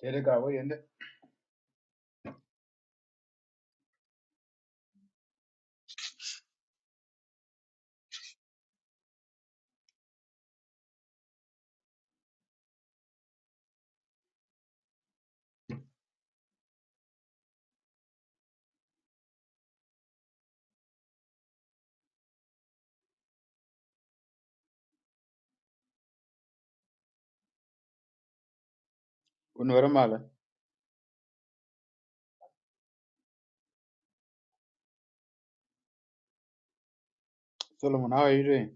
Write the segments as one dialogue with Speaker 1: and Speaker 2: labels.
Speaker 1: Tere ga wo yende. Unwara mala. Solomon, how are you doing?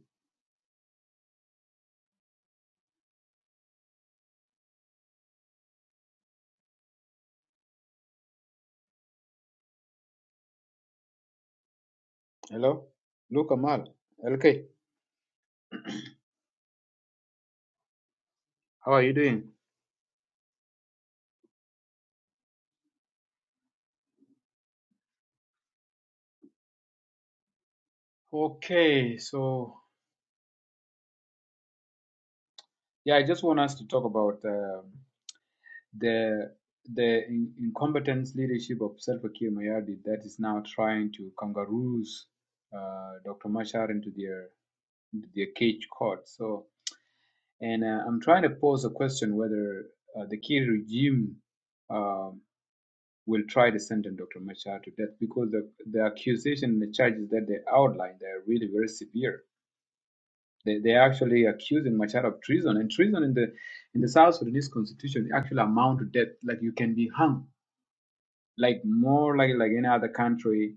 Speaker 1: Hello? Luke Amal. LK, how are you doing? Okay, so yeah, I just want us to talk about um the the in- incompetence leadership of Salva Kiir Mayardit that is now trying to kangaroos uh, Dr. Machar into their into their cage court. So, and uh, I'm trying to pose a question whether uh, the Kiir regime um will try to sentence Dr. Machar to death because the, the accusation and the charges that they outline they are really very severe. They they are actually accusing Machar of treason, and treason in the in the South Sudanese constitution actually amount to death. Like you can be hung, like more like like any other country.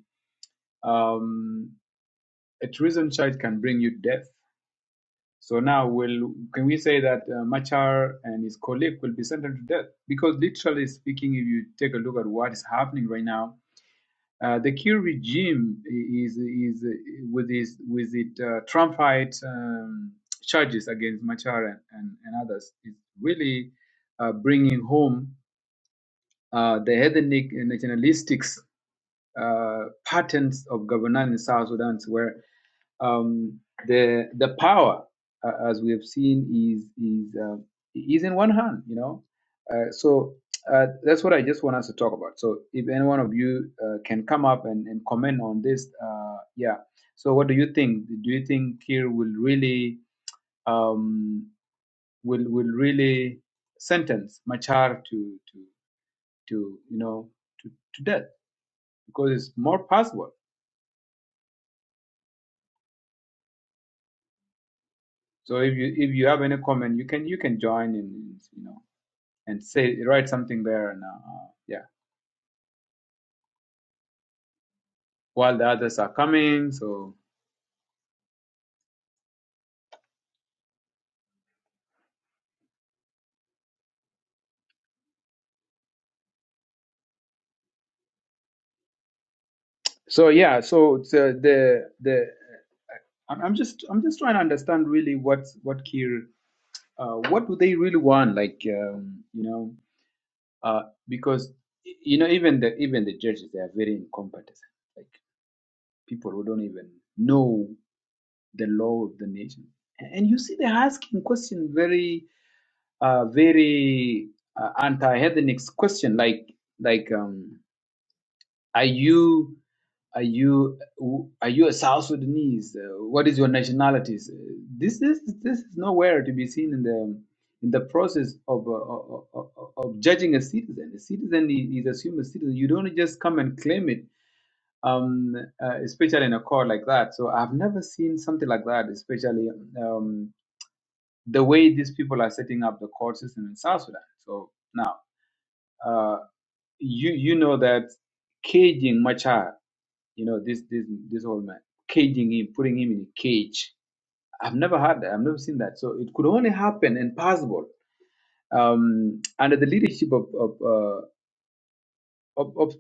Speaker 1: Um, a treason charge can bring you death. So now, will can we say that uh, Machar and his colleague will be sentenced to death? Because literally speaking, if you take a look at what is happening right now, Uh, the Kyiv regime is is with his with it uh, Trumpite um, charges against Machar and, and, and others is really uh, bringing home uh, the ethnic and nationalistic uh, patterns of governance in South Sudan, where um, the the power, uh, as we have seen, is is uh, is in one hand. You know, uh, so uh, that's what I just want us to talk about. So if any one of you uh, can come up and, and comment on this, uh, yeah. So what do you think? Do you think Kir will really um, will will really sentence Machar to to to you know to, to death because it's more possible. So if you if you have any comment, you can you can join in. you know. and say write something there and uh, yeah while the others are coming so so yeah so the the, the I'm, I'm just i'm just trying to understand really what what Kir uh, what do they really want like um, you know uh, because you know even the even the judges they are very incompetent like people who don't even know the law of the nation and you see they're asking question very uh, very uh, anti-hedonic question like like um Are you are you are you a South Sudanese? Uh, what is your nationality? This this this is nowhere to be seen in the in the process of uh, of, of of judging a citizen. A citizen i- is assumed a citizen. You don't just come and claim it, um, uh, especially in a court like that. So I've never seen something like that, especially um, the way these people are setting up the court system in South Sudan. So now uh, you you know that caging Machar. You know, this this this old man caging him, putting him in a cage. I've never had that. I've never seen that. So it could only happen and possible um, under the leadership of of uh, of, of,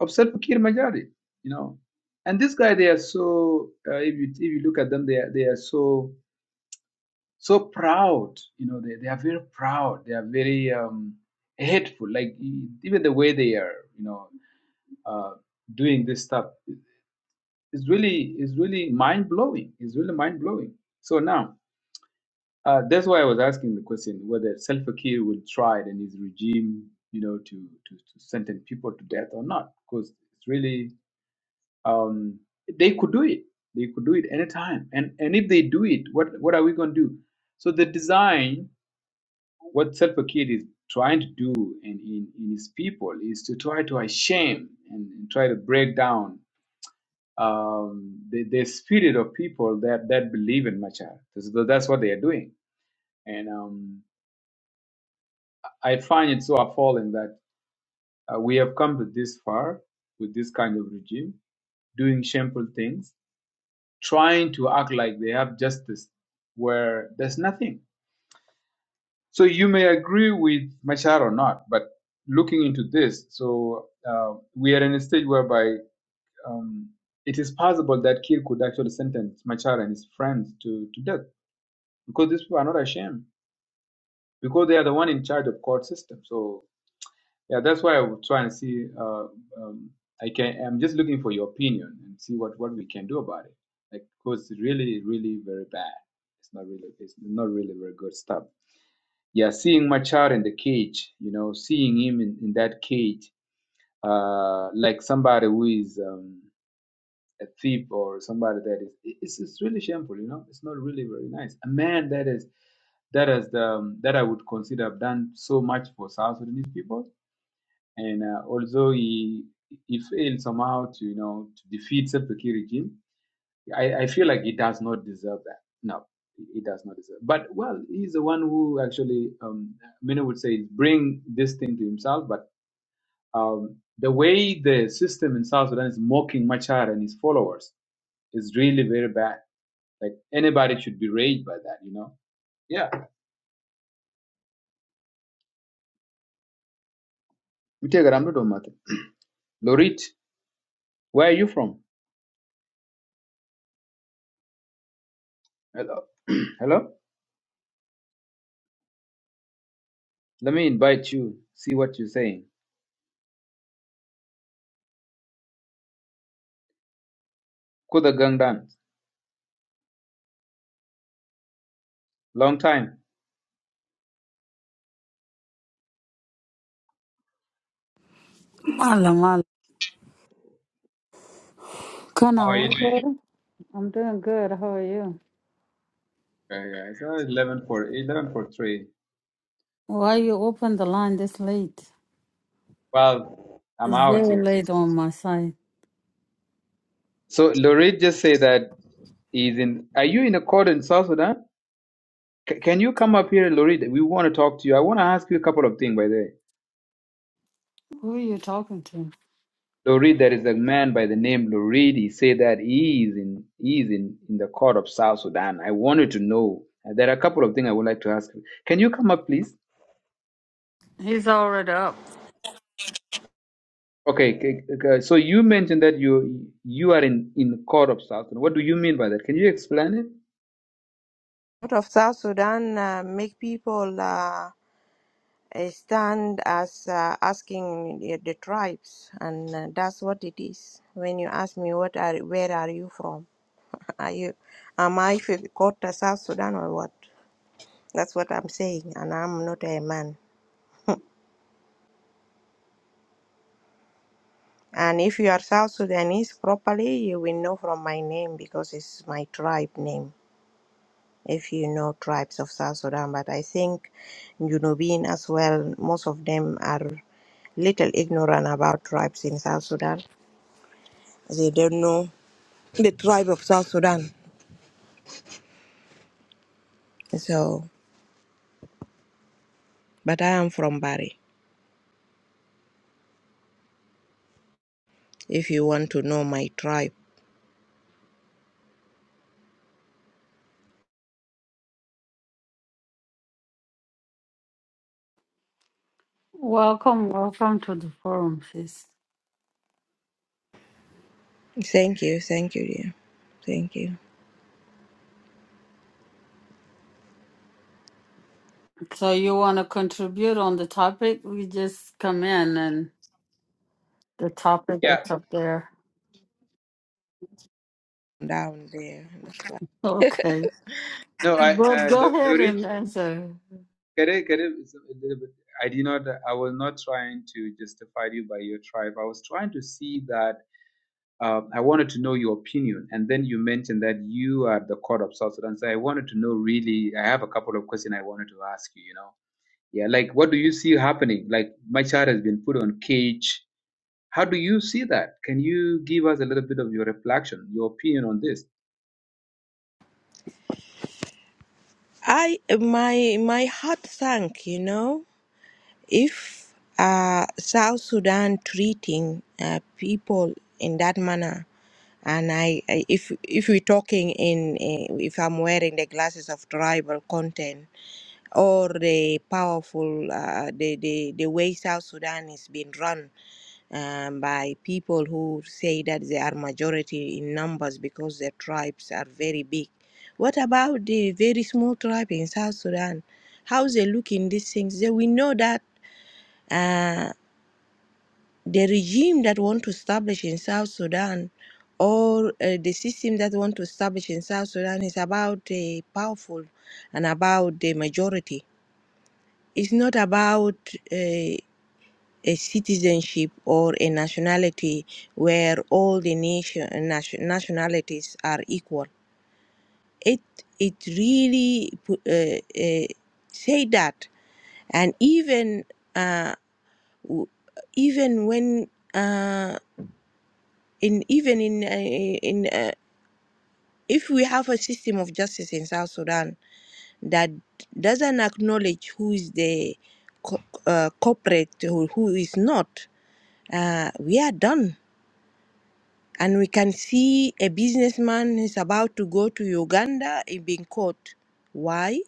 Speaker 1: of Salva Kiir Majari. You know, and this guy, they are so. Uh, if you if you look at them, they are, they are so so proud. You know, they they are very proud. They are very um, hateful. Like e- even the way they are, you know, uh, doing this stuff. is really is really mind blowing. It's really mind blowing. So now uh, that's why I was asking the question whether Salva Kiir will try it in his regime, you know, to to, to sentence people to death or not, because it's really um, they could do it. They could do it anytime. And and if they do it, what what are we going to do? So the design, what Salva Kiir is trying to do in, in, in his people is to try to shame and, and try to break down um, the, the spirit of people that, that believe in Machar. So that's what they are doing. And um, I find it so appalling that uh, we have come to this far with this kind of regime, doing shameful things, trying to act like they have justice where there's nothing. So you may agree with Machar or not, but looking into this, so uh, we are in a stage whereby um, it is possible that Kir could actually sentence Machar and his friends to, to death because these people are not ashamed because they are the one in charge of court system. So yeah, that's why I would try and see. Uh, um, I can. I'm just looking for your opinion and see what what we can do about it. Like, because it's really, really very bad. It's not really. It's not really very good stuff. Yeah, seeing my child in the cage. You know, seeing him in, in that cage, uh, like somebody who is. Um, a thief or somebody that is it- it's, it's really shameful you know it's not really very nice a man that is that is the um, that i would consider have done so much for south sudanese people and uh, although he he failed somehow to you know to defeat self regime I, I feel like he does not deserve that no he he does not deserve but well he's the one who actually um, many would say bring this thing to himself but um, the way the system in south sudan is mocking machar and his followers is really very bad. Like anybody should be raised by that, you know? Yeah. We take I'm not doing nothing. Lorit, where are you from? Hello. Hello? Let me invite you, see what you're saying. Kuda Gangdan, long time.
Speaker 2: Mala, mala. Can I
Speaker 1: How are
Speaker 2: How
Speaker 1: you
Speaker 2: order?
Speaker 1: doing?
Speaker 2: I'm doing good. How are you?
Speaker 1: Okay, yeah, so 11 for 11 for 3.
Speaker 2: Why you open the line this late?
Speaker 1: Well, I'm
Speaker 2: It's
Speaker 1: out
Speaker 2: very
Speaker 1: here.
Speaker 2: late on my side.
Speaker 1: So Lorit just say that he's in. Are you in a court in South Sudan? C- can you come up here, Lorit? We want to talk to you. I want to ask you a couple of things by the way.
Speaker 2: Who are you talking to?
Speaker 1: Lurid, there is a man by the name Lurid. He said that he is in he is in, in the court of South Sudan. I wanted to know. Uh, There are a couple of things I would like to ask. you. Can you come up, please?
Speaker 2: He's already up.
Speaker 1: Okay. k- k- So you mentioned that you you are in in court of South Sudan. What do you mean by that? Can you explain it?
Speaker 3: out of South Sudan uh, make people uh, eh, stand as uh, asking the, the tribes, and uh, that's what it is. When you ask me, what are where are you from? Are you am I from Kota, South Sudan, or what? That's what I'm saying, and I'm not a man. And if you are South Sudanese properly, you will know from my name because it's my tribe name. if you know tribes of South Sudan. But I think Junubin as well, most of them are little ignorant about tribes in South Sudan. They don't know the tribe of South Sudan. So, but I am from Bari. If you want to know my tribe,
Speaker 2: Welcome, welcome to the forum, sis.
Speaker 3: thank you, thank you, dear, thank you.
Speaker 2: So you want to contribute on the topic? We just come in and the topic
Speaker 1: Yeah.
Speaker 2: is up there.
Speaker 3: Down there, that's why.
Speaker 2: Okay.
Speaker 1: No. I
Speaker 2: But
Speaker 1: uh,
Speaker 2: go
Speaker 1: Lu-
Speaker 2: ahead
Speaker 1: Lurid.
Speaker 2: and answer.
Speaker 1: Can I, can I, it's a little bit, I did not. I was not trying to justify you by your tribe. I was trying to see that Um, I wanted to know your opinion, and then you mentioned that you are the court of South Sudan. So I wanted to know really. I have a couple of questions I wanted to ask you. You know, yeah, like what do you see happening? Like my child has been put on cage. How do you see that? Can you give us a little bit of your reflection, your opinion on this?
Speaker 3: I my my heart sank. You know, if uh, South Sudan treating uh, people in that manner. and I, I if if we're talking in uh, if I'm wearing the glasses of tribal content or the powerful uh, the, the the way South Sudan is being run um, by people who say that they are majority in numbers because their tribes are very big. What about the very small tribe in South Sudan? How they look in these things? They, we know that. uh, the regime that want to establish in South Sudan or uh, the system that want to establish in South Sudan is about the powerful and about the majority. It's not about uh, a citizenship or a nationality where all the nation nation- nationalities are equal. It it really pu- uh, uh, say that, and even uh, w- even when. uh, in even in uh, in uh, if we have a system of justice in South Sudan that doesn't acknowledge who is the co- uh, corporate who, who is not, uh, we are done. And we can see a businessman is about to go to Uganda and being caught. Why?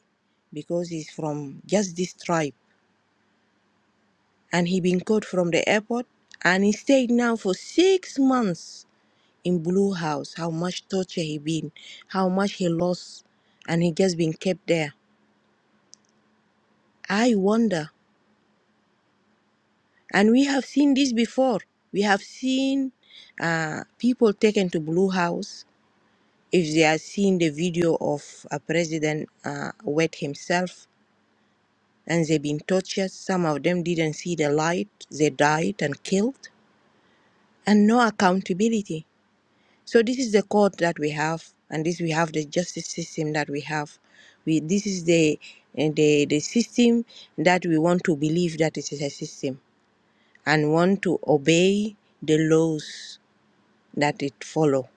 Speaker 3: Because he's from just this tribe, and he been caught from the airport, and he stayed now for six months in Blue House, how much torture he been, how much he lost, and he just been kept there. I wonder, and we have seen this before. We have seen uh, people taken to Blue House if they are seeing the video of a president uh, wet himself, and they been tortured. Some of them didn't see the light; they died and killed, and no accountability. So this is the court that we have, and this we have the justice system that we have. We this is the eh, the the system that we want to believe that it is a system and want to obey the laws that it follow.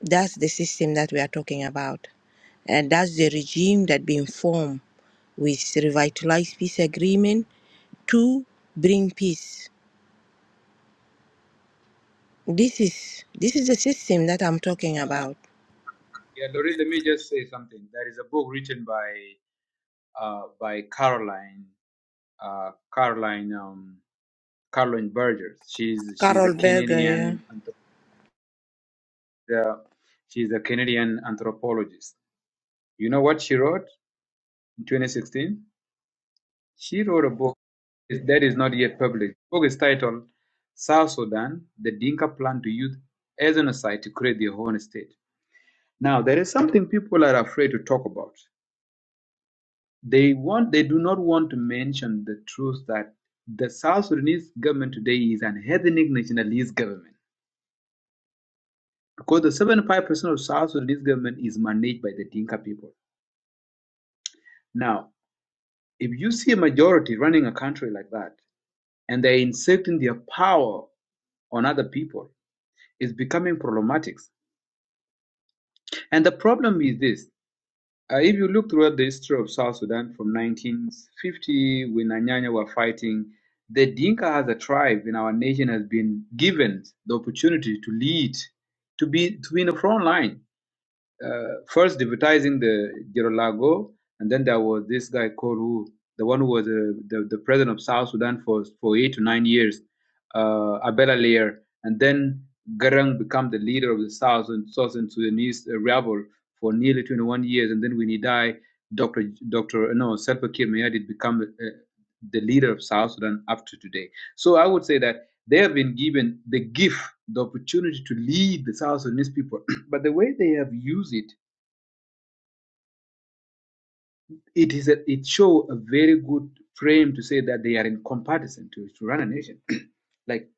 Speaker 3: That's the system that we are talking about, and that's the regime that been formed with revitalized peace agreement to bring peace. This is this is the system that I'm talking about.
Speaker 1: Yeah, Lori, let me just say something. There is a book written by uh, by Caroline uh, Caroline um, Caroline Burgess. She's she's a
Speaker 3: Carol Berger, yeah.
Speaker 1: Canadian anthrop- uh, she's a Canadian anthropologist You know what she wrote in 2016? She wrote a book that is not yet published. The book is titled South Sudan The Dinka Plan to Use Ethnicide to Create Their Own State. Now, there is something people are afraid to talk about. They want, they do not want to mention the truth that the South Sudanese government today is an ethnic nationalist government because the 75% of South Sudanese government is managed by the Dinka people. Now, if you see a majority running a country like that, and they're inserting their power on other people is becoming problematic. And the problem is this. Uh, if you look throughout the history of South Sudan from 1950, when Anyanya were fighting, the Dinka as a tribe in our nation has been given the opportunity to lead, to be to be in the front line. uh, first deputizing the Girolago, and then there was this guy called the one who was uh, the, the president of South Sudan for, for eight to nine years, uh, Abela Lear, and then Garang became the leader of the South and Southern Sudanese uh, rebel for nearly 21 years, and then when he died, Dr. Dr. No, Salva Kiir Mayardit become uh, the leader of South Sudan up to today. So I would say that they have been given the gift, the opportunity to lead the South Sudanese people but the way they have used it, it is a, it show a very good frame to say that they are in comparison to, to run a nation. like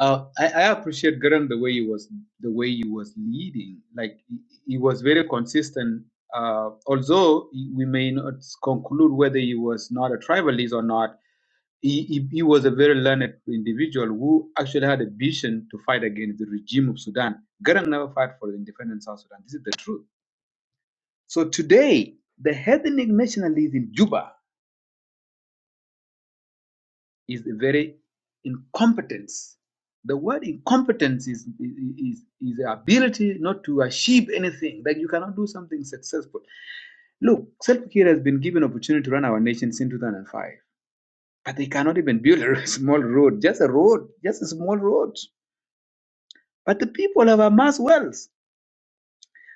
Speaker 1: uh, I, I appreciate Graham the way he was the way he was leading. Like he, he was very consistent. Uh, although he- we may not conclude whether he was not a tribalist or not, he, he, he was a very learned individual who actually had a vision to fight against the regime of Sudan. Garang never fight for the independence of Sudan. This is the truth So today, the ethnic nationalists in Juba is a very incompetence. The word incompetence is, is, is the ability not to achieve anything, that you cannot do something successful. Look, Self Care has been given opportunity to run our nation since 2005, but they cannot even build a small road, just a road, just a small road. But the people have amassed wealth.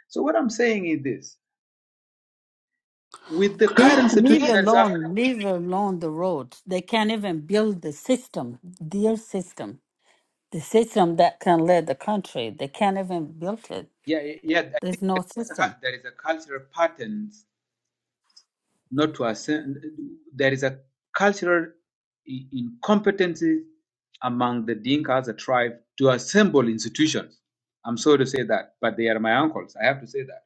Speaker 1: So what I'm saying is this: with the
Speaker 2: Leave,
Speaker 1: current
Speaker 2: leave
Speaker 1: situation that is
Speaker 2: alone,
Speaker 1: happening,
Speaker 2: leave alone the road. They can't even build the system, their system. the system that can lead the country. They can't even build it.
Speaker 1: yeah, yeah, there
Speaker 2: There's no
Speaker 1: is a,
Speaker 2: system.
Speaker 1: there is a cultural pattern not to ascend. There is a cultural incompetency among the Dinka as a tribe to assemble institutions. I'm sorry to say that, but they are my uncles. I have to say that.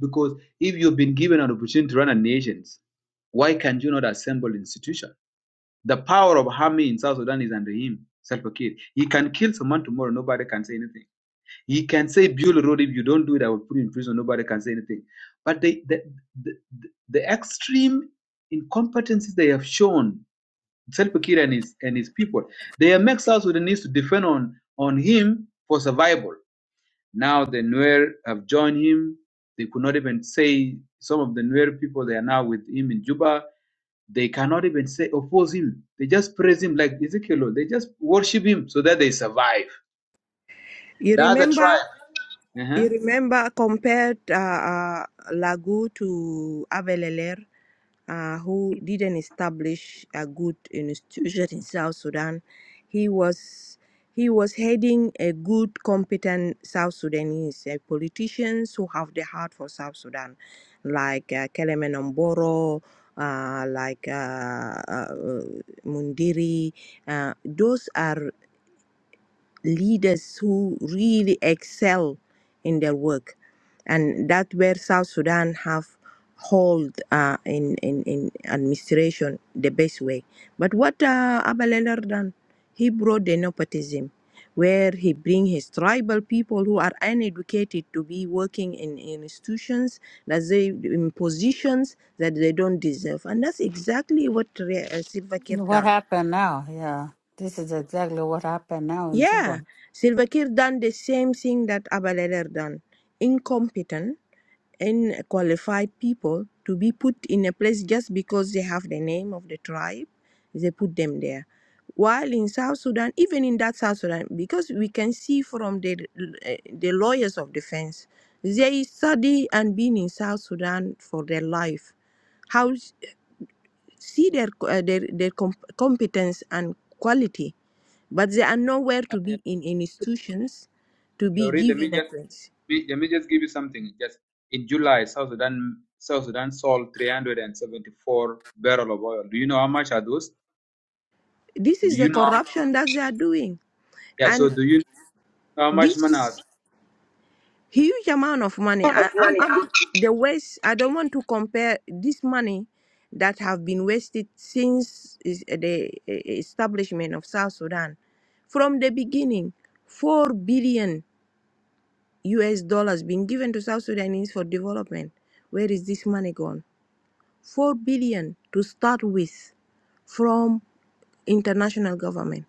Speaker 1: Because if you've been given an opportunity to run a nation, why can you not assemble institution? The power of army in South Sudan is under him, Salva Kiir. He can kill someone tomorrow, nobody can say anything. He can say build a road if you don't do it, I will put you in prison. Nobody can say anything. But they, the, the, the, the extreme incompetencies they have shown, Selpa Kiir and his, and his people, they have made South Sudanese to depend on, on him for survival. Now the Nuer have joined him. They could not even say, some of the Nuer people, they are now with him in Juba. They cannot even say oppose him. They just praise him like Ezekiel. They just worship him so that they survive.
Speaker 3: You
Speaker 1: The other
Speaker 3: remember?
Speaker 1: tribe.
Speaker 3: You
Speaker 1: Uh-huh.
Speaker 3: remember compared uh, uh, Lagu to Abeleler, uh, who didn't establish a good institution in South Sudan. He was he was heading a good, competent South Sudanese uh, politicians who have the heart for South Sudan, like uh, Kelemen Omboro, uh, like uh, uh, Mundiri. Uh, those are leaders who really excel in their work and that where south sudan have hold uh, in, in in administration the best way but what uh, abaleler done he brought the nepotism where he bring his tribal people who are uneducated to be working in, in institutions that they in positions that they don't deserve and that's exactly what Re- uh, Silva Kiir
Speaker 2: What
Speaker 3: done
Speaker 2: happened now? Yeah, this is exactly what happened now in Juba.
Speaker 3: Yeah, Silva Kiir done the same thing that Abaleder done. Incompetent and qualified people to be put in a place just because they have the name of the tribe, they put them there. While in South Sudan, even in that South Sudan, because we can see from the eh, the lawyers of defense, they study and been in South Sudan for their life. How see their co- eh, their, their com- competence and quality but they are nowhere to be in institutions to be
Speaker 1: Lori, let me
Speaker 3: given a
Speaker 1: just
Speaker 3: place.
Speaker 1: me- let me just give you something. Just in July, South Sudan South Sudan sold 374 barrel of oil. Do you know how much are those?
Speaker 3: This
Speaker 1: Do
Speaker 3: is the
Speaker 1: you know? How,
Speaker 3: corruption that they are doing,
Speaker 1: yeah. So
Speaker 3: and
Speaker 1: do you know how much
Speaker 3: this
Speaker 1: money are
Speaker 3: is huge amount of money.
Speaker 1: Amount
Speaker 3: I,
Speaker 1: of
Speaker 3: I'm,
Speaker 1: money.
Speaker 3: I'm
Speaker 1: I'm
Speaker 3: the waste. I don't want to compare this money that have been wasted since is- eh, the eh, establishment of South Sudan, from the beginning, four billion U.S. dollars being given to South Sudanese for development. Where is this money gone? 4 billion to start with from international government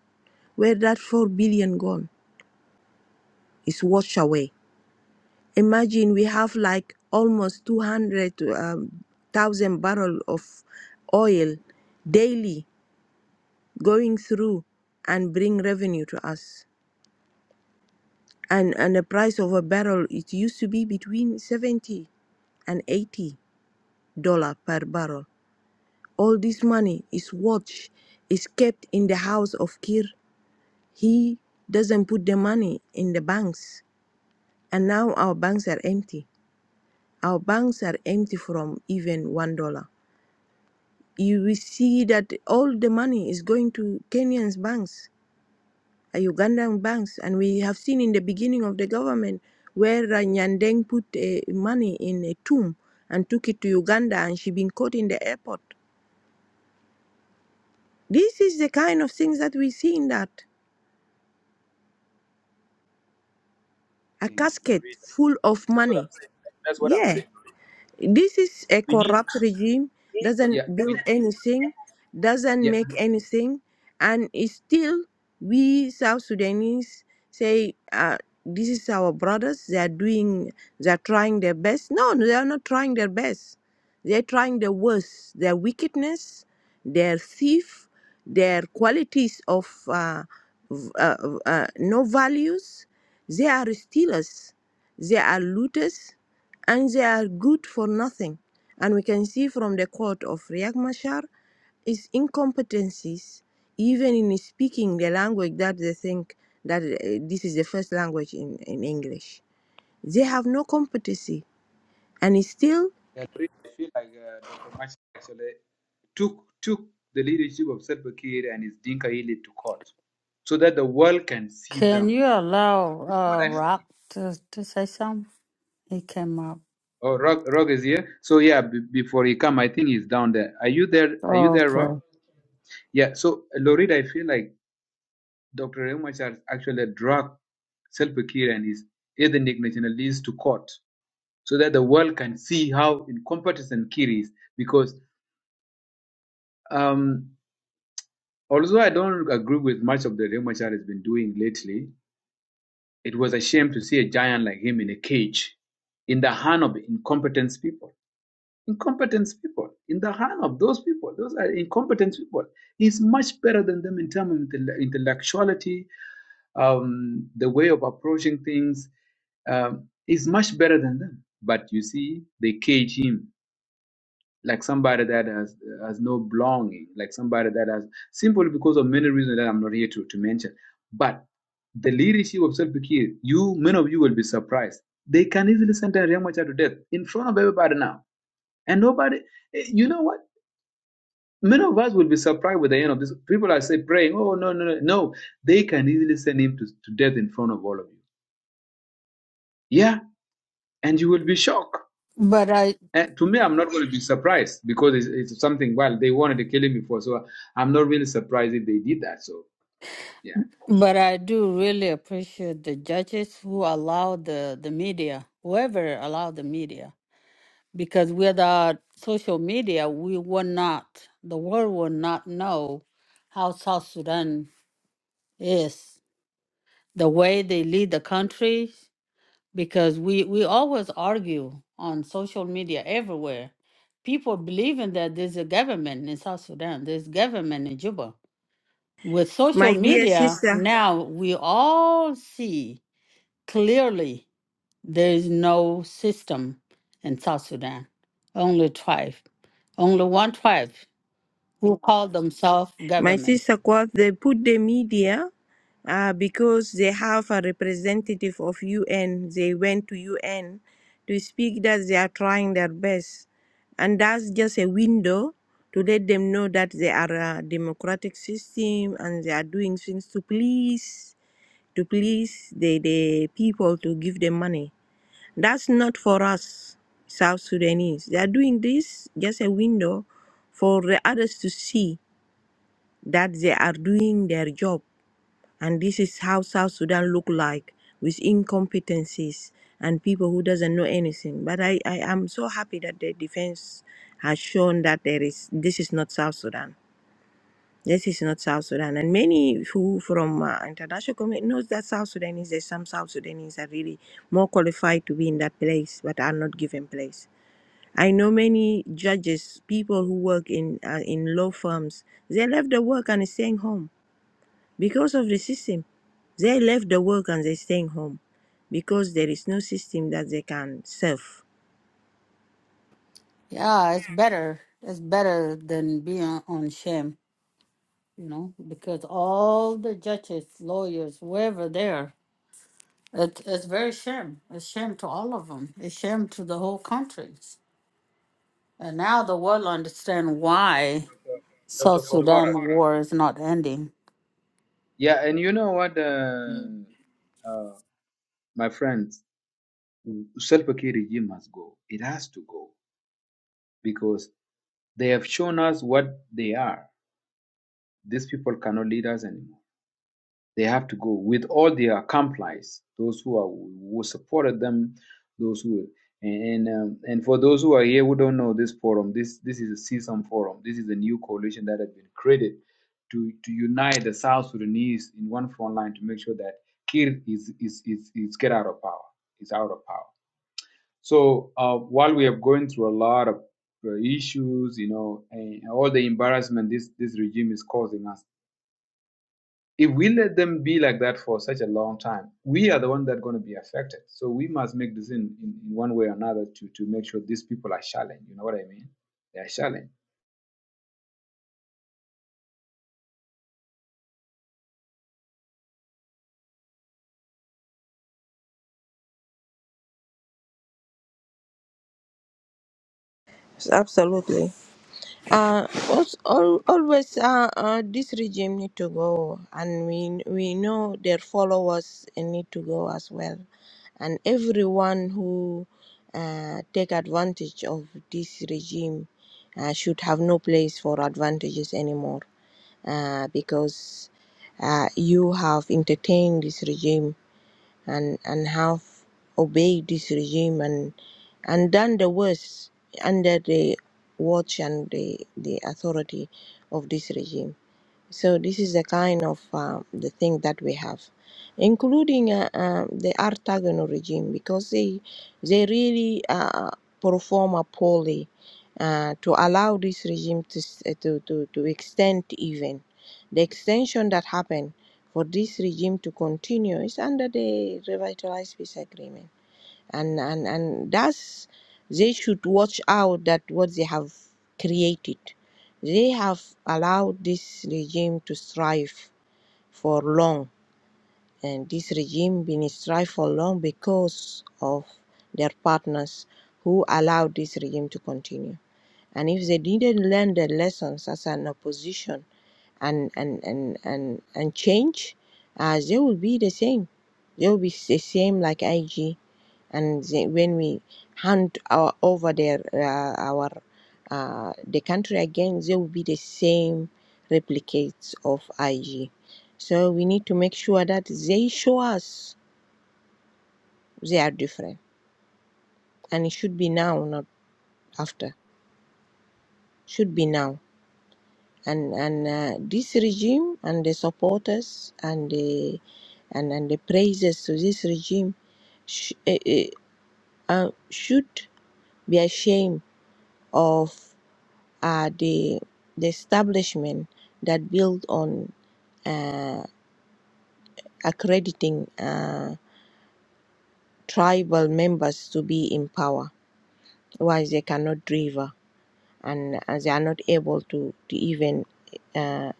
Speaker 3: where that 4 billion gone is washed away imagine we have like almost 200,000 barrel of oil daily going through and bring revenue to us and and the price of a barrel it used to be between 70 and 80 dollar per barrel all this money is watched is kept in the house of kir He doesn't put the money in the banks. And now our banks are empty. Our banks are empty from even one dollar. You will see that all the money is going to Kenyan's banks, uh, Ugandan banks, and we have seen in the beginning of the government where uh, Nyandeng put uh, money in a tomb and took it to Uganda, and she been caught in the airport. This is the kind of things that we see in that a
Speaker 1: thing,
Speaker 3: casket
Speaker 1: Lori?
Speaker 3: full of
Speaker 1: That's what
Speaker 3: money.
Speaker 1: I'm saying. That's what I'm
Speaker 3: Yeah,
Speaker 1: saying. Lori.
Speaker 3: This is a
Speaker 1: We need.
Speaker 3: corrupt regime, doesn't
Speaker 1: Yeah. We,
Speaker 3: build
Speaker 1: listen,
Speaker 3: anything, doesn't
Speaker 1: yeah.
Speaker 3: make anything, and it's still we South Sudanese say uh, this is our brothers. They are doing, they are trying their best. No, no, they are not trying their best. They are trying their worst. Their wickedness, their thief, their qualities of uh, v- uh, uh, no values. They are stealers. They are looters and they are good for nothing. And we can see from the quote of Riek Machar is incompetencies, even in speaking the language that they think that uh, this is the first language in, in English. They have no competency. And still,
Speaker 1: yeah, Lori, I feel like uh, Dr. Machi actually took took the leadership of Salva Kiir and his Dinka elite to court, so that the world can see
Speaker 2: Can
Speaker 1: them.
Speaker 2: you allow
Speaker 1: This is what
Speaker 2: uh,
Speaker 1: I feel.
Speaker 2: Rock to to say something? He came up.
Speaker 1: Oh, Rock, Rock is here. So yeah, b- before he come, I think he's down there. Are you there? Are you there, Rock?
Speaker 2: Okay,
Speaker 1: Yeah. So Lorid, I feel like Dr. Remachar actually drug Selpa Kiir and his ethnic nationalists to court so that the world can see how incompetent Kiir is. Because um, although I don't agree with much of the Remachar has been doing lately, it was a shame to see a giant like him in a cage, in the hand of incompetent people. Incompetent people in the hand of those people. Those are incompetent people. He's much better than them in terms of intellectuality, um, the way of approaching things. Um, he's much better than them. But you see, they cage him like somebody that has has no belonging, like somebody that has simply because of many reasons that I'm not here to, to mention. But the leadership of Self Fakir, you many of you will be surprised. They can easily sentence Ramacha to death in front of everybody now. And nobody, eh, you know what? Many of us will be surprised with the end of this. People are say praying, oh no, no, no. No, they can easily send him to, to death in front of all of you. Yeah. And you will be shocked.
Speaker 2: but I
Speaker 1: And to me, I'm not going to be surprised because it's, it's something well, they wanted to kill him before. So I'm not really surprised if they did that. So yeah.
Speaker 2: but I do really appreciate the judges who allow the the media, whoever allowed the media, because without social media, we would not, the world would not know how South Sudan Yes, the way they lead the country, because we, we always argue on social media everywhere. People believing that there's a government in South Sudan, there's government in Juba. With social
Speaker 3: my dear
Speaker 2: media,
Speaker 3: sister,
Speaker 2: now we all see clearly there is no system in South Sudan, only tribe, only one tribe who call themselves
Speaker 3: My
Speaker 2: government.
Speaker 3: sister quote, they put the media uh, because they have a representative of UN. They went to UN to speak that they are trying their best. And that's just a window to let them know that they are a democratic system and they are doing things to please to please the, the people to give them money. That's not for us, South Sudanese. They are doing this just a window for the others to see that they are doing their job. And this is how South Sudan look like with incompetencies and people who doesn't know anything. But I, I am so happy that the defense has shown that there is this is not South Sudan. This is not South Sudan. And many who from uh, international community knows that South Sudanese, there's some South Sudanese are really more qualified to be in that place, but are not given place. I know many judges, people who work in uh, in law firms, they left the work and is staying home because of the system, they left the work and they're staying home because there is no system that they can serve.
Speaker 2: Yeah, it's better. It's better than being on shame. you know, because all the judges, lawyers, wherever they are, it, it's very shame. It's shame to all of them. It's shame to the whole countries. And now the world understand why
Speaker 1: Dr.
Speaker 2: South Sudan
Speaker 1: Kokora.
Speaker 2: war is not ending.
Speaker 1: Yeah, and you know what, uh, uh, my friends, Selpa K regime must go. It has to go because they have shown us what they are. These people cannot lead us anymore. They have to go with all their accomplices, those who are who supported them, those who and and, um, and for those who are here who don't know this forum, this this is a CSAM forum. This is a new coalition that has been created to to unite the South Sudanese in one front line to make sure that Kir is is is is get out of power. It's out of power. So uh, while we are going through a lot of uh, issues, you know, and all the embarrassment this this regime is causing us, if we let them be like that for such a long time, we are the one that are going to be affected. So we must make this in, in, in one way or another to, to make sure these people are challenged. You know what I mean? They are challenged.
Speaker 3: Absolutely. Uh, als- al- always uh, uh, this regime need to go, and we we know their followers need to go as well, and everyone who uh, take advantage of this regime uh, should have no place for advantages anymore, uh, because uh, you have entertained this regime and and have obeyed this regime and and done the worst under the watch and the, the authority of this regime. So this is the kind of um, the thing that we have, including uh, um, the Artagono regime, because they they really uh, perform a poorly uh, to allow this regime to, s- uh, to to to extend even the extension that happened for this regime to continue is under the revitalized peace agreement and and and thus they should watch out that what they have created they have allowed this regime to strive for long and this regime been strive for long because of their partners who allowed this regime to continue and if they didn't learn their lessons as an opposition and and and and, and change as uh, they will be the same they will be the same like ig and the- when we hand our, over their uh, our uh, the country again, they will be the same replicates of IG. So we need to make sure that they show us they are different, and it should be now, not after. Should be now, and and uh, this regime and the supporters and the and and the praises to this regime sh- uh, uh, uh, should be ashamed of are the the establishment that build on accrediting uh, tribal members to be in power, why they cannot deliver and uh, they are not able to, to even uh,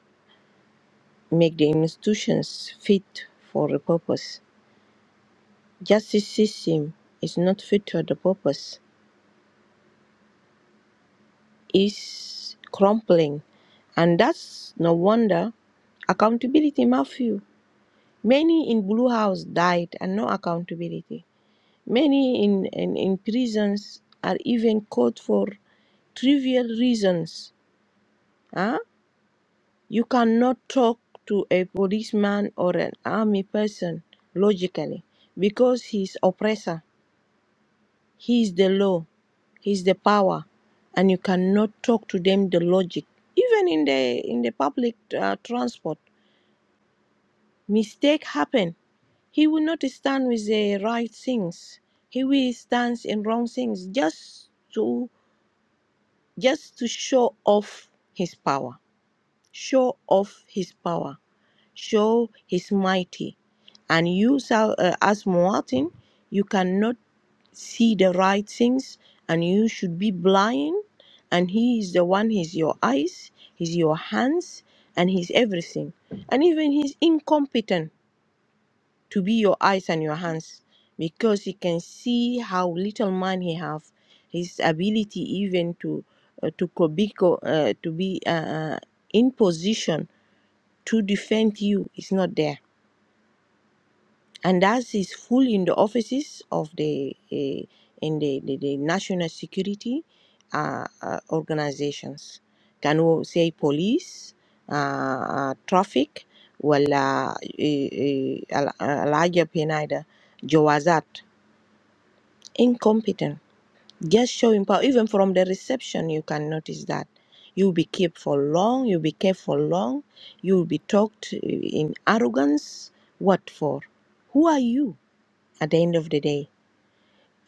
Speaker 3: make the institutions fit for the purpose. Justice system is not fit for the purpose. Is crumbling, and that's no wonder accountability mafia. Many in Blue House died and no accountability Many in, in, in prisons are even caught for trivial reasons. Huh? You cannot talk to a policeman or an army person logically because he's oppressor. He's the law. He's the power, and you cannot talk to them the logic. Even in the in the public uh, transport, mistake happen. He will not stand with the right things. He will stand in wrong things just to just to show off his power, show off his power, show his mighty. And you, Sa- uh, as Martin, you cannot see the right things, and you should be blind. And he is the one. He's your eyes. He's your hands, and he's everything. And even he's incompetent to be your eyes and your hands because he can see how little man he have his ability even to uh, to co- be co- uh, to be uh, uh, in position to defend you is not there and as is full in the offices of the uh, in the, the, the national security uh, uh, organizations can we say police uh, uh, traffic ولا العجب هنا ده جوازات incompetent just showing power even from the reception you can notice that you'll be kept for long you'll be kept for long you'll be talked eh, in arrogance what for who are you at the end of the day.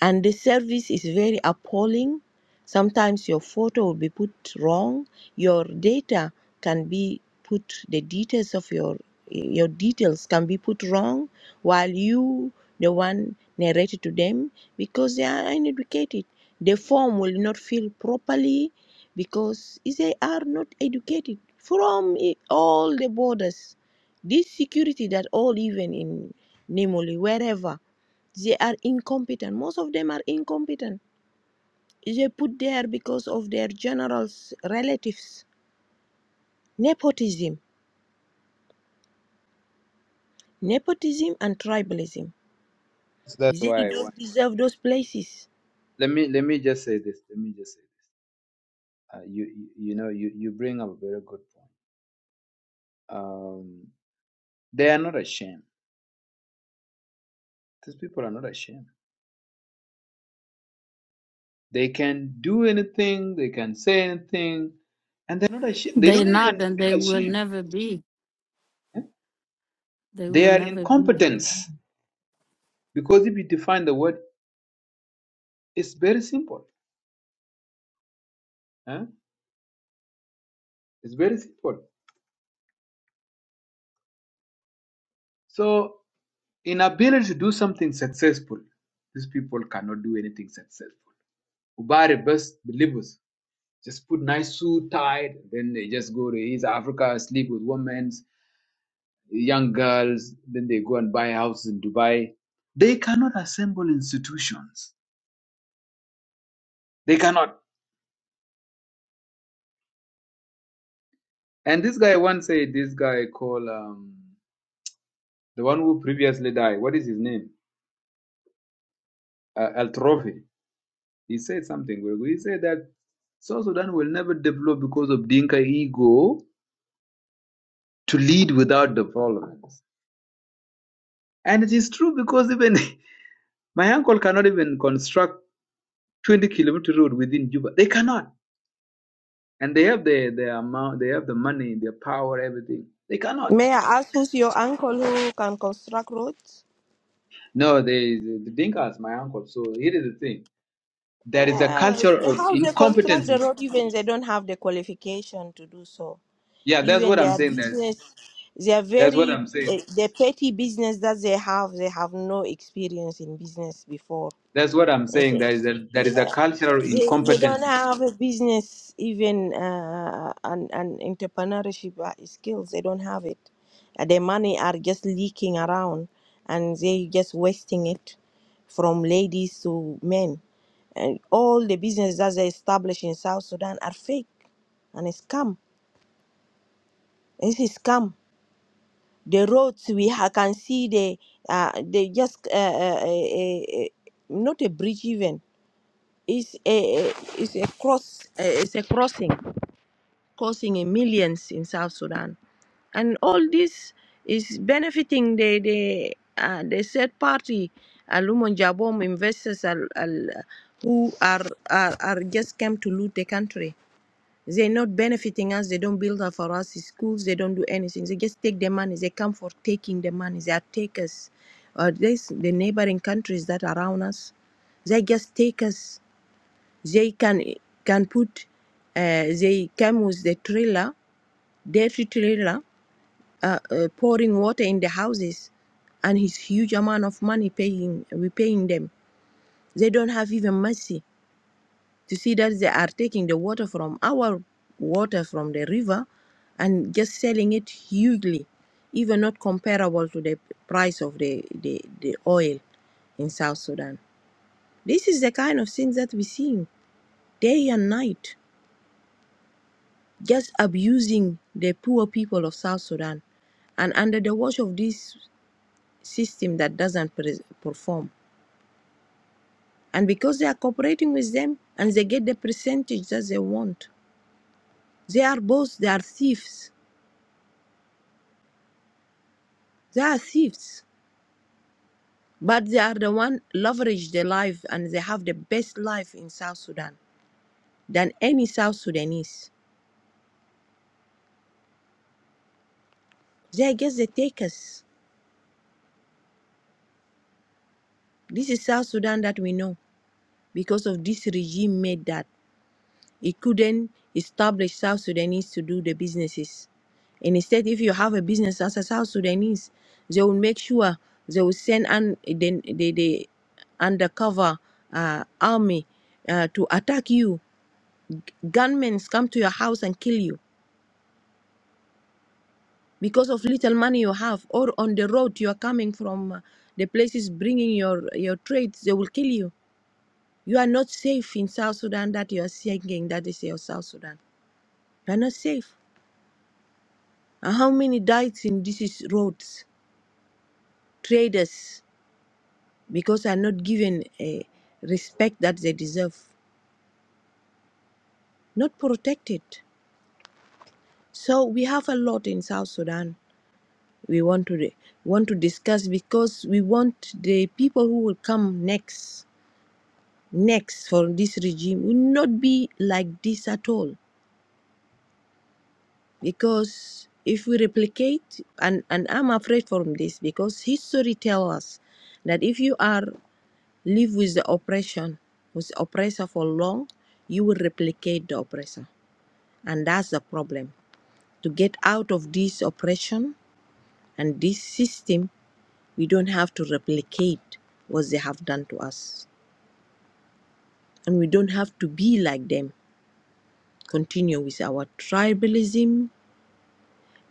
Speaker 3: And the service is very appalling. Sometimes your photo will be put wrong. Your data can be put the details of your your details can be put wrong while you the one narrated to them because they are uneducated. The form will not fill properly because they are not educated from i- all the borders. This security that all even in Nimoli, wherever they are incompetent most of them are incompetent they put there because of their generals relatives nepotism nepotism and tribalism
Speaker 1: So that's
Speaker 3: they
Speaker 1: why I want.
Speaker 3: don't deserve those places
Speaker 1: Let me let me just say this. Let me just say this. Uh, you, you you know you you bring up a very good point. Um, they are not ashamed. These people are not ashamed. They can do anything. They can say anything, and they're not ashamed. They
Speaker 2: They
Speaker 1: don't even
Speaker 2: not, and they
Speaker 1: feel
Speaker 2: will
Speaker 1: ashamed.
Speaker 2: never be.
Speaker 1: eh?
Speaker 2: They will
Speaker 1: They are
Speaker 2: never be.
Speaker 1: incompetence because if you define the word It's very simple. huh? It's very simple. So, inability to do something successful, these people cannot do anything successful. Ubari best believers just put nice suit tied, then they just go to East Africa, sleep with women, young girls, then they go and buy houses in Dubai. They cannot assemble institutions. They cannot. And this guy once said, this guy called um, the one who previously died. What is his name? Uh, El Trophy. He said something very good. He said that South Sudan will never develop because of Dinka ego to lead without development. And it is true because even my uncle cannot even construct 20 kilometer road within Juba. They cannot. And they have the, the amount, they have the money, their power, everything. They cannot.
Speaker 3: May I ask who's your uncle who can construct roads?
Speaker 1: No, they, the, the Dinkas, my uncle. So here is the thing. There is a
Speaker 3: Yeah,
Speaker 1: culture of
Speaker 3: how they construct the
Speaker 1: incompetencies.
Speaker 3: road even they don't have the qualification to do so.
Speaker 1: Yeah, that's
Speaker 3: Even
Speaker 1: what I'm
Speaker 3: their
Speaker 1: saying. That,
Speaker 3: business, they are
Speaker 1: that's what
Speaker 3: very
Speaker 1: I'm
Speaker 3: uh,
Speaker 1: saying.
Speaker 3: the petty business that they have. They have no experience in business before.
Speaker 1: That's what I'm
Speaker 3: Is
Speaker 1: saying. There
Speaker 3: it?
Speaker 1: is a, there is a
Speaker 3: Yeah.
Speaker 1: culture of
Speaker 3: They, they don't
Speaker 1: incompetencies
Speaker 3: have a business, even uh, an, an entrepreneurship uh, skills. They don't have it. Uh, Their money are just leaking around and they just wasting it from ladies to men. And all the businesses that they establish in South Sudan are fake and a scam. This is scam. The roads we ha- can see, they, uh, they just uh, uh, uh, uh, not a bridge even It's a it's a cross uh, it's a crossing crossing in millions in South Sudan, and all this is benefiting the the uh, the third party aluminum jabom investors al, al, who are, are are just came to loot the country. They're not benefiting us. They don't build up for us schools. They don't do anything. They just take the money. They come for taking the money. They are takers. Uh, this the neighboring countries that are around us. They just take us they can can put. Uh, they came with the trailer, dirty trailer, uh, uh, pouring water in the houses, and it's huge amount of money paying. We paying them. They don't have even mercy to see that they are taking the water from our water from the river, and just selling it hugely, even not comparable to the price of the the, the oil in South Sudan. This is the kind of things that we see day and night. just abusing the poor people of South Sudan and under the watch of this system that doesn't pre- perform. And because they are cooperating with them and they get the percentage that they want, they are both, they are thieves. They are thieves, but they are the one leverage their life and they have the best life in South Sudan than any South Sudanese. They are just the takers. This is South Sudan that we know because of this regime made that. It couldn't establish South Sudanese to do the businesses. And instead, if you have a business as a South Sudanese, they will make sure they will send an the, the, the undercover uh, army uh, to attack you. Gunmen come to your house and kill you because of little money you have, or on the road you are coming from uh, the places bringing your your trades, they will kill you. You are not safe in South Sudan that you are saying that is your South Sudan. You are not safe. And how many died in these roads? Traders, because are not given a respect that they deserve, not protected. So we have a lot in South Sudan. We want to want to discuss because we want the people who will come next, next for this regime will not be like this at all. Because if we replicate, and and I'm afraid from this because history tells us that if you are Live with the oppression, with the oppressor for long, you will replicate the oppressor. And that's the problem. To get out of this oppression and this system, we don't have to replicate what they have done to us. And we don't have to be like them. Continue with our tribalism,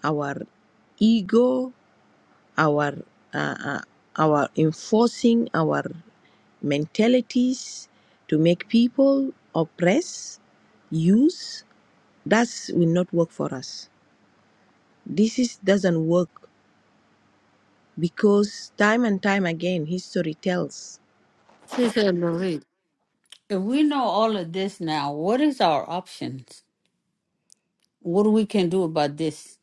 Speaker 3: our ego, our uh, uh, our enforcing our mentalities to make people oppress, use, That will not work for us. This is, doesn't work because time and time again, history tells
Speaker 2: Sister said, "Lorraine, If we know all of this now, what is our options? What we can do about this?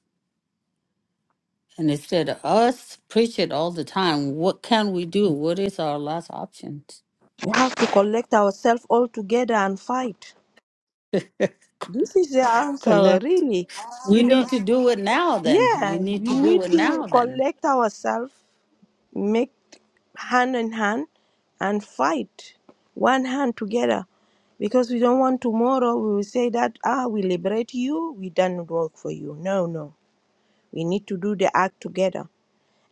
Speaker 2: And instead of us preach it all the time, what can we do? What is our last options?
Speaker 3: we have to collect ourselves all together and fight. This is the answer,
Speaker 2: Collect.
Speaker 3: really.
Speaker 2: We
Speaker 3: You don't,
Speaker 2: need to do it now then.
Speaker 3: yeah,
Speaker 2: We need to
Speaker 3: we
Speaker 2: do
Speaker 3: need
Speaker 2: it
Speaker 3: to
Speaker 2: now then.
Speaker 3: collect ourselves, make hand in hand, and fight one hand together because we don't want tomorrow we will say that ah we liberate you we done work for you no no we need to do the act together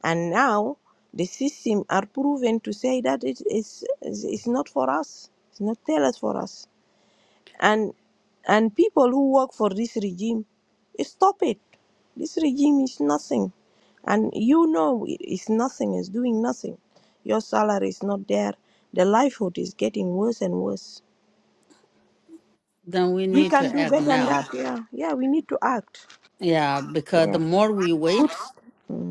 Speaker 3: And now the system are proven to say that it is it's not for us. It's not tailored for us. And and people who work for this regime, stop it. This regime is nothing. And you know it is nothing, it's doing nothing. Your salary is not there. The livelihood is getting worse and worse.
Speaker 2: Then we
Speaker 3: We
Speaker 2: need
Speaker 3: can
Speaker 2: to
Speaker 3: do
Speaker 2: act
Speaker 3: better than that,
Speaker 2: now.
Speaker 3: yeah. Yeah, we need to act.
Speaker 2: Yeah, because the
Speaker 3: Yeah.
Speaker 2: more we wait,
Speaker 3: Good.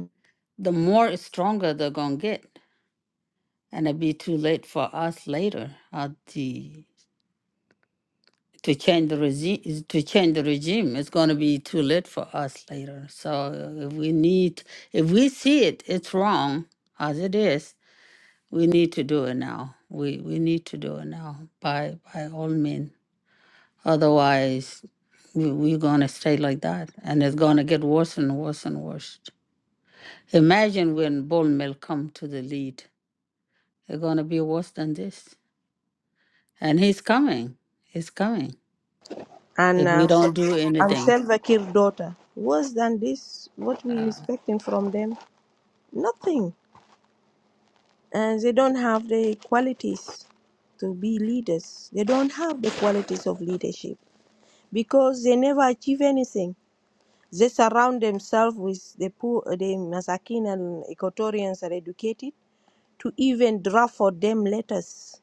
Speaker 2: the more stronger they're going to get. And it'll be too late for us later uh, the, to change the regime. To change the regime, it's going to be too late for us later. So uh, if we need, if we see it, it's wrong as it is. We need to do it now. We we need to do it now by by all means. Otherwise, we, we're going to stay like that, and it's going to get worse and worse and worse. Imagine when Bull Mill come to the lead, it's going to be worse than this. And he's coming. He's coming.
Speaker 3: and
Speaker 2: If we
Speaker 3: uh,
Speaker 2: don't do
Speaker 3: and
Speaker 2: anything,
Speaker 3: Salva Kiir daughter. Worse than this, what we
Speaker 2: uh,
Speaker 3: expecting from them? Nothing. And they don't have the qualities to be leaders. They don't have the qualities of leadership because they never achieve anything. They surround themselves with the poor, uh, the Masakin and Equatorians are educated to even draft for them letters.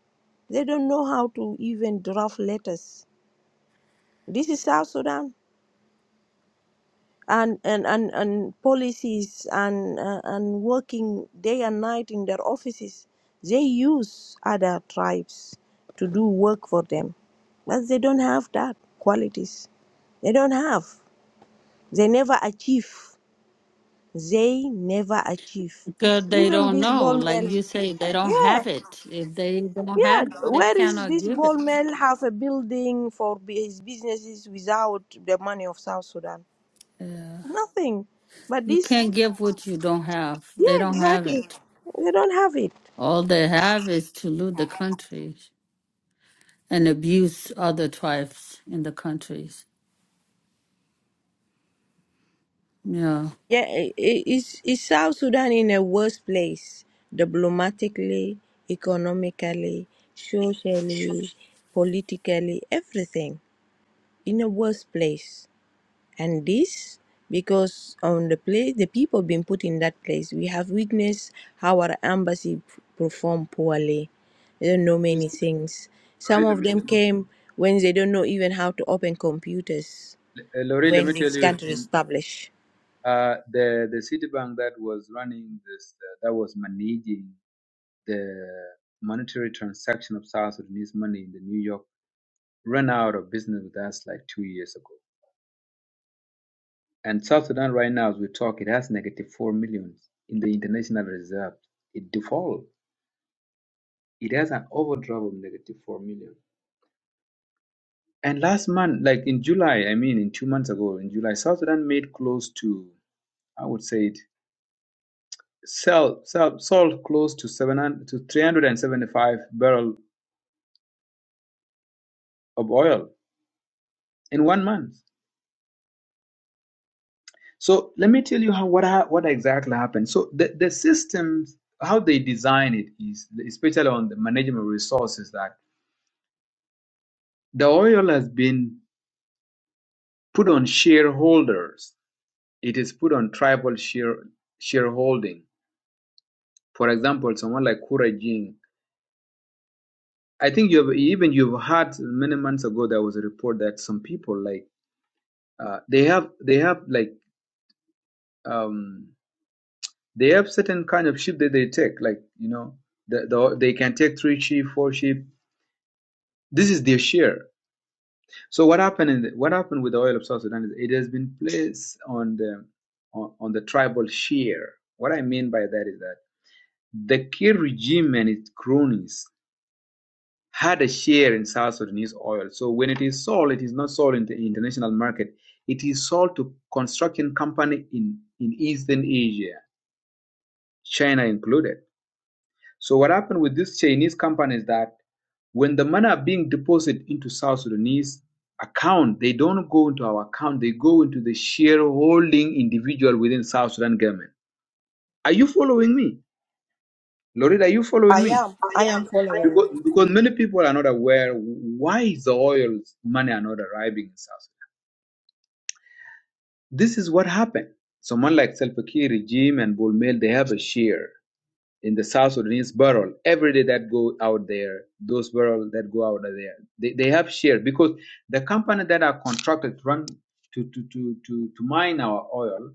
Speaker 3: They don't know how to even draft letters. This is South Sudan. and and and, and policies and uh, and working day and night in their offices they use other tribes to do work for them but they don't have that qualities they don't have they never achieve they never achieve
Speaker 2: because they
Speaker 3: even
Speaker 2: don't
Speaker 3: this
Speaker 2: know,
Speaker 3: ball
Speaker 2: like
Speaker 3: mill
Speaker 2: you say, they don't
Speaker 3: yeah
Speaker 2: have it. If they don't
Speaker 3: yeah
Speaker 2: have it, they
Speaker 3: where is
Speaker 2: cannot
Speaker 3: this
Speaker 2: give
Speaker 3: ball
Speaker 2: it.
Speaker 3: mill have a building for bu- his businesses without the money of south sudan
Speaker 2: Yeah.
Speaker 3: nothing but
Speaker 2: You
Speaker 3: this
Speaker 2: can't give what you don't have. They
Speaker 3: Yeah,
Speaker 2: don't have
Speaker 3: exactly.
Speaker 2: it.
Speaker 3: They don't have it.
Speaker 2: All they have is to loot the country. and abuse other tribes in the countries. Yeah.
Speaker 3: Yeah, i- i- is is South Sudan in a worse place diplomatically, economically, socially, politically, everything in a worse place. And this because on the place the people been put in that place, we have witnessed how our embassy p- performed poorly. They don't know many things. Some
Speaker 1: Lori, let
Speaker 3: of
Speaker 1: me
Speaker 3: them
Speaker 1: tell
Speaker 3: came when they don't know even how to open computers
Speaker 1: you. uh, Lori, let
Speaker 3: when
Speaker 1: me
Speaker 3: they
Speaker 1: tell you.
Speaker 3: can't
Speaker 1: In
Speaker 3: establish.
Speaker 1: uh, the the Citibank that was running this, uh, that was managing the monetary transaction of South Sudanese money in the New York, ran out of business with us like two years ago. And South Sudan right now, as we talk, it has negative four million in the international reserve. It default. It has an overdraft of negative four million. And last month, like in July, I mean, in two months ago, in July, South Sudan made close to, I would say, sell, sell, sold close to 700 to 375 barrel of oil in one month. So let me tell you how what what exactly happened. So the, the systems how they design it is especially on the management resources that the oil has been put on shareholders. It is put on tribal share shareholding. For example, someone like Kurajing. I think you have even you've heard many months ago there was a report that some people like uh, they have they have like um they have certain kind of sheep that they take like you know the, the, they can take three sheep four sheep this is their share so what happened in the, what happened with the oil of south sudan is it has been placed on the on, on the tribal share what i mean by that is that the kir regime and its cronies had a share in south sudanese oil so when it is sold it is not sold in the international market it is sold to construction company in in eastern asia china included So what happened with this Chinese company is that when the money are being deposited into South Sudanese account, they don't go into our account. They go into the shareholding individual within South Sudan government. Are you following me, Loretta? Are you
Speaker 3: I
Speaker 1: following me?
Speaker 3: am.
Speaker 1: I am.
Speaker 3: I am
Speaker 1: I am.
Speaker 3: following.
Speaker 1: Because, because many people are not aware why is the oil money are not arriving in South Sudan. This is what happened. Someone like Salva Kiir regime and Bull Mel, they have a share. in the South Sudanese barrel every day that go out there, those barrels that go out of there, they, they have share because the company that are contracted to run to to to to, to mine our oil,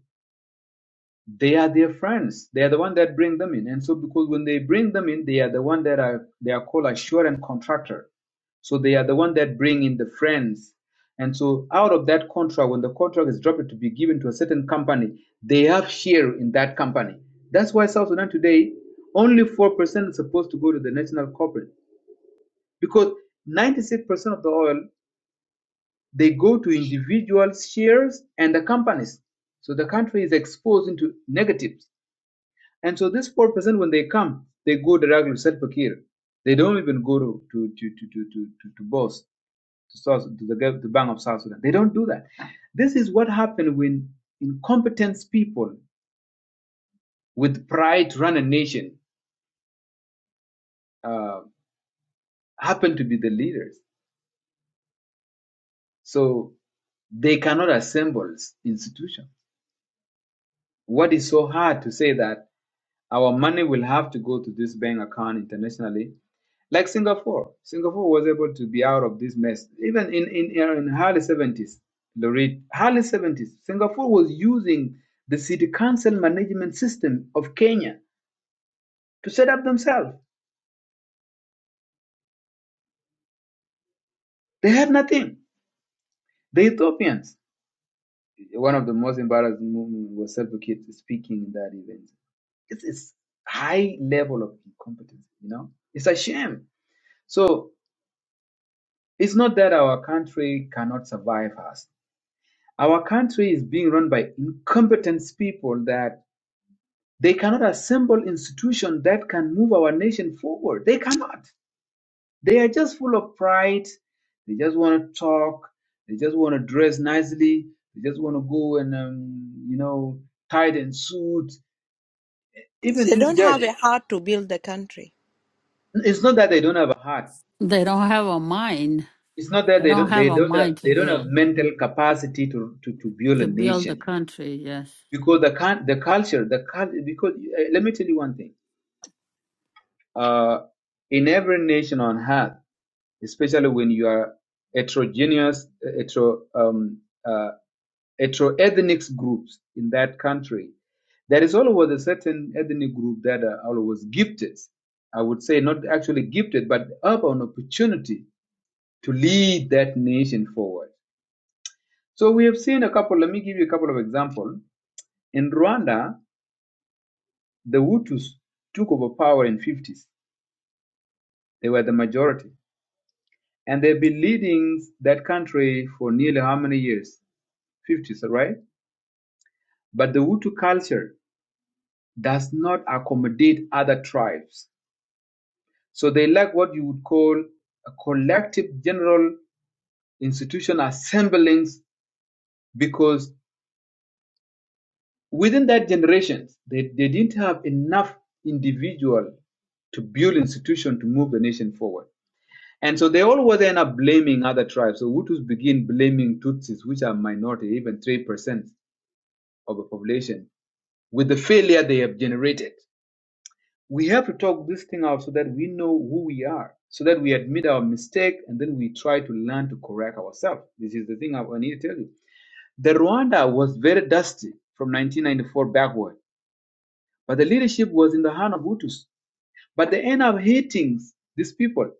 Speaker 1: they are their friends. They are the one that bring them in. And so because when they bring them in, they are the one that are they are called assurance contractor. So they are the one that bring in the friends. And so out of that contract, when the contract is dropped to be given to a certain company, they have share in that company. That's why South Sudan today, only four percent is supposed to go to the national corporate. Because 96% of the oil they go to individual shares and the companies. So the country is exposed into negatives and so these four percent, when they come, they go directly to Salva Kiir. They don't even go to to to to to to, to, to boss to South to the, gov- the Bank of South Sudan. They don't do that. This is what happened when incompetent people with pride to run a nation uh, happen to be the leaders. So they cannot assemble institutions. What is so hard to say that? Our money will have to go to this bank account internationally. Like Singapore. Singapore was able to be out of this mess. Even in, in, in early 70s, the rate, early 70s, Singapore was using the city council management system of Kenya to set up themselves. They had nothing. The Ethiopians. One of the most embarrassing movement was Self Kid speaking in that event. It's, it's high level of incompetence, you know? It's a shame. So It's not that our country cannot survive us. Our country is being run by incompetent people that they cannot assemble institutions that can move our nation forward. They cannot. They are just full of pride. They just want to talk. They just want to dress nicely. They just want to go and, um, you know, tied and suit. Even
Speaker 3: They
Speaker 1: this
Speaker 3: don't
Speaker 1: judge,
Speaker 3: have a heart to build the country.
Speaker 1: it's not that they don't have a heart.
Speaker 2: They don't have a mind.
Speaker 1: It's not that
Speaker 2: They
Speaker 1: they
Speaker 2: don't
Speaker 1: don't
Speaker 2: have
Speaker 1: they
Speaker 2: a
Speaker 1: don't
Speaker 2: mind
Speaker 1: have they
Speaker 2: to
Speaker 1: don't have
Speaker 2: build
Speaker 1: mental capacity to, to, to build a
Speaker 2: to build the
Speaker 1: nation
Speaker 2: country, yes.
Speaker 1: because the can the culture the cul- because uh, let me tell you one thing uh in every nation on earth especially when you are heterogeneous eh, hetero um uh ethnic groups in that country there is always a certain ethnic group that are always gifted i would say not actually gifted but have an opportunity to lead that nation forward so we have seen a couple let me give you a couple of examples in rwanda the Hutus took over power in 50s. They were the majority. And they've been leading that country for nearly how many years? 50s, right? But the Hutu culture does not accommodate other tribes. So they lack what you would call a collective general institution assemblings because within that generation, they, they didn't have enough individual to build institution to move the nation forward. And so they always end up blaming other tribes. So Hutus begin blaming Tutsis, which are minority, even 3% of the population, with the failure they have generated. We have to talk this thing out so that we know who we are, so that we admit our mistake and then we try to learn to correct ourselves. This is the thing I I need to tell you. The Rwanda was very dusty from 1994 backward, but the leadership was in the hand of Hutus. But they end up hating these people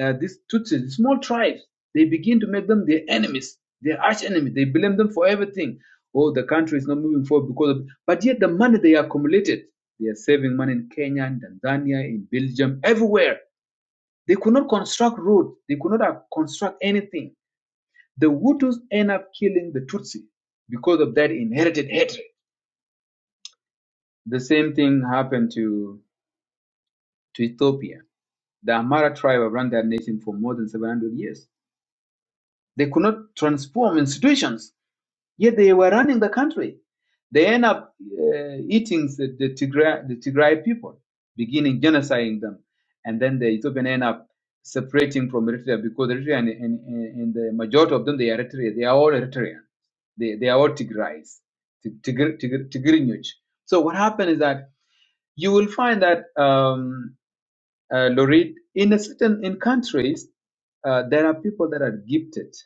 Speaker 1: uh, these Tutsis, small tribes, they begin to make them their enemies, their arch enemies. They blame them for everything. Oh, the country is not moving forward because of. But yet, the money they accumulated, they are saving money in Kenya, in Tanzania, in Belgium, everywhere. They could not construct road. They could not uh, construct anything. The Hutus end up killing the Tutsi because of that inherited hatred. The same thing happened to, to Ethiopia. The Amhara tribe have run that nation for more than 700 years. They could not transform institutions Yet they were running the country. They end up uh, eating the, the, Tigray, the Tigray people, beginning genociding them. And then the Ethiopian end up separating from Eritrea because Eritrea and, and, and the majority of them, they are Eritrean. They are all Eritrean. They, they are all Tigrays, Tig- Tigr- Tigr- Tigrinuch. So what happened is that you will find that, um, uh, Lorit, in a certain in countries, uh, there are people that are gifted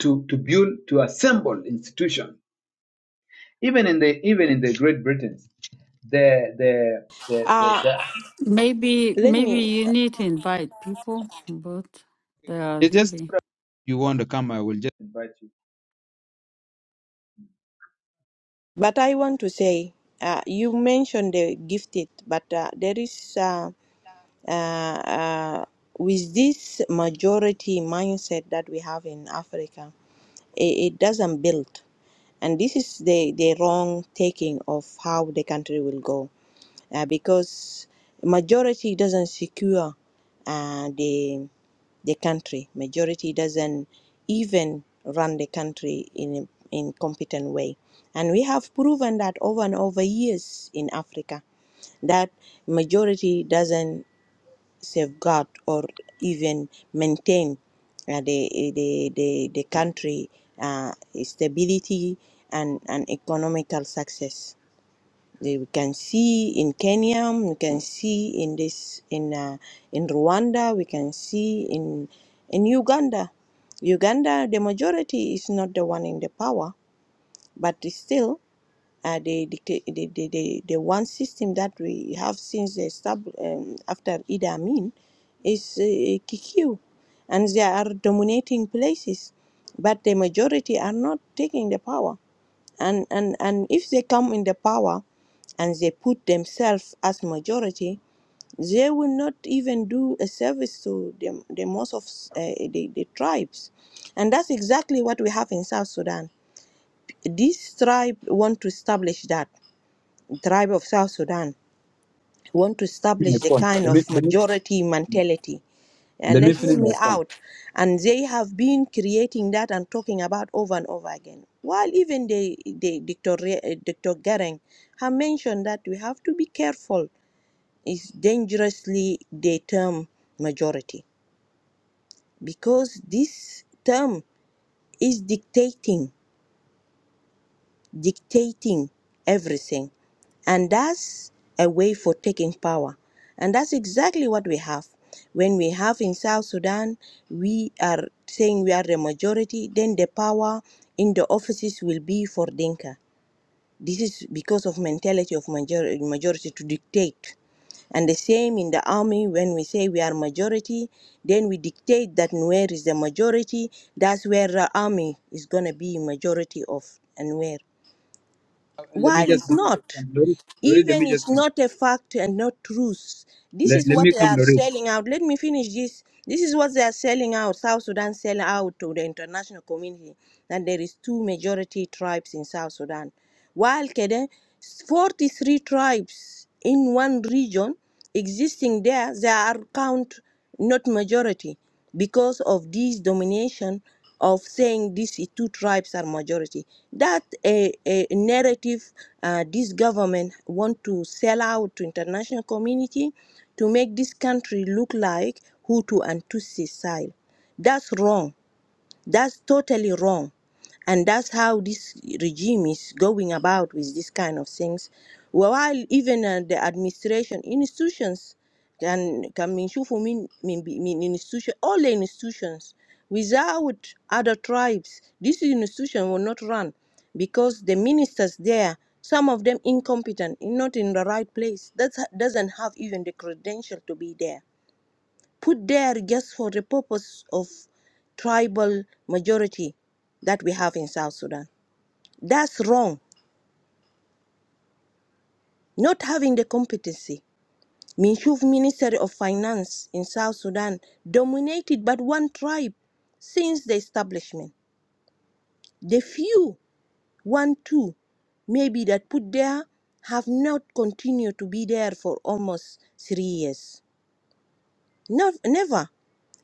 Speaker 1: to, to build, to assemble institutions Even in the even in the Great Britain, the the the the,
Speaker 3: Uh,
Speaker 1: the
Speaker 2: Maybe
Speaker 3: let
Speaker 2: maybe
Speaker 3: me.
Speaker 2: you need to invite people, but they are
Speaker 1: It's just
Speaker 2: leaving.
Speaker 1: you want to come, I will just invite you.
Speaker 3: But I want to say, uh, you mentioned the gifted, but uh, there is uh, uh, uh, with this majority mindset that we have in Africa, it, it doesn't build, and this is the the wrong taking of how the country will go. uh, because majority doesn't secure uh, the the country. Majority doesn't even run the country in a in competent way, and we have proven that over and over years in Africa that majority doesn't safeguard or even maintain uh, the the the the country uh, stability and and economical success they- We can see in Kenya, we can see in this in uh, in Rwanda, we can see in in Uganda. Uganda, the majority is not the one in the power, but it's still, uh, the, dicta- the, the the the one system that we have since the stab um, after Idi Amin is uh, Kikuyu, and they are dominating places, but the majority are not taking the power, and and and if they come in the power and they put themselves as majority, they will not even do a service to the, the most of uh, the, the tribes. And that's exactly what we have in South Sudan. This tribe want to establish that, the tribe of South Sudan want to
Speaker 1: My
Speaker 3: establish the
Speaker 1: phone.
Speaker 3: kind
Speaker 1: Let me
Speaker 3: of
Speaker 1: let me
Speaker 3: majority mentality. And
Speaker 1: let
Speaker 3: let
Speaker 1: me
Speaker 3: hear
Speaker 1: finish my
Speaker 3: me
Speaker 1: phone.
Speaker 3: out. And they have been creating that and talking about over and over again. While even the, the Dr. Re- uh, Dr. Gering have mentioned that we have to be careful is dangerously the term majority because this term is dictating dictating everything and that's a way for taking power and that's exactly what we have when we have in south sudan we are saying we are the majority then the power in the offices will be for dinka this is because of mentality of major- majority to dictate And the same in the army, when we say we are majority, then we dictate that Nuer is the majority. That's where the army is going to be majority of Nuer.
Speaker 1: Uh, Let me
Speaker 3: While
Speaker 1: just
Speaker 3: it's
Speaker 1: let me just
Speaker 3: not.
Speaker 1: come, Lorit. Lorit, let
Speaker 3: Even
Speaker 1: me just
Speaker 3: it's
Speaker 1: come.
Speaker 3: not a fact and not truth. This
Speaker 1: Let,
Speaker 3: is
Speaker 1: let
Speaker 3: what
Speaker 1: me
Speaker 3: they
Speaker 1: come,
Speaker 3: are
Speaker 1: Lorit.
Speaker 3: selling out. Let me finish this. This is what they are selling out. South Sudan sell out to the international community that there is two majority tribes in South Sudan. While Kede, 43 tribes in one region existing there, they are count not majority because of this domination of saying these two tribes are majority. That a, a narrative uh, this government want to sell out to international community to make this country look like Hutu and Tutsi side. That's wrong that's totally wrong. And that's how this regime is going about with this kind of things. Well, While even uh, the administration institutions can can mean shufu mean mean mean institution all the institutions without other tribes this institution will not run because the ministers there some of them incompetent not in the right place that doesn't have even the credential to be there put there just for the purpose of tribal majority that we have in South Sudan. That's wrong. Not having the competency. Minshuf Ministry of Finance in South Sudan dominated by one tribe since the establishment. The few, one, two, maybe that put there have not continued to be there for almost three years. No, never.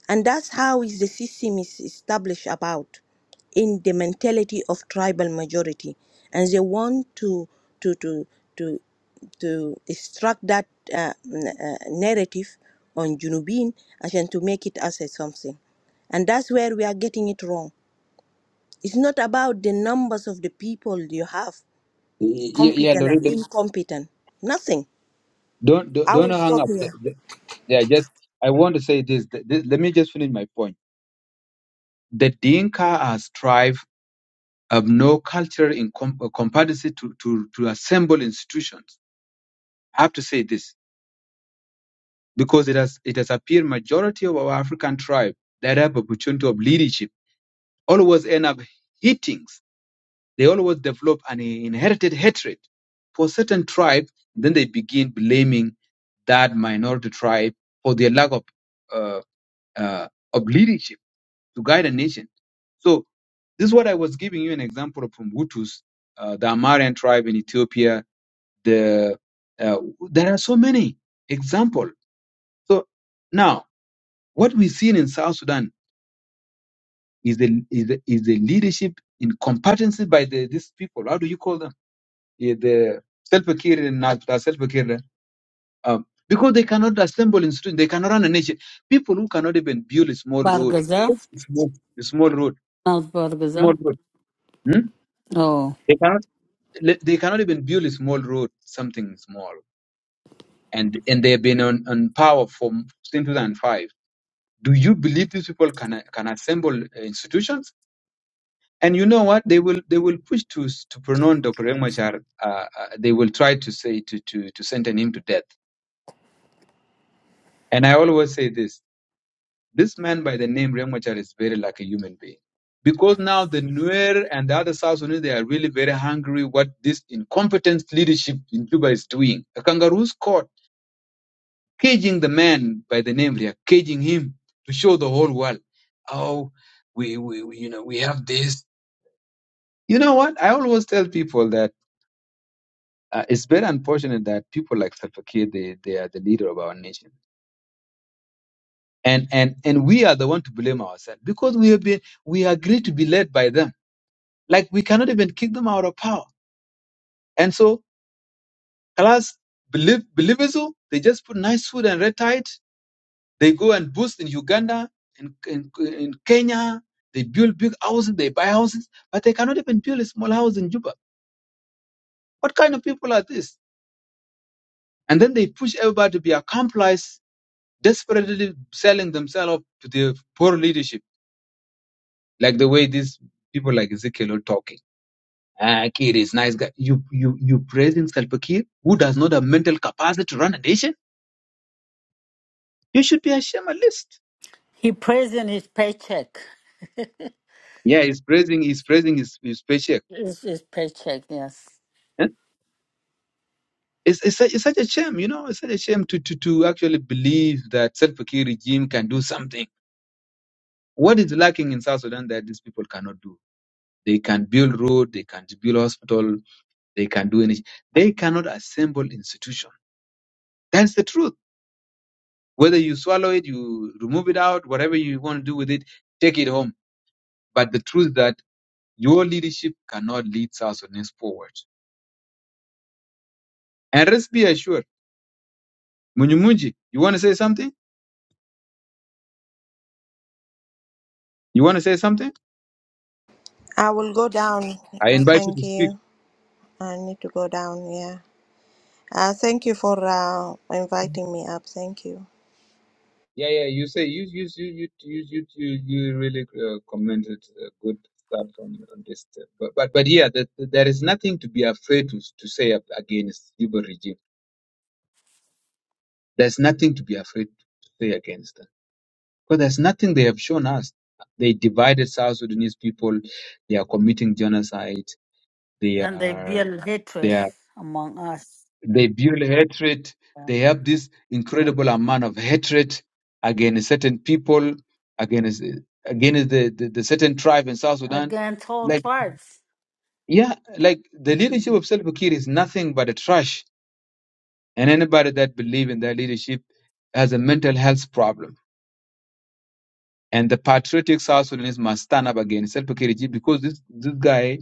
Speaker 3: And that's how is the system is established about in the mentality of tribal majority. And they want to to to to to extract that uh, n- uh, narrative on Junubin and to make it as a something. And that's where we are getting it wrong. It's not about the numbers of the people you have,
Speaker 1: Yeah, yeah
Speaker 3: competent
Speaker 1: Lorit.
Speaker 3: and
Speaker 1: Let me,
Speaker 3: incompetent. Nothing.
Speaker 1: don't don't
Speaker 3: I
Speaker 1: don't
Speaker 3: will
Speaker 1: hang
Speaker 3: stop
Speaker 1: up.
Speaker 3: here.
Speaker 1: Yeah, just I want to say this. th- th- Let me just finish my point. The Dinka as tribe have no cultural incom- uh, competency to, to, to assemble institutions. I have to say this. because it has it has appeared majority of our African tribe that have opportunity of leadership always end up hitings. They always develop an inherited hatred for certain tribe. Then they begin blaming that minority tribe for their lack of uh, uh, of leadership to guide a nation. So this is what I was giving you an example of from Hutus, uh, the Amharian tribe in Ethiopia. The uh, there are so many example. So now What we've seen in South Sudan is the is the, is the leadership incompetency by the, these people. How do you call them? Yeah, the self-care and not self-care. Um, because they cannot assemble in students, they cannot run a nation. People who cannot even build a small road,
Speaker 2: Bargaza?
Speaker 1: just a small, a small road,
Speaker 2: Not
Speaker 1: small
Speaker 2: Bargaza.
Speaker 1: road. hmm?
Speaker 2: Oh.
Speaker 1: They cannot. le- They cannot even build a small road, something small, and and they've been on, on power from since 2005. Do you believe these people can can assemble uh, institutions? And you know what? They will they will push to to pronounce Dr. Riek Machar. Uh, uh, they will try to say to to to sentence him to death. And I always say this: this man by the name Riek Machar is very like a human being, because now the Nuer and the other South Sudanese they are really very hungry. What this incompetent leadership in Cuba is doing? A kangaroo's court caging the man by the name Riek, caging him to show the whole world, oh, we, we we, you know we have this. You know what? I always tell people that Uh, it's very unfortunate that people like Salva Kiir, they, they are the leader of our nation. And, and, and we are the one to blame ourselves because we have been, we agree to be led by them. Like we cannot even kick them out of power. And so, class, believe, believism, they just put nice food and red tide. They go and boost in Uganda and in, in, in Kenya. They build big houses, they buy houses, but they cannot even build a small house in Juba. What kind of people are this? And then they push everybody to be accomplice desperately selling themselves off to the poor leadership, like the way these people like Ezekiel are talking. Ah, Kir is nice guy. You you you praising Salva Kiir, who does not have mental capacity to run a nation? You should be ashamed at least.
Speaker 2: He prays in his paycheck.
Speaker 1: Yeah, he's praising he's praising his his paycheck.
Speaker 2: It's his paycheck, yes.
Speaker 1: Eh? It's, it's, such, it's such a shame, you know. It's such a shame to, to, to actually believe that Salva Kiir regime can do something. What is lacking in South Sudan that these people cannot do? They can build road, they can build hospital, They can do anything. They cannot assemble institution. That's the truth. Whether you swallow it, you remove it out, whatever you want to do with it, take it home. But the truth that your leadership cannot lead South Sudanese forward. And rest be assured, Munyumunji, you want to say something? You want to say something?
Speaker 3: I will go down.
Speaker 1: I
Speaker 3: Uh,
Speaker 1: invite you
Speaker 3: thank
Speaker 1: to speak.
Speaker 3: you. I need to go down. Yeah. Uh, thank you for uh, inviting me up. Thank you.
Speaker 1: Yeah, yeah. You say you you you you you you you, you really uh, commented uh, good stuff on, on this. uh, But but but yeah, that that there is nothing to be afraid to to say ab- against Juba regime There's nothing to be afraid to say against them. Because there's nothing they have shown us. They divided South Sudanese people, they are committing genocide, they
Speaker 2: And they
Speaker 1: are
Speaker 2: build
Speaker 1: they
Speaker 2: hatred
Speaker 1: are
Speaker 2: among us.
Speaker 1: they build hatred,
Speaker 2: yeah,
Speaker 1: they have this incredible amount of hatred against certain people, against against the, the, the certain tribe in South Sudan.
Speaker 2: Against all
Speaker 1: Like
Speaker 2: tribes.
Speaker 1: yeah, like the
Speaker 2: Mm.
Speaker 1: leadership of Salva Kiir is nothing but a trash. And anybody that believes in that leadership has a mental health problem And the patriotic South Sudanese must stand up against Self regime because this, this guy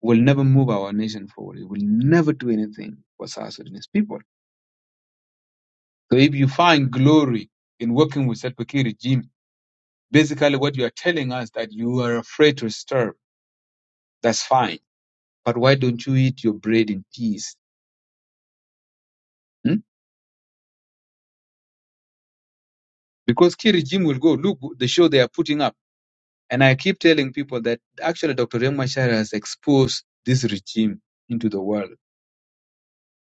Speaker 1: will never move our nation forward. He will never do anything for South Sudanese people. So if you find glory in working with Self Kiriji regime, basically what you are telling us that you are afraid to disturb, that's fine. But why don't you eat your bread in peace? hmm? Because Key regime will go, look, the show they are putting up. And I keep telling people that actually Dr. Rengmashar has exposed this regime into the world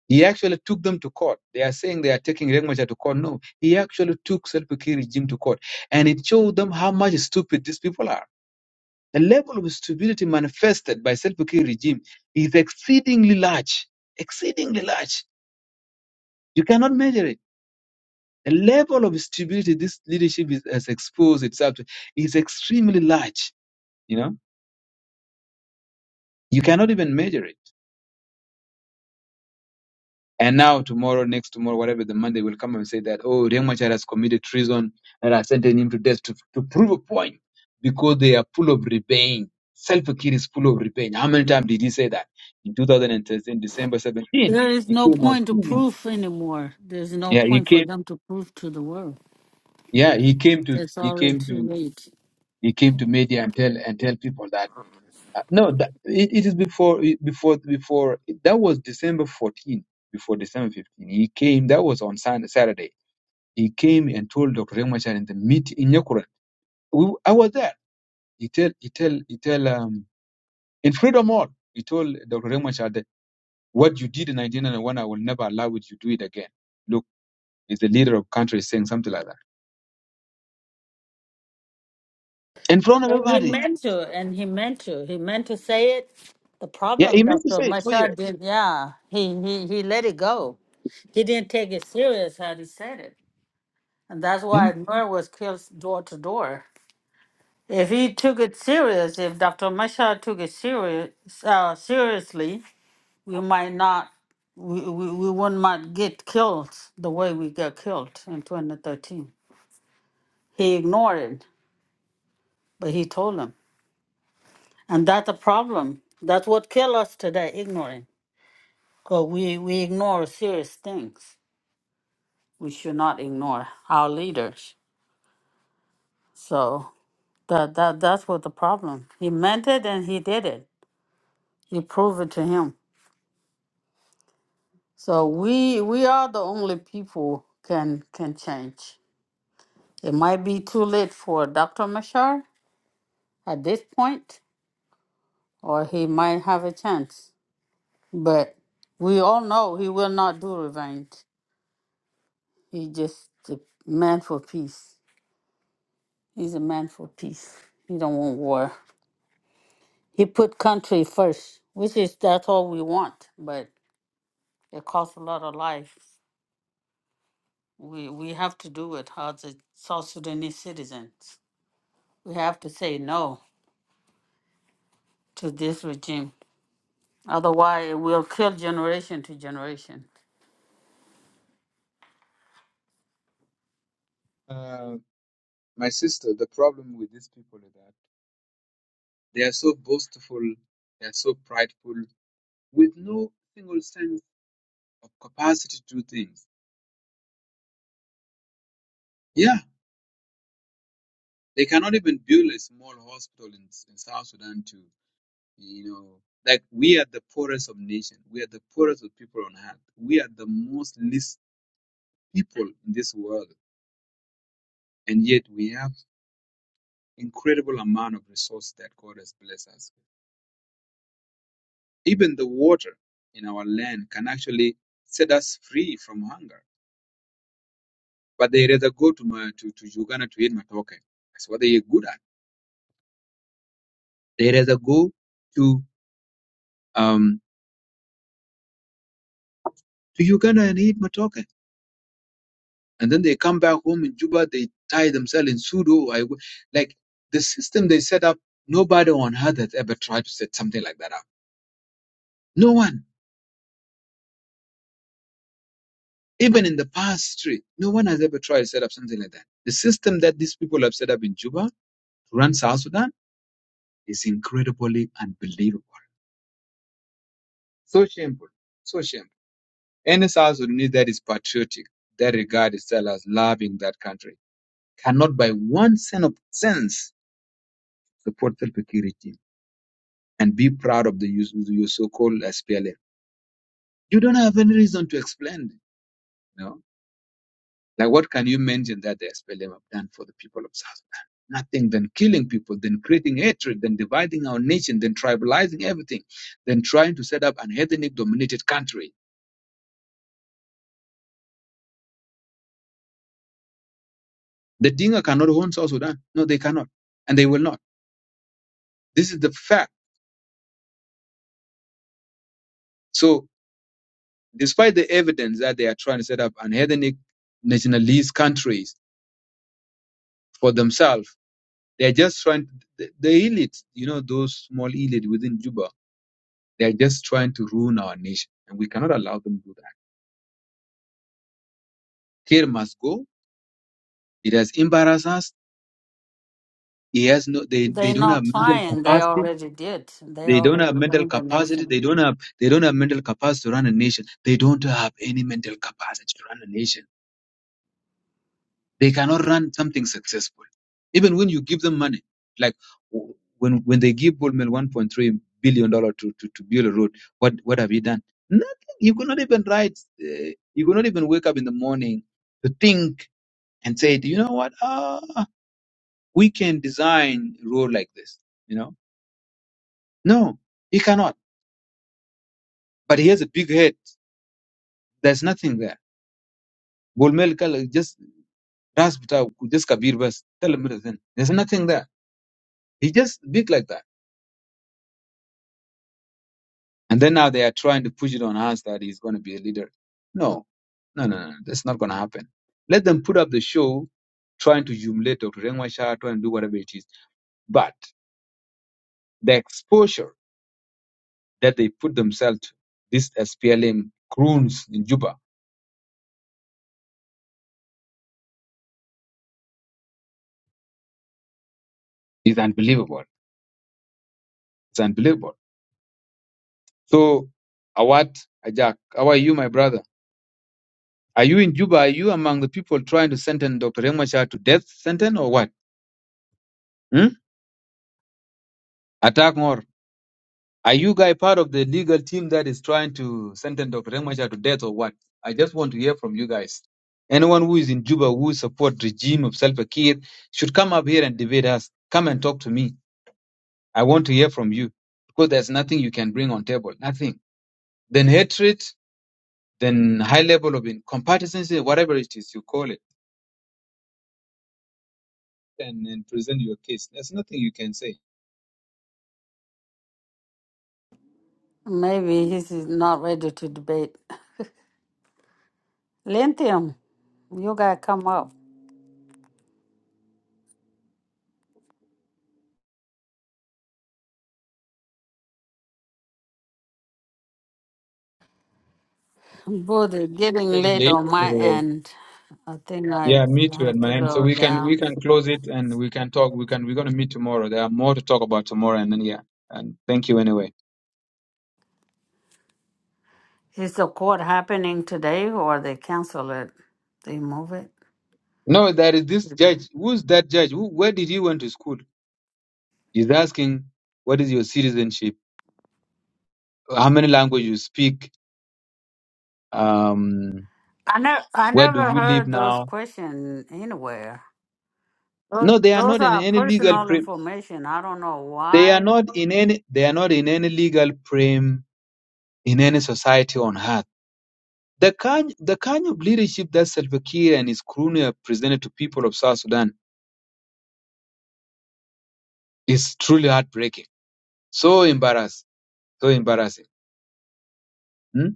Speaker 1: He actually took them to court. They are saying they are taking Riek Machar to court. No, he actually took Salva Kiir regime to court, and it showed them how much stupid these people are. The level of stupidity manifested by Salva Kiir regime is exceedingly large, exceedingly large. You cannot measure it. The level of stupidity this leadership is, has exposed itself to is extremely large. You know, you cannot even measure it. And now tomorrow, next tomorrow, whatever the Monday will come and say that, oh, Riek Machar has committed treason and are sentencing him to death to, to prove a point because they are full of rebellion. self Fakir is full of rebellion. How many times did he say that? In 2013, December 17,
Speaker 2: There is
Speaker 1: he
Speaker 2: no
Speaker 1: came on
Speaker 2: point to
Speaker 1: TV.
Speaker 2: proof anymore. There's no
Speaker 1: Yeah, he
Speaker 2: point for
Speaker 1: came,
Speaker 2: them to prove to the world.
Speaker 1: yeah, he came to,
Speaker 2: It's
Speaker 1: he
Speaker 2: already
Speaker 1: came
Speaker 2: too
Speaker 1: to,
Speaker 2: late.
Speaker 1: he came to media and tell, and tell people that, uh, no, that, it, it is before, before, before, that was December 14, before December 15. He came, that was on Sun- Saturday He came and told Dr. Riek Machar in the meet in Nyakurat. We, I was there. He tell, he tell, he tell, um, in Freedom Hall, he told Dr. Riek Machar that what you did in 1991, I will never allow it. You do it again. Look, it's the leader of country saying something like that in front of
Speaker 2: And he
Speaker 1: everybody.
Speaker 2: meant to, and he meant to. He meant to say it. The
Speaker 1: Yeah, he
Speaker 2: problem,
Speaker 1: meant to
Speaker 2: Dr.
Speaker 1: say it. So yeah.
Speaker 2: Machar did, yeah, he, he, he let it go. He didn't take it serious how he said it. And that's
Speaker 1: Hmm?
Speaker 2: why Nur was killed door to door. If he took it serious, if Dr. Machar took it serious, uh, seriously, we might not we, we, we would not get killed the way we got killed in 2013 he ignored it but he told them and that's a problem that's what kill us today ignoring because we, we ignore serious things we should not ignore our leaders so that, that that's what the problem he meant it and he did it he proved it to him so we we are the only people can can change it might be too late for dr mashar at this point, or he might have a chance. But we all know he will not do revenge. He just a man for peace. He's a man for peace. He don't want war. He put country first, which is that's all we want. But it costs a lot of life. We we have to do it as a South Sudanese citizens. We have to say no to this regime. Otherwise, it will kill generation to generation.
Speaker 1: Uh, my sister, the problem with these people is that they are so boastful, they are so prideful, with no single sense of capacity to do things. Yeah, They cannot even build a small hospital in, in South Sudan to, you know, like we are the poorest of nation. We are the poorest of people on earth. We are the most least people in this world. And yet we have incredible amount of resources that God has blessed us. with. Even the water in our land can actually set us free from hunger. But they rather go to, my, to, to Uganda to eat matoke. That's what they are good at. They rather go to um, to Uganda and eat matoke. and then they come back home in Juba. They tie themselves in pseudo. I, w- like the system they set up. Nobody on earth has ever tried to set something like that up. No one, even in the past history, no one has ever tried to set up something like that. The system that these people have set up in Juba to run South Sudan is incredibly unbelievable. So shameful. So shameful. Any South Sudanese that is patriotic, that regard itself as loving that country, cannot by one cent of sense support the Kiri regime and be proud of the your so-called SPLM. You don't have any reason to explain. it. You know, like what can you mention that the SPLM have done for the people of South Sudan? Nothing than killing people, then creating hatred, then dividing our nation, then tribalizing everything, then trying to set up an ethnic-dominated country. The Dinka cannot own South Sudan. No, they cannot, and they will not. This is the fact. So, despite the evidence that they are trying to set up an ethnic nationalist countries for themselves They're just trying, the, the elite, you know, those small elite within Juba, they're just trying to ruin our nation. And we cannot allow them to do that. Care must go. It has embarrassed us. He has no, they, they
Speaker 2: They're
Speaker 1: don't have
Speaker 2: not
Speaker 1: mental
Speaker 2: trying. They
Speaker 1: capacity.
Speaker 2: already did. They
Speaker 1: They don't
Speaker 2: already
Speaker 1: have mental
Speaker 2: won the
Speaker 1: capacity.
Speaker 2: nation.
Speaker 1: They don't have, they don't have mental capacity to run a nation. They don't have any mental capacity to run a nation They cannot run something successful. Even when you give them money, like w- when when they give Bullmel 1.3 billion dollar to, to to build a road, what what have you done? Nothing. You could not even write. Uh, you could not even wake up in the morning to think and say, you know what? Ah, we can design a road like this. You know? No, he cannot. But he has a big head. There's nothing there. Bullmel just ras just kabir bas. Tell him everything. There's nothing there. He just big like that. And then now they are trying to push it on us that he's going to be a leader. No, no, no, no. no, That's not going to happen. Let them put up the show trying to humiliate Dr. Rengwashar, trying to do whatever it is. But the exposure that they put themselves to, this SPLM croons in Juba, is unbelievable. It's unbelievable. So, Awat, Ajak, how are you, my brother? Are you in Juba? Are you among the people trying to sentence Dr. Rengwashar to death sentence or what? Hmm? Attack more. Are you guys part of the legal team that is trying to sentence Dr. Remacha to death or what? I just want to hear from you guys. Anyone who is in Juba who support regime of Salva Kiir should come up here and debate us. Come and talk to me. I want to hear from you because there's nothing you can bring on table. Nothing. Then hatred, then high level of incompetency, whatever it is you call it, and, and present your case. There's nothing you can say.
Speaker 2: Maybe he's not ready to debate. Lithium, you gotta come up. Buddy, getting
Speaker 1: Pretty
Speaker 2: late
Speaker 1: late.
Speaker 2: on my
Speaker 1: uh,
Speaker 2: end. I think I
Speaker 1: Yeah, me too,
Speaker 2: have
Speaker 1: and
Speaker 2: to
Speaker 1: man. So
Speaker 2: go
Speaker 1: we can we
Speaker 2: down.
Speaker 1: can close it and we can talk. We can we're gonna meet tomorrow. There are more to talk about tomorrow, and then yeah. And thank you anyway.
Speaker 2: Is the court happening today or they cancel it? They move it?
Speaker 1: No, that is this judge. Who's that judge? Who, where did you went to school? He's asking, what is your citizenship? How many language you speak? Um,
Speaker 2: I never, I
Speaker 1: where do
Speaker 2: never
Speaker 1: you live
Speaker 2: heard those
Speaker 1: now?
Speaker 2: questions anywhere. Those,
Speaker 1: No, they are
Speaker 2: those
Speaker 1: not in
Speaker 2: are
Speaker 1: any legal
Speaker 2: personal
Speaker 1: frame.
Speaker 2: information. I don't know
Speaker 1: They are
Speaker 2: why.
Speaker 1: not in any. They are not in any legal frame in any society on earth The kind, the kind of leadership that Salva Kiir and his crew have presented to people of South Sudan is truly heartbreaking. So embarrassing, so embarrassing. Hmm?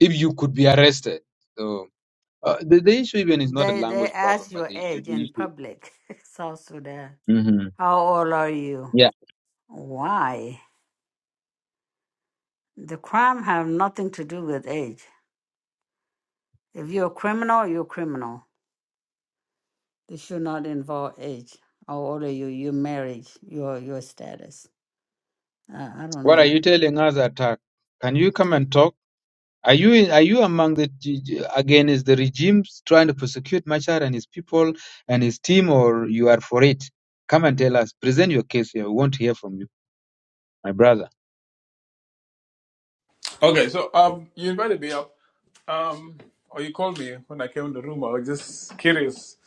Speaker 1: If you could be arrested, so uh, the, the issue even is not a
Speaker 2: They they
Speaker 1: language problem,
Speaker 2: ask
Speaker 1: but
Speaker 2: your
Speaker 1: the the,
Speaker 2: age
Speaker 1: the
Speaker 2: in
Speaker 1: issue.
Speaker 2: public, South Sudan.
Speaker 1: hmm
Speaker 2: How old are you?
Speaker 1: Yeah.
Speaker 2: Why? The crime have nothing to do with age. If you're a criminal, you're a criminal. They should not involve age. How old are you? Your marriage, your your status. Uh, I don't
Speaker 1: What are
Speaker 2: know.
Speaker 1: you telling us, attack? Can you come and talk? Are you in, are you among the g- g- again is the regime trying to persecute Machar and his people and his team, or you are for it? Come and tell us. Present your case here. We want to hear from you, my brother.
Speaker 4: Okay, so um, you invited me up, um, or you called me when I came in the room. I was just curious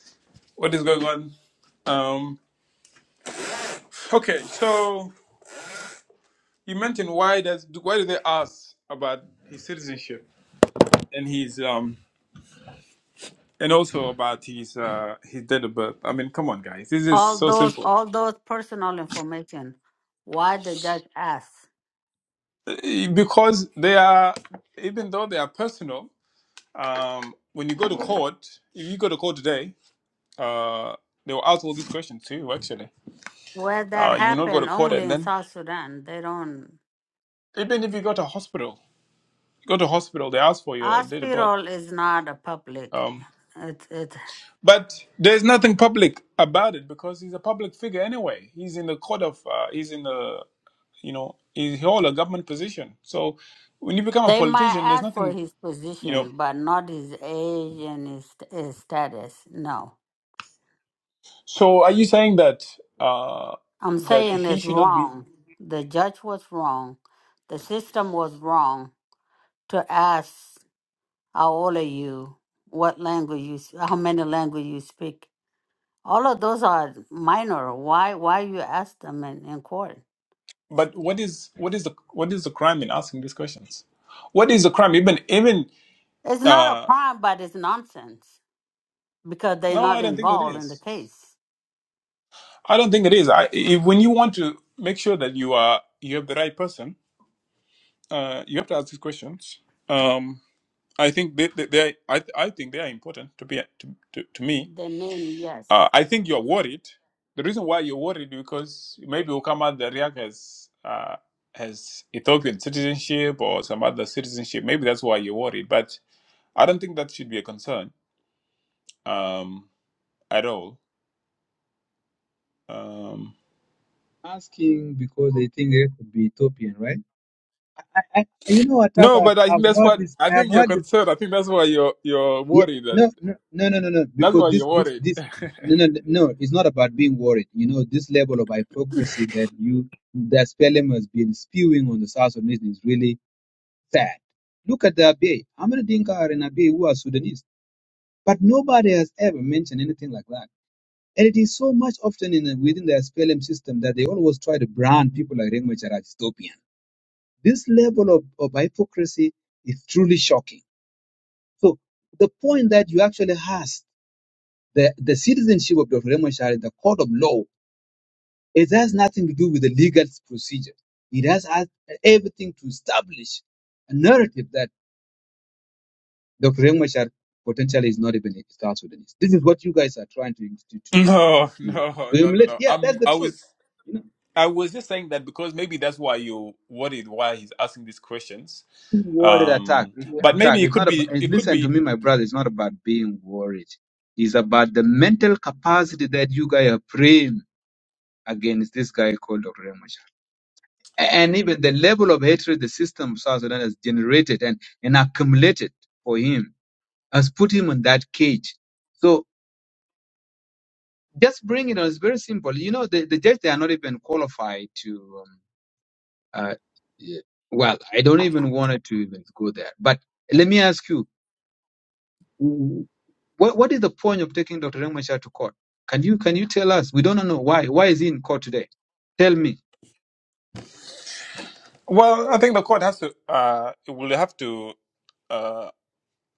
Speaker 4: what is going on. Um, okay, so you mentioned why does why do they ask about his citizenship and his um and also about his uh his date of birth? I mean, come on, guys, this is
Speaker 2: All
Speaker 4: so
Speaker 2: those
Speaker 4: simple.
Speaker 2: all those personal information. Why the judge asks?
Speaker 4: Eh, Because they are even though they are personal, um, when you go to court, if you go to court today, uh, they will ask all these questions to you actually
Speaker 2: Where that
Speaker 4: Uh, you will not go to
Speaker 2: happened
Speaker 4: court,
Speaker 2: only
Speaker 4: and
Speaker 2: in
Speaker 4: then
Speaker 2: South Sudan. They don't.
Speaker 4: even if you go to hospital, go to hospital, they ask for your date of birth.
Speaker 2: Hospital is not a public.
Speaker 4: Um,
Speaker 2: It it.
Speaker 4: but there's nothing public about it because he's a public figure anyway. He's in the court of, uh, he's in the, you know, he hold a government position. So when you become a
Speaker 2: They might
Speaker 4: politician, there's
Speaker 2: ask for
Speaker 4: nothing,
Speaker 2: his
Speaker 4: you know.
Speaker 2: position, but not his age and his, his status. No.
Speaker 4: So are you saying that uh,
Speaker 2: I'm
Speaker 4: that
Speaker 2: saying
Speaker 4: he
Speaker 2: it's
Speaker 4: should not be?
Speaker 2: wrong. The judge was wrong. The system was wrong to ask how old are you, what language you, s- how many language you speak. All of those are minor. Why, why you ask them in, in court?
Speaker 4: But what is what is the what is the crime in asking these questions? What is the crime? Even even
Speaker 2: It's not a
Speaker 4: uh,
Speaker 2: crime, but it's nonsense because they're
Speaker 4: no,
Speaker 2: not
Speaker 4: I don't think it
Speaker 2: involved in the
Speaker 4: is.
Speaker 2: case.
Speaker 4: I don't think it is. I, if, when you want to make sure that you are you have the right person, uh, you have to ask these questions. Um, I think they, they, they I, I think they are important to be to, to, to me.
Speaker 2: The name, yes.
Speaker 4: Uh, I think you're worried. The reason why you're worried because maybe will come out that Riak has uh, has Ethiopian citizenship or some other citizenship. Maybe that's why you're worried. But I don't think that should be a concern um, at all. Um,
Speaker 1: Asking because they think it could be Ethiopian, right? I, you know what, Tata?
Speaker 4: No,
Speaker 1: I've,
Speaker 4: but I think
Speaker 1: I've
Speaker 4: that's
Speaker 1: heard
Speaker 4: what
Speaker 1: this.
Speaker 4: I
Speaker 1: I have
Speaker 4: think you're
Speaker 1: heard this.
Speaker 4: concerned. I think that's why you're you're
Speaker 1: Yeah,
Speaker 4: worried. That
Speaker 1: no, no, no, no, no, no.
Speaker 4: that's
Speaker 1: Because
Speaker 4: why
Speaker 1: this,
Speaker 4: you're
Speaker 1: this,
Speaker 4: worried.
Speaker 1: this. No, no, no. It's not about being worried. You know, this level of hypocrisy that you, that Spelling has been spewing on the South Sudanese is really sad. Look at the Abyei. How many Dinka are in Abyei who are Sudanese? But nobody has ever mentioned anything like that. And it is so much often in the, within the SPLM system that they always try to brand people like Rengma as dystopian. This level of, of hypocrisy is truly shocking. So the point that you actually asked, the, the citizenship of Dr. Raymond Shah the court of law, it has nothing to do with the legal procedure. It has had everything to establish a narrative that Dr. Raymond Shah potentially is not even a South Sudanese. This is what you guys are trying to to, to, to,
Speaker 4: No, no,
Speaker 1: to
Speaker 4: no, no,
Speaker 1: emulate.
Speaker 4: no.
Speaker 1: Yeah, that's
Speaker 4: I'm.
Speaker 1: the
Speaker 4: I
Speaker 1: truth.
Speaker 4: was.
Speaker 1: You know.
Speaker 4: I was just saying that because maybe that's why you are worried why he's asking these questions.
Speaker 1: worried attack
Speaker 4: Um, but
Speaker 1: attack
Speaker 4: maybe it
Speaker 1: it's
Speaker 4: could
Speaker 1: not about
Speaker 4: be. It could
Speaker 1: listen to
Speaker 4: be.
Speaker 1: me my brother it's not about being worried it's about the mental capacity that you guys are praying against this guy called Dr. Ramachar. And even the level of hatred the system of South Sudan has generated and, and accumulated for him has put him in that cage. So just bring it on. It's very simple. You know, the, the judge, they are not even qualified to, um, uh, yeah, well, I don't even want to even go there. But let me ask you, What what is the point of taking Dr. Riek Machar to court? Can you can you tell us? We don't know why. Why is he in court today? Tell me.
Speaker 4: Well, I think the court has to. Uh, will have to. uh,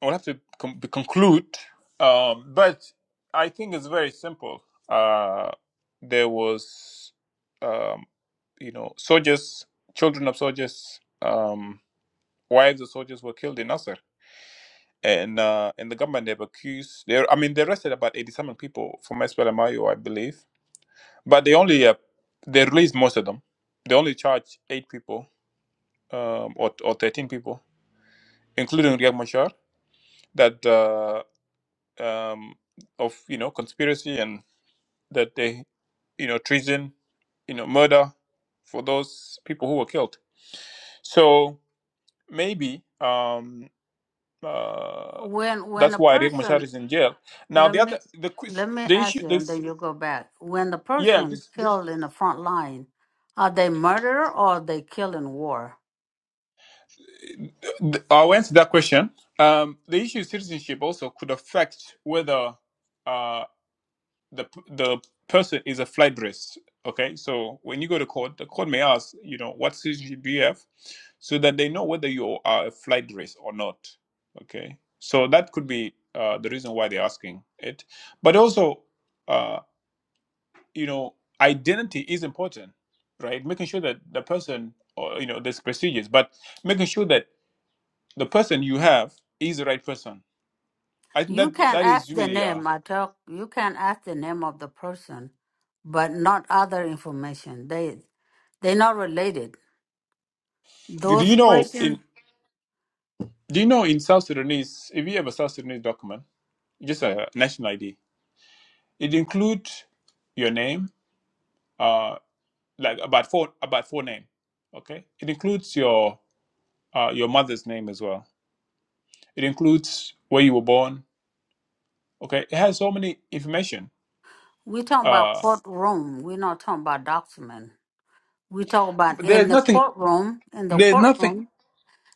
Speaker 4: we'll have to com- conclude. Um, but I think it's very simple. Uh, there was, um, you know, soldiers, children of soldiers, um, wives of soldiers were killed in Nasser. And uh, and the government they've accused they I mean they arrested about eighty seven people from SPLMIO, I O, I believe. But they only uh, they released most of them. They only charged eight people um, or or thirteen people, including Riek Machar, that uh, um, of you know conspiracy and that they you know treason you know murder for those people who were killed so maybe um, uh,
Speaker 2: When when
Speaker 4: that's
Speaker 2: a
Speaker 4: why Riek Machar
Speaker 2: person
Speaker 4: is in jail. Now
Speaker 2: Let
Speaker 4: the
Speaker 2: me
Speaker 4: other the quiz
Speaker 2: let me
Speaker 4: the
Speaker 2: ask
Speaker 4: issue
Speaker 2: you, and
Speaker 4: this
Speaker 2: then you go back. When the
Speaker 4: yeah
Speaker 2: person
Speaker 4: just
Speaker 2: killed
Speaker 4: just
Speaker 2: in the front line, are they murderer or are they killed in war?
Speaker 4: th- I'll answer that question. Um, the issue of citizenship also could affect whether uh, the the person is a flight risk. Okay, so when you go to court, the court may ask, you know, what citizenship do you have, so that they know whether you are a flight risk or not. Okay, so that could be uh, the reason why they're asking it, but also, uh, you know, identity is important, right? Making sure that the person, or you know, this procedures, but making sure that the person you have is the right person. I think
Speaker 2: You
Speaker 4: that
Speaker 2: can
Speaker 4: that
Speaker 2: ask
Speaker 4: is
Speaker 2: the
Speaker 4: really. Uh,
Speaker 2: name. I tell you can ask the name of the person, but not other information. They they're not related.
Speaker 4: do do
Speaker 2: Those
Speaker 4: you know? in?
Speaker 2: questions
Speaker 4: Do you know in South Sudanese, if you have a South Sudanese document, just a national ID, it includes your name, uh, like about four about four name, okay? It includes your uh, your mother's name as well. It includes where you were born, okay? It has so many information.
Speaker 2: we talking about
Speaker 4: Uh,
Speaker 2: courtroom. We're not talking about document. We talk about
Speaker 4: but
Speaker 2: in
Speaker 4: there's
Speaker 2: the
Speaker 4: nothing.
Speaker 2: courtroom. In the
Speaker 4: There's nothing.
Speaker 2: courtroom.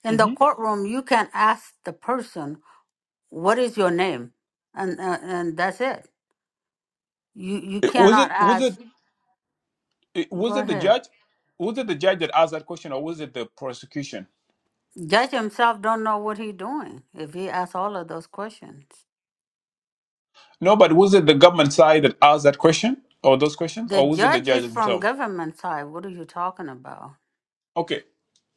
Speaker 2: In the
Speaker 4: hmm
Speaker 2: courtroom, you can ask the person what is your name and uh, and that's it you you
Speaker 4: was
Speaker 2: cannot
Speaker 4: it was
Speaker 2: ask
Speaker 4: it it-
Speaker 2: go
Speaker 4: was it the
Speaker 2: ahead
Speaker 4: judge? Was it the judge that asked that question, or was it the prosecution?
Speaker 2: judge himself don't know what he doing if he asks all of those questions
Speaker 4: No, but was it the government side that asked that question or those questions,
Speaker 2: the
Speaker 4: or was it the
Speaker 2: judge is
Speaker 4: judges
Speaker 2: from
Speaker 4: themselves?
Speaker 2: government side what are you talking about
Speaker 4: Okay,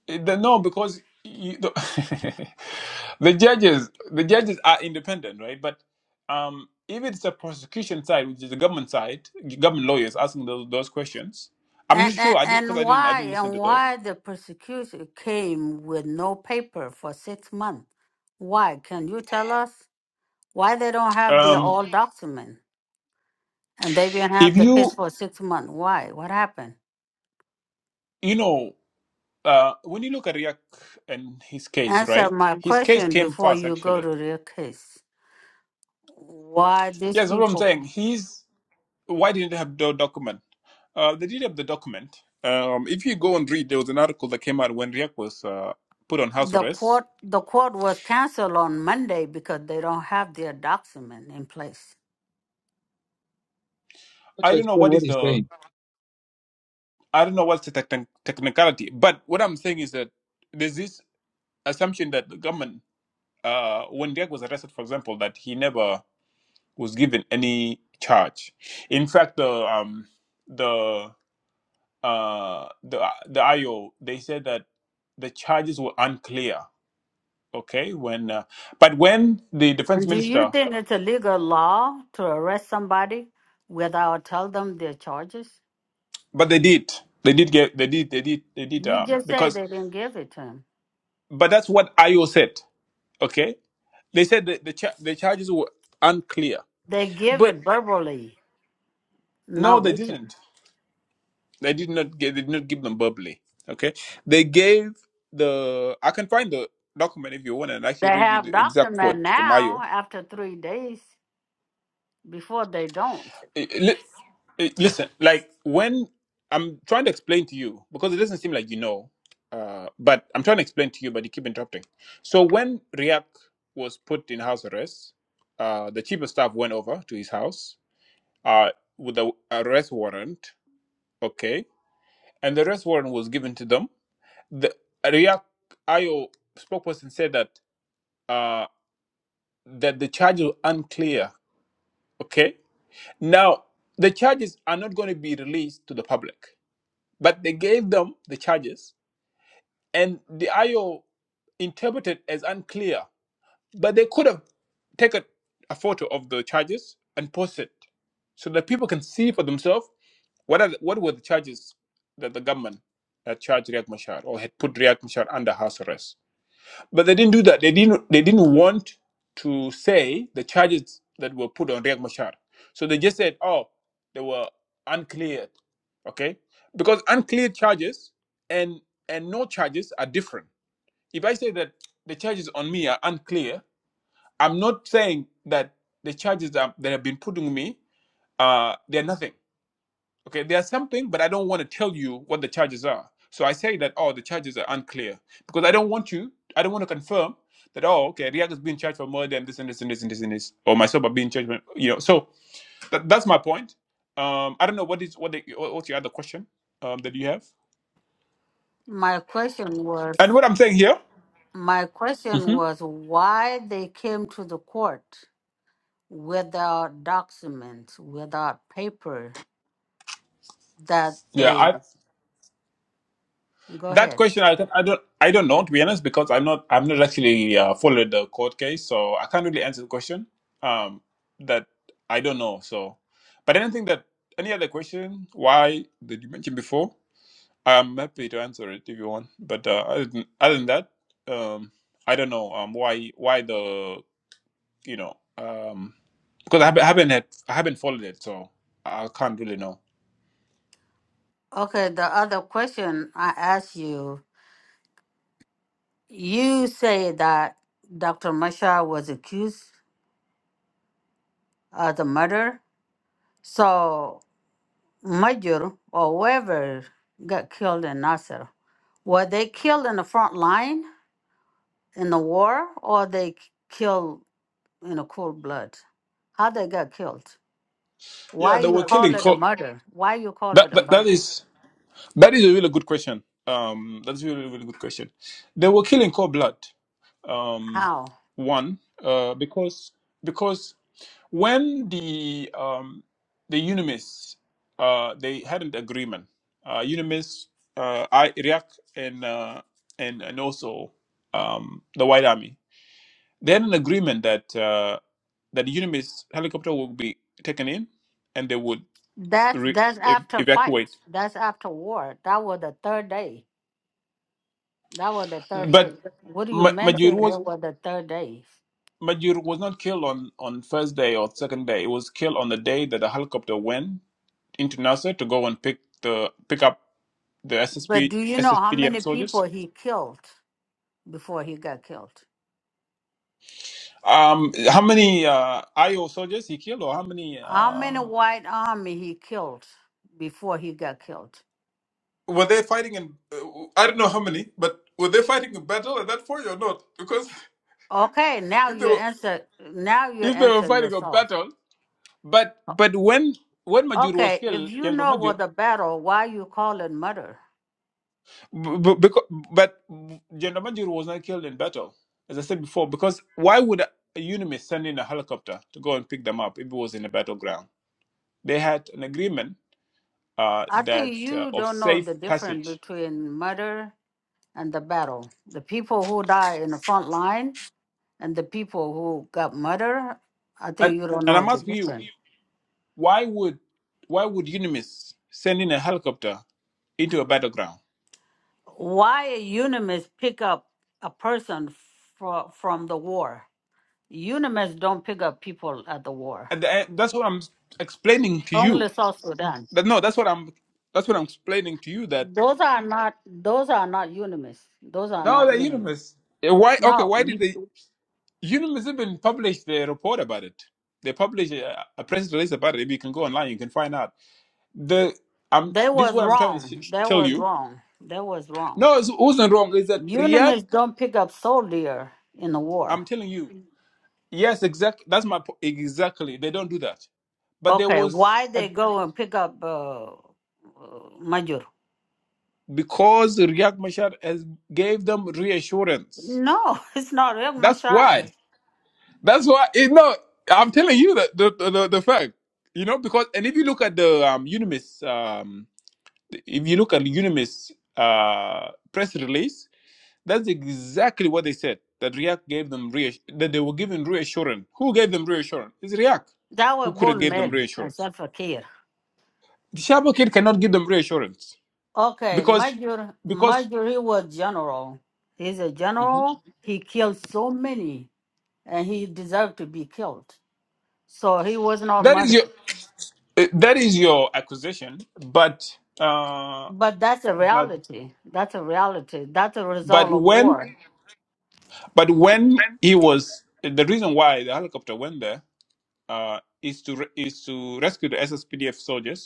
Speaker 4: Eh, the, no, because you, the, the judges the judges are independent, right? But um, if it's the prosecution side, which is the government side, government lawyers asking those, those questions, I'm not
Speaker 2: and
Speaker 4: sure.
Speaker 2: and
Speaker 4: I did because
Speaker 2: and
Speaker 4: I didn't I
Speaker 2: why
Speaker 4: didn't listen
Speaker 2: and
Speaker 4: to
Speaker 2: why
Speaker 4: the.
Speaker 2: the prosecution came with no paper for six months why can you tell us why they don't have the
Speaker 4: Um,
Speaker 2: all document and they didn't have
Speaker 4: if
Speaker 2: the
Speaker 4: you
Speaker 2: case for six months why what happened
Speaker 4: you know uh, when you look at Riak and his case,
Speaker 2: answer
Speaker 4: right?
Speaker 2: my
Speaker 4: His case
Speaker 2: question
Speaker 4: came
Speaker 2: before
Speaker 4: fast
Speaker 2: you go to
Speaker 4: actually.
Speaker 2: the case. Why these
Speaker 4: Yes, that's what I'm
Speaker 2: people?
Speaker 4: saying. He's why didn't they have the document? Uh, they did have the document. Um, if you go and read, there was an article that came out when Riek was uh, put on house
Speaker 2: The
Speaker 4: arrest.
Speaker 2: court the court was canceled on Monday because they don't have their document in place.
Speaker 1: Try
Speaker 4: I
Speaker 1: to
Speaker 4: don't know
Speaker 1: explain
Speaker 4: what
Speaker 1: what
Speaker 4: is
Speaker 1: he's
Speaker 4: the
Speaker 1: saying.
Speaker 4: I don't know what's the techni- technicality, but what I'm saying is that there's this assumption that the government, uh, when Riek was arrested, for example, that he never was given any charge. In fact, the um, the uh, the the IO they said that the charges were unclear okay when uh, but when the defense
Speaker 2: And do you
Speaker 4: minister
Speaker 2: think it's a legal law to arrest somebody without tell them their charges?
Speaker 4: but they did they did get they did they did they did
Speaker 2: You
Speaker 4: um
Speaker 2: just say
Speaker 4: because
Speaker 2: they didn't give it to him.
Speaker 4: but that's what io said okay they said that the cha- the charges were unclear
Speaker 2: They give it
Speaker 4: but
Speaker 2: verbally,
Speaker 4: no
Speaker 2: not
Speaker 4: they
Speaker 2: written.
Speaker 4: didn't they did not get they did not give them verbally okay they gave the i can find the document if you want and
Speaker 2: They
Speaker 4: actually read you
Speaker 2: have
Speaker 4: the exact
Speaker 2: document
Speaker 4: quote from io
Speaker 2: now after three days. Before they don't.
Speaker 4: Eh, eh, li- eh, listen, like when I'm trying to explain to you, because it doesn't seem like you know, uh, but I'm trying to explain to you, but you keep interrupting. So when Riak was put in house arrest, uh, the chief of staff went over to his house uh, with the arrest warrant, okay? And the arrest warrant was given to them. The Riak IO spokesperson said that uh, that the charges were unclear, okay? Now, the charges are not going to be released to the public But they gave them the charges, and the IO interpreted as unclear. But they could have taken a photo of the charges and posted it so that people can see for themselves what are the, what were the charges that the government had charged Riek Machar or had put Riek Machar under house arrest. But they didn't do that. They didn't. They didn't want to say the charges that were put on Riek Machar. So they just said, "Oh, they were uncleared." Okay, because uncleared charges and and no charges are different. If I say that the charges on me are unclear, I'm not saying that the charges that, that have been put on me uh, they're nothing. Okay, there's something, but I don't want to tell you what the charges are. So I say that, oh, the charges are unclear because I don't want you, I don't want to confirm that, oh, okay, Riak is being charged for murder and this and this and this and this and this, or myself are being charged, for, you know. So that, that's my point. Um, I don't know what is what the, what- what's your other question um, that you have,
Speaker 2: My question
Speaker 4: and
Speaker 2: was
Speaker 4: what I'm saying here.
Speaker 2: My question
Speaker 4: Mhm.
Speaker 2: was why they came to the court without documents, without paper that
Speaker 4: Yeah,
Speaker 2: they
Speaker 4: I
Speaker 2: go
Speaker 4: That
Speaker 2: ahead.
Speaker 4: question, I don't, I don't, I don't know to be honest, because I'm not, I'm not actually uh, followed the court case, so I can't really answer the question. Um, that I don't know. So, but anything that any other question, why did you mention before? I'm happy to answer it if you want. But uh, other than other than that, um, I don't know. Um, why why the you know um because I haven't, I haven't had I haven't followed it, so I can't really know.
Speaker 2: Okay, the other question I asked you, you say that Dr. Masha was accused of the murder. So Major or whoever got killed in Nasser, were they killed in the front line in the war or they killed you know, cold blood. How they got killed?
Speaker 4: Yeah,
Speaker 2: Why
Speaker 4: they
Speaker 2: you
Speaker 4: were
Speaker 2: call
Speaker 4: killing.
Speaker 2: it a
Speaker 4: Co-
Speaker 2: murder? Why you call
Speaker 4: that,
Speaker 2: it a
Speaker 4: that that
Speaker 2: murder?
Speaker 4: is. That is a really good question. Um, that's a really, really good question. They were killing cold blood. Um,
Speaker 2: How?
Speaker 4: one, uh, because because when the um, the Unimis, uh, they had an agreement. Uh, Unimis, uh, I, Iraq, and uh, and and also um, the White Army, they had an agreement that uh, that the Unimis helicopter would be taken in, and they would
Speaker 2: That
Speaker 4: re-
Speaker 2: that's
Speaker 4: ev-
Speaker 2: after fight.
Speaker 4: evacuate.
Speaker 2: That's after war. That was the third day. That was the third day.
Speaker 4: But
Speaker 2: What do you
Speaker 4: Ma- Major
Speaker 2: mention?
Speaker 4: was
Speaker 2: It was the third day.
Speaker 4: Majur was not killed on, on first day or second day. It was killed on the day that the helicopter went into Nasser to go and pick the pick up the
Speaker 2: But
Speaker 4: SSP
Speaker 2: do you know how many
Speaker 4: SSPDF
Speaker 2: people
Speaker 4: soldiers.
Speaker 2: he killed before he got killed?
Speaker 4: Um, how many uh, IO soldiers he killed, or how many?
Speaker 2: How many
Speaker 4: Um,
Speaker 2: white army he killed before he got killed?
Speaker 4: were they fighting in? Uh, I don't know how many, but were they fighting a battle at that point or not? Because
Speaker 2: Okay, now
Speaker 4: if they
Speaker 2: you
Speaker 4: were
Speaker 2: answer. Now you
Speaker 4: if they were
Speaker 2: answer
Speaker 4: fighting a
Speaker 2: yourself.
Speaker 4: battle, but but when when Majur was
Speaker 2: Okay, if
Speaker 4: killed,
Speaker 2: you
Speaker 4: General
Speaker 2: know
Speaker 4: Majur.
Speaker 2: what the battle, why you call it murder?
Speaker 4: B- because, but General Major was not killed in battle, as I said before. Because why would a UNIMIS send in a helicopter to go and pick them up if it was in a battleground? They had an agreement uh,
Speaker 2: I
Speaker 4: that
Speaker 2: think
Speaker 4: uh,
Speaker 2: you
Speaker 4: of
Speaker 2: don't know
Speaker 4: safe
Speaker 2: the difference
Speaker 4: passage.
Speaker 2: between murder and the battle. The people who die in the front line and the people who got murder, I think
Speaker 4: And,
Speaker 2: you don't
Speaker 4: and
Speaker 2: know
Speaker 4: I'm
Speaker 2: the
Speaker 4: asking you,
Speaker 2: difference.
Speaker 4: why would why would UNIMIS send in a helicopter into a battleground?
Speaker 2: Why a UNIMIS pick up a person fro- from the war? UNIMIS don't pick up people at the war.
Speaker 4: And the- that's what I'm explaining to you.
Speaker 2: Only South Sudan.
Speaker 4: That no, that's what I'm that's what I'm explaining to you. That
Speaker 2: Those are not. Those are not UNIMIS. Those are
Speaker 4: no,
Speaker 2: not
Speaker 4: the
Speaker 2: UNIMIS.
Speaker 4: UNIMIS. eh, Why? Okay,
Speaker 2: No,
Speaker 4: why did they? Union's even published a report about it. They published a, a press release about it. If you can go online, you can find out. The um,
Speaker 2: That
Speaker 4: this is
Speaker 2: was
Speaker 4: what I'm trying to
Speaker 2: wrong.
Speaker 4: sh-
Speaker 2: That
Speaker 4: tell
Speaker 2: was
Speaker 4: you.
Speaker 2: wrong. That was wrong.
Speaker 4: No, it wasn't wrong. Is that
Speaker 2: Unimis
Speaker 4: React?
Speaker 2: don't pick up soldier in the war.
Speaker 4: I'm telling you. Yes, exactly. That's my po- exactly. They don't do that. But there
Speaker 2: Okay,
Speaker 4: was
Speaker 2: why
Speaker 4: a,
Speaker 2: they go and pick up uh, uh, Major?
Speaker 4: because React Machar has gave them reassurance.
Speaker 2: No, it's not Riek
Speaker 4: That's
Speaker 2: Mashar.
Speaker 4: why. That's why. It, no, I'm telling you that the, the the the fact. You know because and if you look at the um Unimis um If you look at Unimis uh, press release, that's exactly what they said. That React gave them reassurance. That they were given reassurance. Who gave them reassurance? It's React.
Speaker 2: That was
Speaker 4: Who could have
Speaker 2: Bull
Speaker 4: gave them
Speaker 2: Mel and
Speaker 4: reassurance?
Speaker 2: Salva Kiir.
Speaker 4: The Shabakir cannot give them reassurance
Speaker 2: Okay,
Speaker 4: because
Speaker 2: Major,
Speaker 4: because
Speaker 2: Major, he was general. He's a
Speaker 4: Mhm.
Speaker 2: general. He killed so many, and he deserved to be killed. So he was not
Speaker 4: that is
Speaker 2: murdered.
Speaker 4: your uh, that is your accusation. But uh,
Speaker 2: But that's a
Speaker 4: but
Speaker 2: reality. That's a reality. That's a
Speaker 4: but
Speaker 2: result of
Speaker 4: when
Speaker 2: war.
Speaker 4: but when he was the reason why the helicopter went there uh, is to re- is to rescue the SSPDF soldiers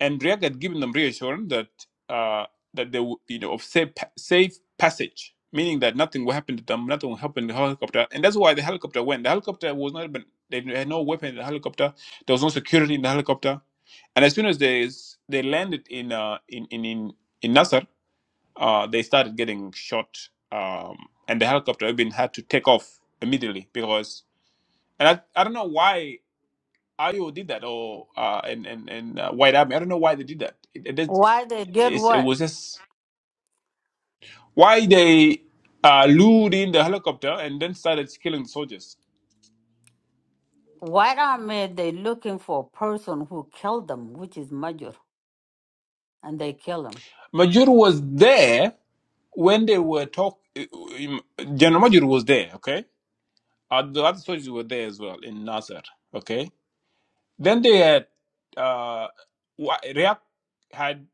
Speaker 4: and React had given them reassurance that uh, that they would, you know, of safe safe passage, meaning that nothing will happen to them, nothing will happen to the helicopter, and that's why the helicopter went. The helicopter was not even they had no weapon in the helicopter. There was no security in the helicopter, and as soon as they s- they landed in uh, in in in, in Nasser, uh, they started getting shot, um, and the helicopter even had to take off immediately because. And I, I don't know why IO did that or uh, and and and uh, White Army. I don't know why they did that. It it is
Speaker 2: Why they did
Speaker 4: it's, it
Speaker 2: what?
Speaker 4: was just why they uh, lured in the helicopter and then started killing soldiers.
Speaker 2: White army they looking for a person who killed them, which is Major, and they kill him.
Speaker 4: Major was there when they were talk. um, General Major was there, okay. Uh, the other soldiers were there as well in Nasser, okay. Then they had uh, wha- React had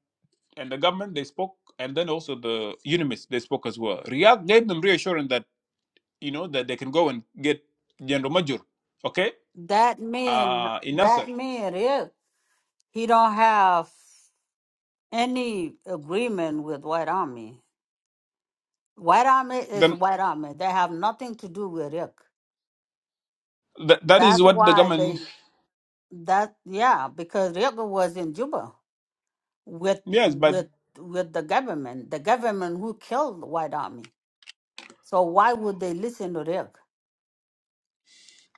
Speaker 4: and the government they spoke, and then also the UNIMIS they spoke as well. React gave them reassurance that you know that they can go and get General Major, okay,
Speaker 2: That mean
Speaker 4: uh, in Nasser.
Speaker 2: that mean it, he don't have any agreement with white army. White army is white army. They have nothing to do with Rick.
Speaker 4: That, that is
Speaker 2: That's
Speaker 4: what the
Speaker 2: why
Speaker 4: government,
Speaker 2: they that yeah because Rick was in Juba. with
Speaker 4: yes, but
Speaker 2: with with the government, the government who killed White Army. So why would they listen to Riek?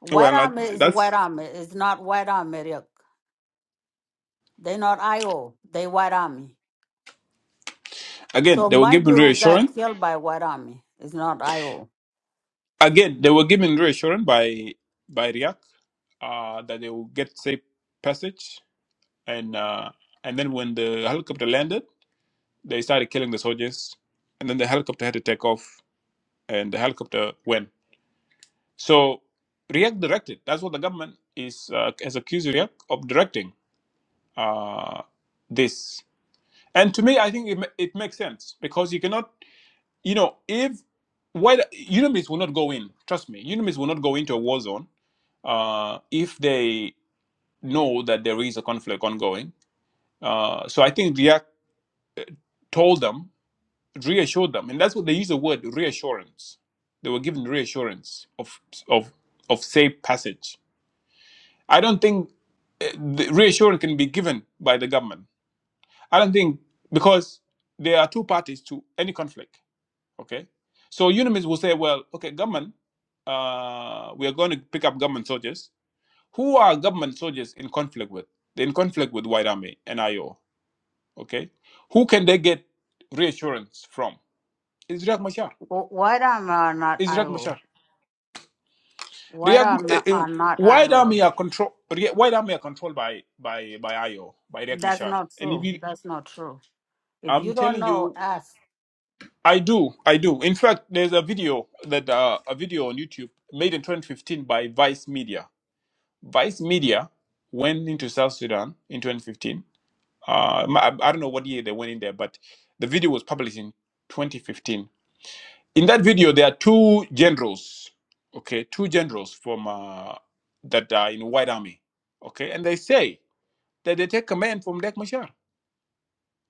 Speaker 2: White
Speaker 4: well, uh,
Speaker 2: Army is White
Speaker 4: that's
Speaker 2: Army. It's not White Army Riek. They not IO. They White Army.
Speaker 4: again,
Speaker 2: So
Speaker 4: they were given
Speaker 2: Major got
Speaker 4: reassurance.
Speaker 2: killed by White Army. It's not IO.
Speaker 4: Again, they were given reassurance by by Riyak uh, that they will get safe passage, and uh, and then when the helicopter landed, they started killing the soldiers, and then the helicopter had to take off, and the helicopter went. So Riyak directed. That's what the government is uh, has accused Riyak of directing uh, this. And to me, I think it, ma- it makes sense because you cannot You know, if why UNIMIS will not go in, trust me, UNIMIS will not go into a war zone uh, if they know that there is a conflict ongoing. Uh, so I think React told them, reassured them, and that's what they use the word reassurance. They were given reassurance of of of safe passage. I don't think uh, the reassurance can be given by the government. I don't think because there are two parties to any conflict Okay. So unionists will say, well, okay, government, uh, we are going to pick up government soldiers. Who are government soldiers in conflict with? They're in conflict with White Army and IO. Okay. Who can they get reassurance from? It's Riek Machar.
Speaker 2: Wh- White Army are not
Speaker 4: It's Riek
Speaker 2: IO.
Speaker 4: Machar.
Speaker 2: White Army
Speaker 4: Riek, uh, uh,
Speaker 2: are not
Speaker 4: White Army
Speaker 2: IO.
Speaker 4: are control. Rie- White Army are controlled by by by IO by Riek
Speaker 2: That's
Speaker 4: Machar.
Speaker 2: not
Speaker 4: And if
Speaker 2: true.
Speaker 4: you,
Speaker 2: That's not true. If you
Speaker 4: I'm
Speaker 2: don't
Speaker 4: telling
Speaker 2: know,
Speaker 4: you,
Speaker 2: ask.
Speaker 4: I do, I do. In fact, there's a video that uh, a video on YouTube made in 2015 by Vice Media Vice Media went into South Sudan in 2015. Uh, m- I, I don't know what year they went in there, but the video was published in 2015. In that video, there are two generals, okay, two generals from uh, that are in White Army, okay, and they say that they take command from Dek Machar,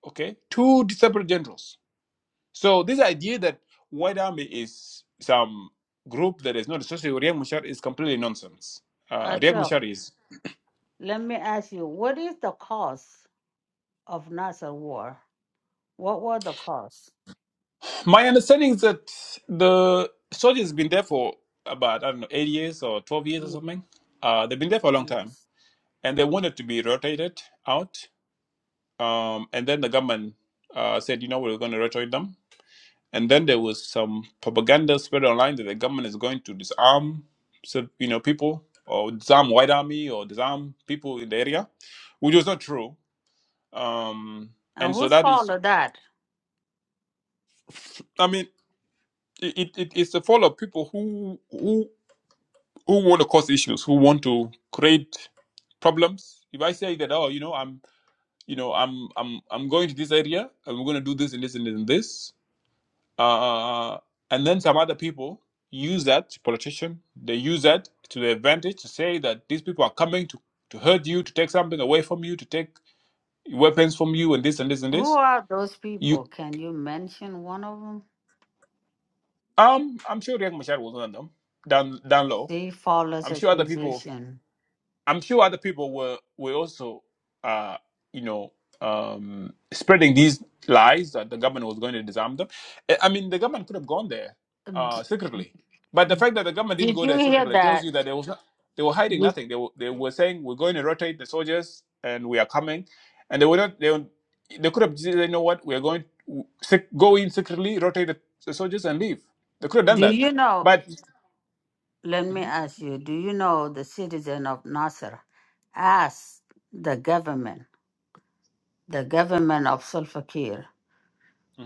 Speaker 4: okay, two separate generals. So this idea that White Army is some group that is not associated with Riek Machar is completely nonsense. Uh, Riek
Speaker 2: Achok,
Speaker 4: Machar is
Speaker 2: let me ask you, what is the cause of Nasser war? What were the cause?
Speaker 4: My understanding is that the study has been there for about I don't know eight years or twelve years or
Speaker 2: Ye-
Speaker 4: something. Uh, they've been there for a long time,
Speaker 2: Yes.
Speaker 4: and they wanted to be rotated out. Um, and then the government uh, said, you know, we're going to rotate them. And then there was some propaganda spread online that the government is going to disarm, so you know, people or disarm white army or disarm people in the area, which was not true. Um,
Speaker 2: And
Speaker 4: and so
Speaker 2: who's
Speaker 4: that is,
Speaker 2: followed that?
Speaker 4: I mean, it, it, it's the fall of people who who who want to cause issues, who want to create problems. If I say that, oh, you know, I'm, you know, I'm, I'm, I'm going to this area, and we're going to do this and this and this and this, uh, and then some other people use that politician, they use that to their advantage to say that these people are coming to to hurt you, to take something away from you, to take weapons from you, and this and this and
Speaker 2: Who
Speaker 4: this.
Speaker 2: are those
Speaker 4: You,
Speaker 2: people? Can you mention one of them?
Speaker 4: um, I'm sure Riek Machar was one of them down down low.
Speaker 2: They follows
Speaker 4: I'm
Speaker 2: a
Speaker 4: sure other people
Speaker 2: position.
Speaker 4: I'm sure other people were were also, uh, you know, um, spreading these lies that the government was going to disarm them. I I mean, the government could have gone there
Speaker 2: D-
Speaker 4: uh, secretly, but the fact that the government didn't
Speaker 2: Did
Speaker 4: go
Speaker 2: you
Speaker 4: there
Speaker 2: hear
Speaker 4: secretly tells you
Speaker 2: that?
Speaker 4: that they was not, they were hiding
Speaker 2: Did-
Speaker 4: nothing. They were, they were saying we're going to rotate the soldiers and we are coming, and they were not. They, were- they could have said, you know what, we are going to sec- go in secretly, rotate the, the soldiers, and leave. They could have done
Speaker 2: Do
Speaker 4: that,
Speaker 2: you know?
Speaker 4: but.
Speaker 2: Let me
Speaker 4: Mhm,
Speaker 2: ask you. Do you know the citizen of Nasser asked the government, the government of Salva Kiir,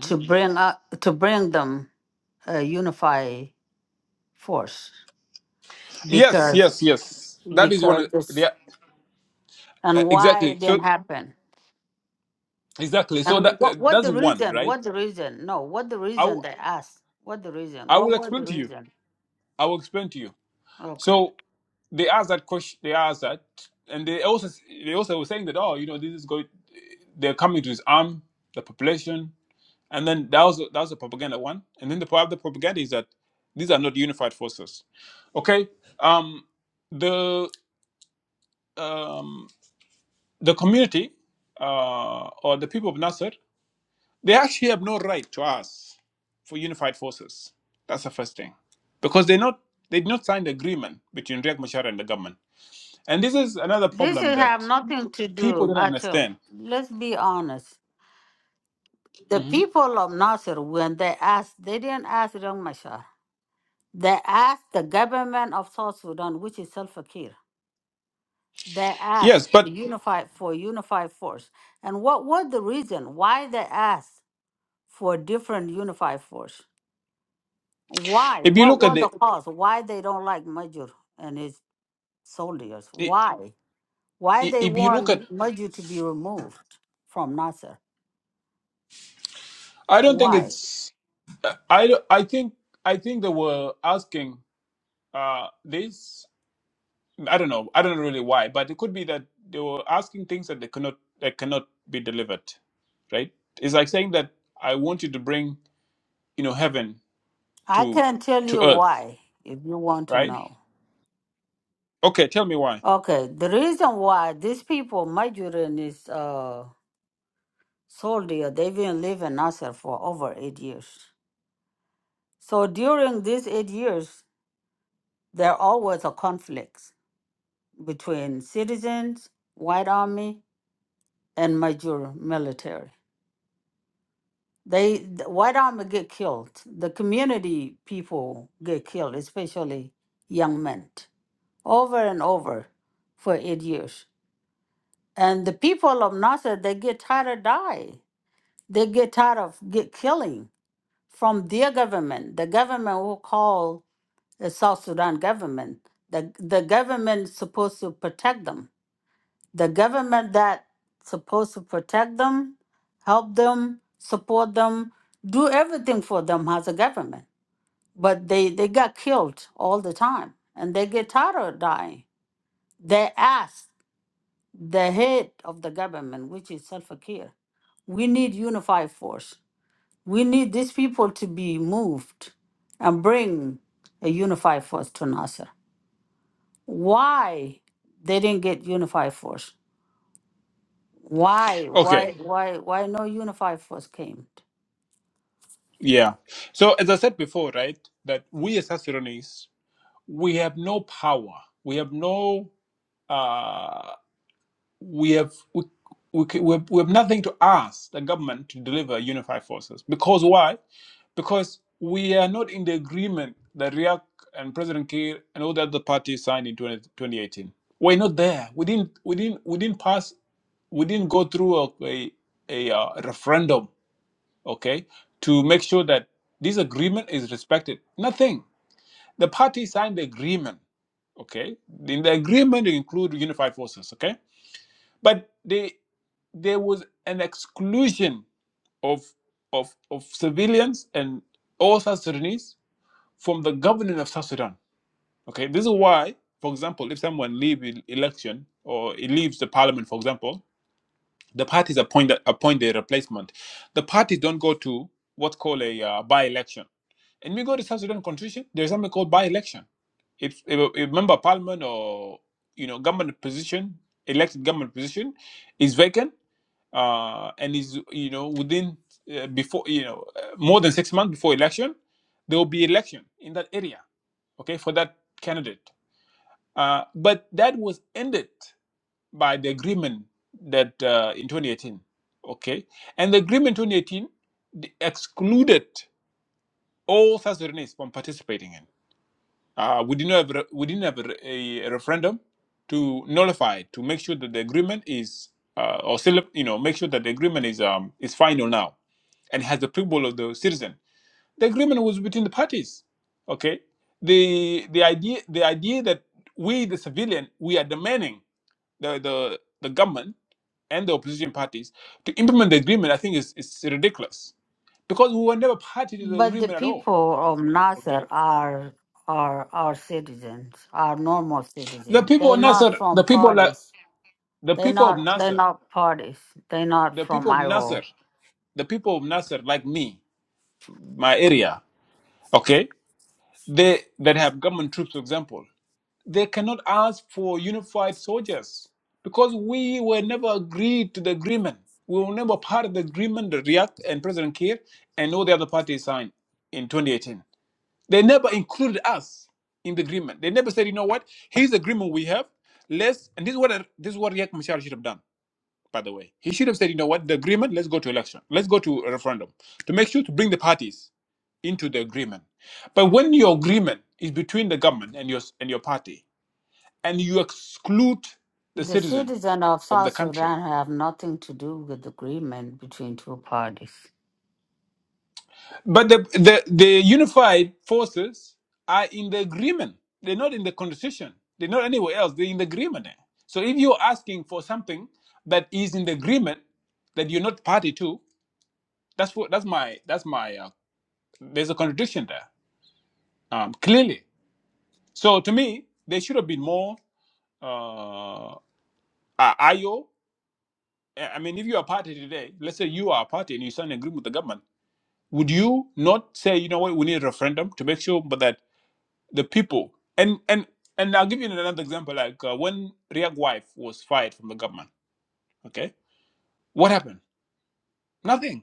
Speaker 2: to bring up, to bring them a unified force
Speaker 4: Yes, yes,
Speaker 2: because
Speaker 4: yes. That is one
Speaker 2: because
Speaker 4: of
Speaker 2: this
Speaker 4: the. Uh,
Speaker 2: and why
Speaker 4: exactly.
Speaker 2: it
Speaker 4: So
Speaker 2: didn't happen
Speaker 4: exactly. So
Speaker 2: and
Speaker 4: that uh,
Speaker 2: what what
Speaker 4: that's
Speaker 2: the
Speaker 4: one,
Speaker 2: reason
Speaker 4: right?
Speaker 2: what the reason no what the
Speaker 4: I w-
Speaker 2: reason they asked what the reason
Speaker 4: I
Speaker 2: what
Speaker 4: will
Speaker 2: were
Speaker 4: explain
Speaker 2: the
Speaker 4: to you.
Speaker 2: reason
Speaker 4: I will explain to you.
Speaker 2: okay
Speaker 4: So they asked that question. They asked that, and they also they also were saying that oh, you know, this is going. They're coming to his arm the population, and then that was that was the propaganda one, and then the part of the propaganda is that these are not unified forces. Okay. Um. The um the community uh or the people of Nasser They actually have no right to ask for unified forces. That's the first thing. Because they not they did not sign the agreement between Riek Machar and the government. And this is another
Speaker 2: this
Speaker 4: problem
Speaker 2: is have
Speaker 4: that
Speaker 2: nothing to
Speaker 4: people
Speaker 2: do
Speaker 4: don't
Speaker 2: at all
Speaker 4: understand.
Speaker 2: let's be honest the
Speaker 4: Mhm.
Speaker 2: people of nasser when they asked they didn't ask Riyang Mashar. they asked the government of south sudan which is self-akir they asked
Speaker 4: Yes,
Speaker 2: the
Speaker 4: but
Speaker 2: unified for unified force and what was the reason why they asked for different unified force Why?
Speaker 4: if you
Speaker 2: What
Speaker 4: look at
Speaker 2: were
Speaker 4: the
Speaker 2: the cause? Why they don't like Majur and his soldiers?
Speaker 4: i-
Speaker 2: Why? Why
Speaker 4: i-
Speaker 2: they
Speaker 4: if you look at
Speaker 2: want Majur to be removed from Nasser?
Speaker 4: I don't think
Speaker 2: Why?
Speaker 4: it's I don't- I think I think they were asking uh this I don't know. I don't know really why, but it could be that they were asking things that they cannot that cannot be delivered, right? It's like saying that I want you to bring you know heaven
Speaker 2: I
Speaker 4: to
Speaker 2: can tell you
Speaker 4: to earth
Speaker 2: why if you want to
Speaker 4: right
Speaker 2: know.
Speaker 4: okay tell me why
Speaker 2: Okay, the reason why these people, Majur and his uh, soldier, they've been living Nasser for over eight years. So during these eight years, there always a conflict between citizens, white army, and Majur military. They th- white army get killed. The community people get killed, especially young men, over and over for eight years. And the people of Nasser, they get tired of die. They get tired of get killing from their government. The government will call the South Sudan government. The the government supposed to protect them the government that supposed to protect them, help them, support them, do everything for them as a government. But they, they got killed all the time and they get tired of dying. They asked the head of the government, which is Salva Kiir, we need unified force. We need these people to be moved and bring a unified force to Nasser. Why they didn't get unified force? Why,
Speaker 4: okay
Speaker 2: why, why, why no unified force came?
Speaker 4: yeah so as i said before right that we as South Sudanese we have no power we have no uh, we have we, we, we, have, we have nothing to ask the government to deliver unified forces because why because we are not in the agreement that Riek and President Kiir and all the other parties signed in 20, 2018. We're not there. We didn't, we didn't, we didn't pass, we didn't go through a, a, a, uh, referendum, okay, to make sure that this agreement is respected. Nothing. The parties signed the agreement, okay? In the agreement, they include unified forces, okay? But they, there was an exclusion of, of, of civilians and all South Sudanese from the government of South Sudan. Okay, this is why, for example, if someone leaves an election or he leaves the parliament, for example, the parties appoint appoint their replacement. The parties don't go to what's called a uh, by-election. And we go to South Sudan Constitution, there's something called by-election. If, if a if a member of parliament or you know government position, elected government position, is vacant uh, and is you know within uh, before you know uh, more than six months before election, there will be election in that area, okay, for that candidate. Uh, but that was ended by the agreement that uh, in 2018, okay, and the agreement 2018 d- excluded all South Sudanese from participating in. Uh, we didn't have re- we didn't have a, a referendum to nullify to make sure that the agreement is uh, or celeb- you know make sure that the agreement is um is final now and has the approval of the citizen. The agreement was between the parties. Okay, the the idea the idea that we the civilian we are demanding the the, the government and the opposition parties to implement the agreement. I think is is ridiculous because we were never party to the
Speaker 2: But the
Speaker 4: agreement at all.
Speaker 2: people of Nasser
Speaker 4: Okay,
Speaker 2: are are our citizens, are normal
Speaker 4: the
Speaker 2: citizens.
Speaker 4: people are
Speaker 2: They're
Speaker 4: not
Speaker 2: not
Speaker 4: sur- the
Speaker 2: from
Speaker 4: people. are like,
Speaker 2: parties.
Speaker 4: the
Speaker 2: They're
Speaker 4: people of
Speaker 2: not. They're
Speaker 4: Nasser,
Speaker 2: not parties. They're not
Speaker 4: the
Speaker 2: from
Speaker 4: people of Nasser,
Speaker 2: IO.
Speaker 4: the people of Nasser, like me, my area, okay, they that have government troops, for example, they cannot ask for unified soldiers because we were never agreed to the agreement. We were never part of the agreement that React and President Kiir and all the other parties signed in 2018. They never included us in the agreement. They never said, you know what, here's the agreement we have. Let's and this is what this is what React Machar should have done. by the way. He should have said, you know what, the agreement, let's go to election. Let's go to a referendum to make sure to bring the parties into the agreement. But when your agreement is between the government and your and your party, and you exclude the
Speaker 2: The
Speaker 4: citizen
Speaker 2: citizen of
Speaker 4: of
Speaker 2: South
Speaker 4: the country,
Speaker 2: Sudan have nothing to do with agreement between two parties,
Speaker 4: but the the, the unified forces are in the agreement. They're not in the constitution. They're not anywhere else. They're in the agreement. there. So if you're asking for something that is in the agreement that you're not party to, that's what that's my that's my uh, There's a contradiction there, um, clearly. So to me, there should have been more uh, uh, IO. mean, if you are a party today, let's say you are a party and you sign an agreement with the government, would you not say, you know what, we need a referendum to make sure but that the people and and and I'll give you another example, like uh, when Riak wife was fired from the government. Okay, what happened? Nothing.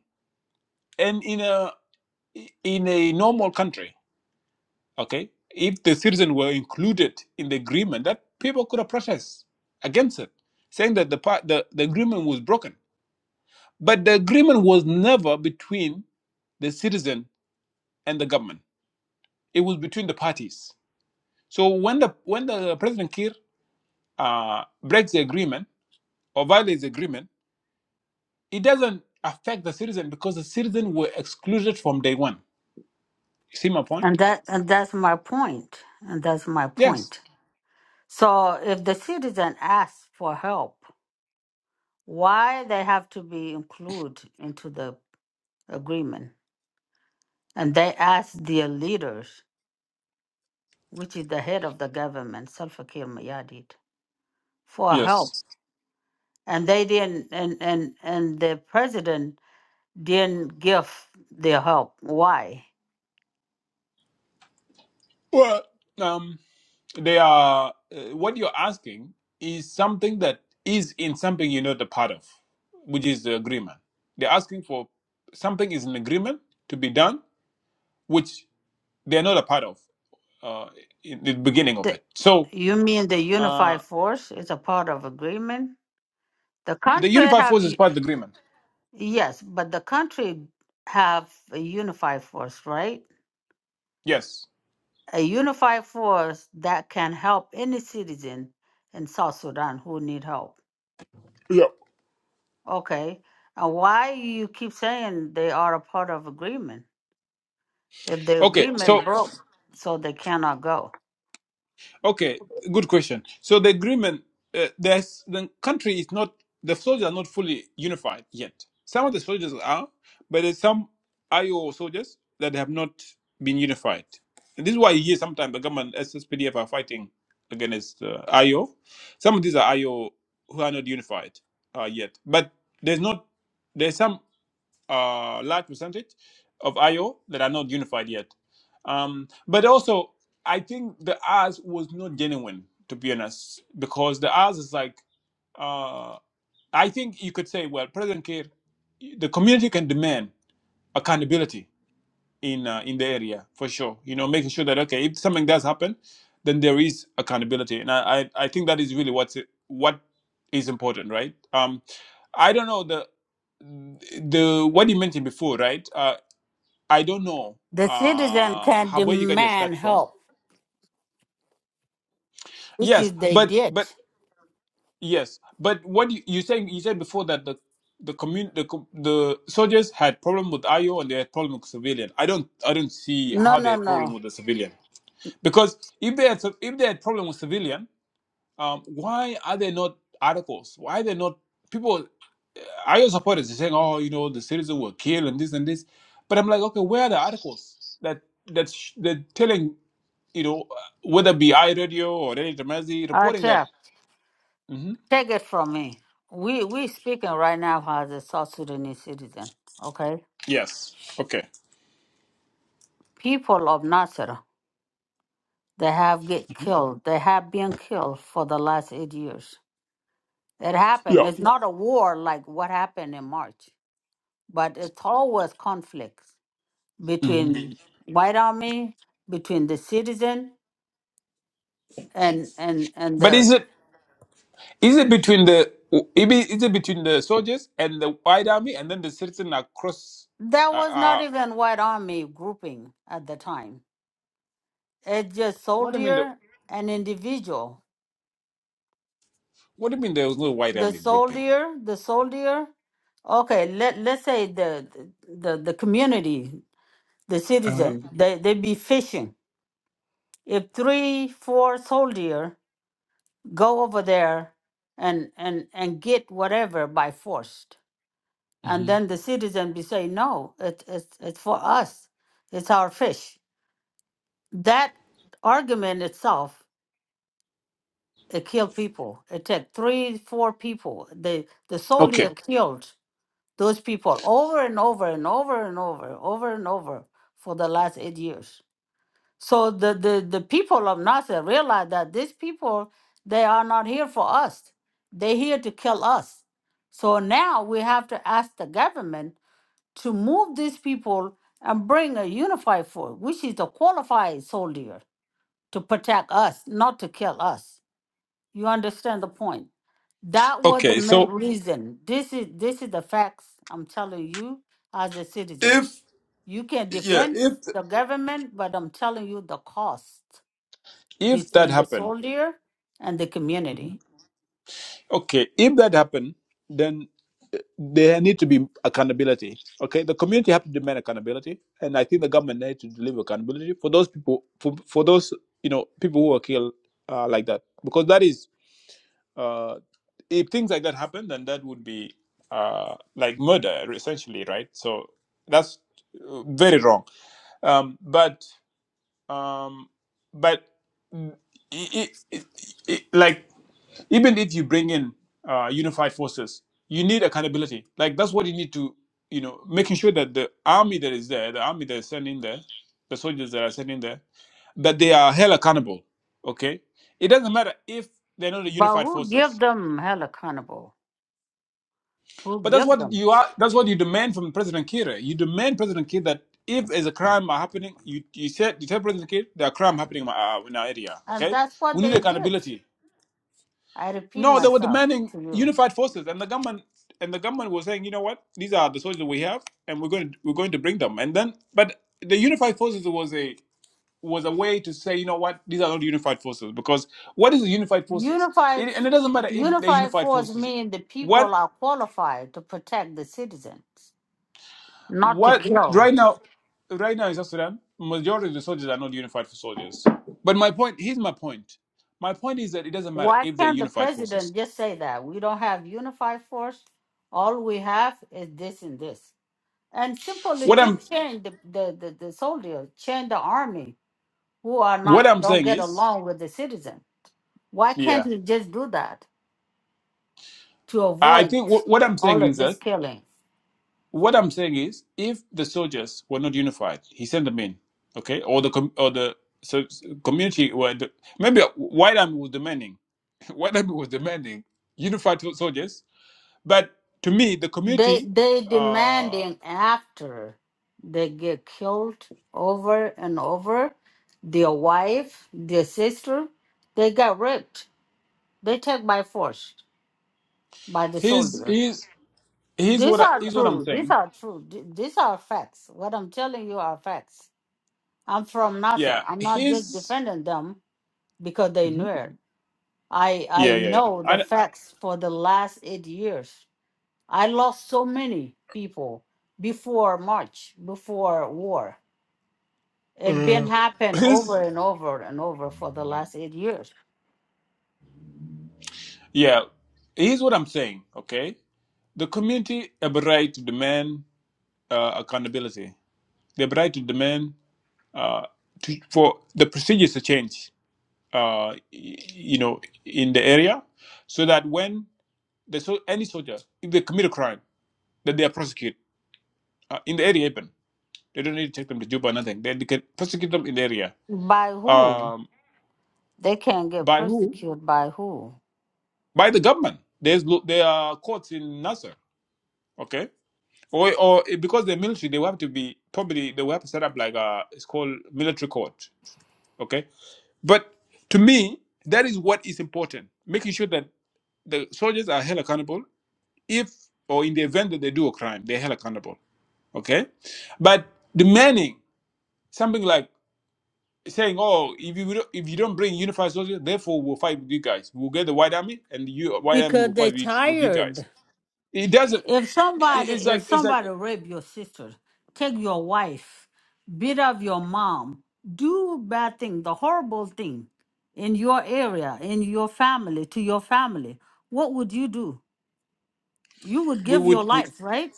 Speaker 4: And in a in a normal country, Okay, if the citizens were included in the agreement, that people could have protested against it, saying that the part the, the agreement was broken. But the agreement was never between the citizen and the government. It was between the parties. So when the when the President Kiir uh, breaks the agreement or violates the agreement, it doesn't affect the citizen because the citizen were excluded from day one. You see my point?
Speaker 2: and that and that's my point. And that's my
Speaker 4: Yes.
Speaker 2: point. So if the citizen asks for help. why they have to be included into the agreement. And they asked their leaders, which is the head of the government, Salva Kiir Mayadit, for
Speaker 4: Yes.
Speaker 2: help. And they didn't, and, and, and the president didn't give their help. Why?
Speaker 4: Well, um, they are. Uh, what you're asking is something that is in something you're not a part of, which is the agreement. They're asking for something is an agreement to be done, which they're not a part of uh, in the beginning of
Speaker 2: The,
Speaker 4: it. So
Speaker 2: you mean the unified
Speaker 4: uh,
Speaker 2: force is a part of agreement? The country
Speaker 4: the unified
Speaker 2: have,
Speaker 4: force is
Speaker 2: u-
Speaker 4: part of the agreement.
Speaker 2: yes, but the country have a unified force, right?
Speaker 4: Yes.
Speaker 2: a unified force that can help any citizen in South Sudan who need help.
Speaker 4: Yeah.
Speaker 2: Okay. And why you keep saying they are a part of agreement? If the
Speaker 4: Okay.
Speaker 2: agreement
Speaker 4: So
Speaker 2: broke, so they cannot go.
Speaker 4: Okay, good question. So the agreement, uh, there's the country is not the soldiers are not fully unified yet. Some of the soldiers are, but there's some IO soldiers that have not been unified. And this is why you hear sometimes the government SSPDF are fighting against uh, IO. Some of these are IO who are not unified uh, yet, but there's not. there's some uh, large percentage of IO that are not unified yet. Um, but also, I think the ours was not genuine, to be honest, because the ours is like, uh, I think you could say, well, President Kiir, the community can demand accountability in uh, in the area for sure. You know, making sure that okay, if something does happen, then there is accountability, and I I, I think that is really what's what is important, right? Um, I don't know. the the what you mentioned before, right? Uh, I don't know
Speaker 2: The citizen
Speaker 4: uh,
Speaker 2: can
Speaker 4: how where you got your start
Speaker 2: demand
Speaker 4: from.
Speaker 2: help, which
Speaker 4: Yes,
Speaker 2: is they
Speaker 4: but
Speaker 2: did.
Speaker 4: but yes, but what you, you saying you said before that the the commun the co- the soldiers had problem with IO and they had problem with civilian. I don't I don't see
Speaker 2: No,
Speaker 4: how they
Speaker 2: no,
Speaker 4: had problem
Speaker 2: no.
Speaker 4: with the civilian because if they had if they had problem with civilian, um, why are they not articles? Why are they not people? I hear supporters saying, "Oh, you know, the citizen were killed and this and this," but I'm like, okay, where are the articles that that sh- are telling you know uh, whether it be iRadio or any Tamazi reporting that?
Speaker 2: RTF,
Speaker 4: hmm
Speaker 2: take it from me. We we speaking right now as a South Sudanese citizen. Okay.
Speaker 4: Yes. Okay.
Speaker 2: People of Nasser. They have get killed. They have been killed for the last eight years. It happened.
Speaker 4: Yeah.
Speaker 2: It's not a war like what happened in March, but it's always conflicts
Speaker 4: hmm
Speaker 2: between Mhm. white army, between the citizen, and and and
Speaker 4: But
Speaker 2: the
Speaker 4: is it is it between the it be- is it between the soldiers and the white army and then the citizen across?
Speaker 2: that
Speaker 4: Uh,
Speaker 2: was not
Speaker 4: uh,
Speaker 2: even white army grouping at the time. It's just
Speaker 4: what do you mean? The,
Speaker 2: soldier and individual.
Speaker 4: what do you mean there was no white
Speaker 2: The
Speaker 4: army grouping?
Speaker 2: soldier, the soldier. Okay, let let's say the the the community. the
Speaker 4: Uh,
Speaker 2: citizen. They they be fishing. If three, four soldier go over there and and and get whatever by force, and
Speaker 4: mhm.
Speaker 2: then the citizen be say no, it, it's it's for us, it's our fish. That argument itself it kill people. It take three, four people. The the soldier
Speaker 4: Okay.
Speaker 2: killed those people over and over and over and over, over and over for the last eight years. So the, the, the people of Nasser realize that these people, they are not here for us. They're here to kill us. So now we have to ask the government to move these people and bring a unified force, which is a qualified soldier to protect us, not to kill us. You understand the point? That was the
Speaker 4: Okay.
Speaker 2: main
Speaker 4: So
Speaker 2: Mhm. reason. This is this is the facts I'm telling you as a citizen.
Speaker 4: if
Speaker 2: You can
Speaker 4: yeah,
Speaker 2: defend
Speaker 4: if
Speaker 2: the government, but I'm telling you the cost
Speaker 4: If that
Speaker 2: between the
Speaker 4: happened,
Speaker 2: soldier and the
Speaker 4: Mhm.
Speaker 2: community.
Speaker 4: okay, if that happened, then there need to be accountability. Okay, the community have to demand accountability, and I think the government need to deliver accountability for those people, for, for those you know people who were killed uh, like that, because that is uh, if things like that happen, then that would be uh, like murder essentially, right? So that's uh, very wrong. Um, but um, but mm, i i i i- like even if you bring in uh, unified forces, you need accountability. Like that's what you need to, you know, making sure that the army that is there, the army that is sent in there, the soldiers that are sent in there, that they are held accountable. Okay, it doesn't matter if they're not the
Speaker 2: But
Speaker 4: unified
Speaker 2: who
Speaker 4: forces.
Speaker 2: give them hell accountable? Who
Speaker 4: But that's
Speaker 2: give
Speaker 4: what
Speaker 2: them?
Speaker 4: you are. That's what you demand from President Kiir. You demand President Kiir that if there's a crime are happening, you you said you tell President Kiir there are crime happening in my- uh, in our area.
Speaker 2: And
Speaker 4: Okay,
Speaker 2: that's what
Speaker 4: we need
Speaker 2: they did.
Speaker 4: accountability.
Speaker 2: I repeat
Speaker 4: No, they were
Speaker 2: myself
Speaker 4: demanding
Speaker 2: to you.
Speaker 4: unified forces, and the government and the government was saying, you know what, these are the soldiers we have, and we're going to, we're going to bring them. And then, but the unified forces was a was a way to say, you know what, these are not unified forces because what is the unified forces?
Speaker 2: Unified,
Speaker 4: It, and it doesn't matter if they're
Speaker 2: unified
Speaker 4: unified
Speaker 2: force
Speaker 4: forces.
Speaker 2: mean the people
Speaker 4: What
Speaker 2: are qualified to protect the citizens, not to
Speaker 4: what
Speaker 2: kill.
Speaker 4: right now, right now in South Sudan, majority of the soldiers are not unified for soldiers. But my point here's my point. My point is that it doesn't matter
Speaker 2: Why
Speaker 4: if they're
Speaker 2: can't the
Speaker 4: unified forces.
Speaker 2: president just say that? We don't have unified force. All we have is this and this. And simply
Speaker 4: What I'm
Speaker 2: just change the, the, the, the soldier, change the army who are
Speaker 4: what
Speaker 2: not
Speaker 4: I'm
Speaker 2: don't
Speaker 4: saying
Speaker 2: get
Speaker 4: is,
Speaker 2: along with the citizen. Why
Speaker 4: yeah.
Speaker 2: can't he just do that to
Speaker 4: I
Speaker 2: avoid
Speaker 4: think what, what I'm
Speaker 2: all
Speaker 4: saying
Speaker 2: of
Speaker 4: is
Speaker 2: this
Speaker 4: that
Speaker 2: killing?
Speaker 4: what I'm saying is if the soldiers were not unified, he sent them in, okay, or the com- or the so, so community were the, maybe white army was demanding white army was demanding unified sol- soldiers, but to me the
Speaker 2: They
Speaker 4: community,
Speaker 2: they
Speaker 4: uh,
Speaker 2: demanding after they get killed over and over, their wife, their sister, they got raped. They take by force by the
Speaker 4: here's
Speaker 2: soldiers.
Speaker 4: here's here's
Speaker 2: These
Speaker 4: what I,
Speaker 2: are
Speaker 4: here's what I'm
Speaker 2: true. These
Speaker 4: saying,
Speaker 2: are true. Th- These are facts. What I'm telling you are facts. I'm from
Speaker 4: yeah,
Speaker 2: Nasser. I'm not just
Speaker 4: here's
Speaker 2: defending them because they knew
Speaker 4: mhm.
Speaker 2: it. I
Speaker 4: yeah
Speaker 2: I
Speaker 4: yeah yeah,
Speaker 2: know the
Speaker 4: and
Speaker 2: facts for the last eight years. I lost so many people before March, before war. It been
Speaker 4: Uh,
Speaker 2: happen
Speaker 4: here's
Speaker 2: over and over and over for the last eight years.
Speaker 4: yeah, here's what I'm saying, okay, the community have a right to demand uh, accountability, the right to demand uh, to, for the procedures to change, uh, y- you know, in the area, so that when the so any soldier if they commit a crime, that they are prosecuted uh, in the area even. They don't need to take them to Juba or nothing. They, they can prosecute them in the area.
Speaker 2: By who?
Speaker 4: Um,
Speaker 2: They can get
Speaker 4: by who?
Speaker 2: persecuted by who?
Speaker 4: By the government. There's lo- there are courts in Nasser, okay, or or because they're military they will have to be probably they will have to set up like a it's called military court, okay But to me, that is what is important. Making sure that the soldiers are held accountable if or in the event that they do a crime, they're held accountable. Okay? But demanding something like saying, Oh, if you don't- if you don't bring unified soldiers, therefore we'll fight with you guys. We'll get the white army and you white army
Speaker 2: Because
Speaker 4: will
Speaker 2: they
Speaker 4: fight with with you
Speaker 2: tired.
Speaker 4: guys. It doesn't
Speaker 2: If
Speaker 4: it-
Speaker 2: somebody
Speaker 4: it's
Speaker 2: if
Speaker 4: like it's like
Speaker 2: somebody rape your sister, take your wife, beat up your mom, do bad thing, the horrible thing in your area, in your family, to your family, what would you do? You would
Speaker 4: we
Speaker 2: give
Speaker 4: would
Speaker 2: your
Speaker 4: we,
Speaker 2: life, right?